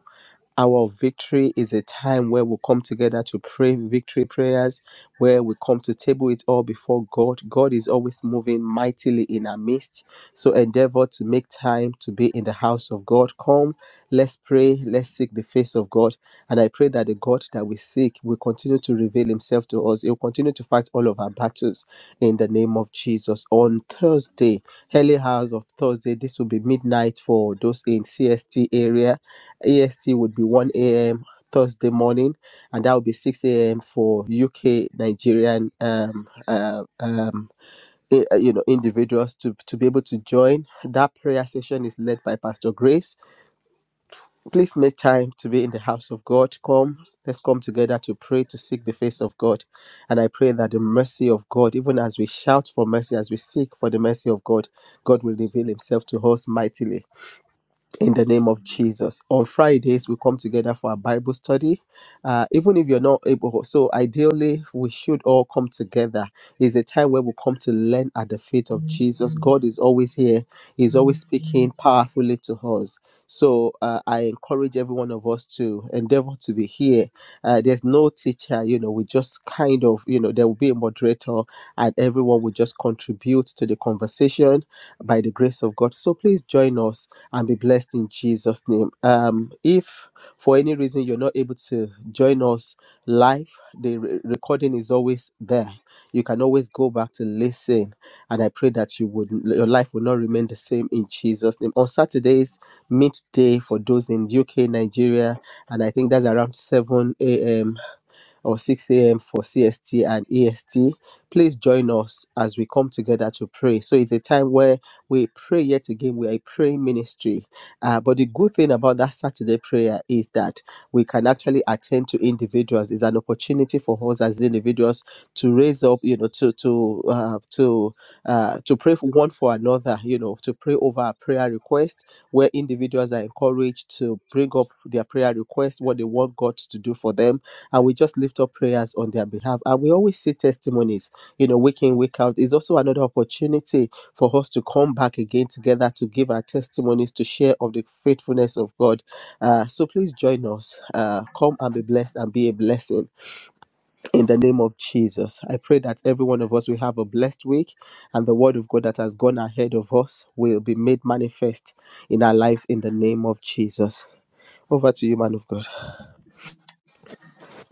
our victory is a time where we come together to pray victory prayers, where we come to table it all before God. God is always moving mightily in our midst. So endeavor to make time to be in the house of God. Come, let's pray, let's seek the face of God. And I pray that the God that we seek will continue to reveal himself to us. He will continue to fight all of our battles in the name of Jesus. On Thursday, early hours of Thursday, this will be midnight for those in CST area AST would be 1 a.m. Thursday morning, and that would be 6 a.m. for UK Nigerian, um, uh, um, i- uh, you know, individuals to to be able to join. That prayer session is led by Pastor Grace. Please make time to be in the house of God. Come. Let's come together to pray to seek the face of God. And I pray that the mercy of God, even as we shout for mercy, as we seek for the mercy of God, God will reveal himself to us mightily in the name of Jesus. On Fridays, we come together for a Bible study. Uh, even if you're not able, so ideally, we should all come together. It's a time where we come to learn at the feet of Jesus. God is always here, He's always speaking powerfully to us. So uh, I encourage every one of us to endeavor to be here. Uh, there's no teacher, you know, we just kind of, you know, there will be a moderator and everyone will just contribute to the conversation by the grace of God. So please join us and be blessed in Jesus' name. Um, if for any reason you're not able to join us live, the re- recording is always there. You can always go back to listen, and I pray that you would your life will not remain the same in Jesus' name. On Saturdays, midday for those in UK, Nigeria, and I think that's around 7 a.m or 6 a.m. for CST and EST. Please join us as we come together to pray. So it's a time where we pray yet again. We are a praying ministry. Uh, but the good thing about that Saturday prayer is that we can actually attend to individuals. It's an opportunity for us as individuals to raise up, you know, to to uh, to uh, to pray for one for another. You know, to pray over our prayer request, where individuals are encouraged to bring up their prayer request, what they want God to do for them and we just lift up prayers on their behalf. And we always see testimonies, you know, week in, week out. It's also another opportunity for us to come back again together to give our testimonies, to share of the faithfulness of God. Uh, so please join us. Uh, come and be blessed and be a blessing in the name of Jesus. I pray that every one of us will have a blessed week and the word of God that has gone ahead of us will be made manifest in our lives in the name of Jesus. Over to you, man of God.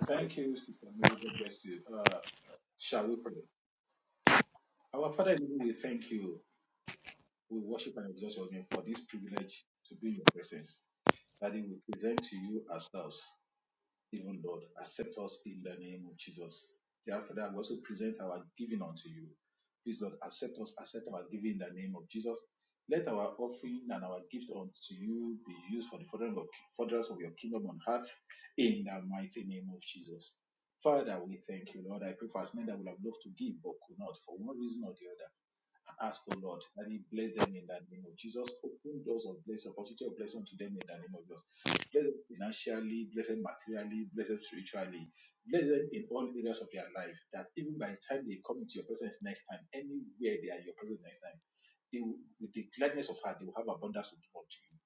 Thank you, Sister Mary. God bless you. Uh, Shall we pray? Our Father, in heaven, we thank you. We worship and exalt your name for this privilege to be in your presence. That we present to you ourselves even Lord, accept us in the name of Jesus. Therefore, that we also present our giving unto you. Please, Lord, accept us, accept our giving in the name of Jesus. Let our offering and our gift unto you be used for the furtherance of furtherance of your kingdom on earth in the mighty name of Jesus. Father, we thank you, Lord. I pray for as many that would have loved to give but could not for one reason or the other. I Ask O Lord, that He bless them in the name of Jesus. Open doors of blessing, opportunity of blessing to them in the name of Jesus. Bless them financially, bless them materially, bless them spiritually, bless them in all areas of their life. That even by the time they come into your presence next time, anywhere they are in your presence next time, they will, with the gladness of heart, they will have abundance to give unto you.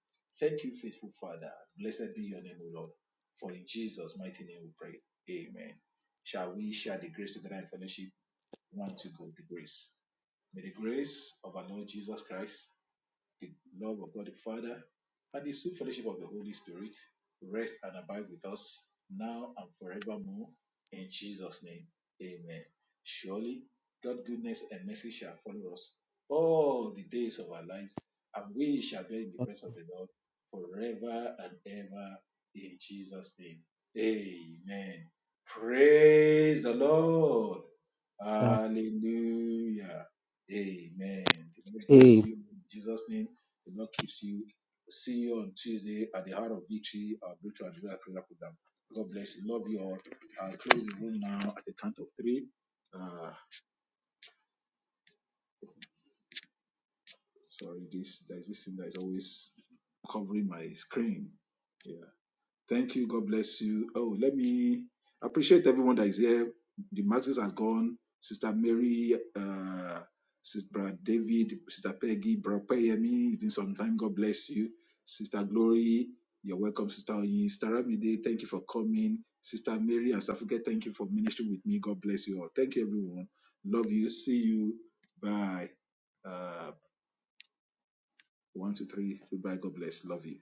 Thank you, faithful Father. Blessed be your name, O Lord. For in Jesus' mighty name we pray. Amen. Shall we share the grace together in fellowship? One to go, the grace. May the grace of our Lord Jesus Christ, the love of God the Father, and the sweet fellowship of the Holy Spirit rest and abide with us now and forevermore. In Jesus' name, amen. Surely, God's goodness and mercy shall follow us all the days of our lives, and we shall be in the Uh, presence of the Lord forever and ever. In Jesus' name, amen. Praise the Lord. uh, Hallelujah. Amen. The Lord hey. bless you in Jesus' name. The Lord keeps you. See you on Tuesday at the Heart of Victory, our Breakthrough and Deliverance Prayer Program. God bless you. Love you all. I'll close the room now at the count of three. Uh, sorry, this there's this thing that is always covering my screen. Yeah. Thank you. God bless you. Oh, let me appreciate everyone that is here. The Maxis has gone. Sister Mary, uh, Sister David, Sister Peggy, Brother Payemi. It's been some time. God bless you. Sister Glory, you're welcome. Sister Oyin, Sister Ramide, thank you for coming. Sister Mary and Safuke, thank you for ministering with me. God bless you all. Thank you, everyone. Love you. See you. Bye. Uh, one, two, three. Goodbye. God bless. Love you.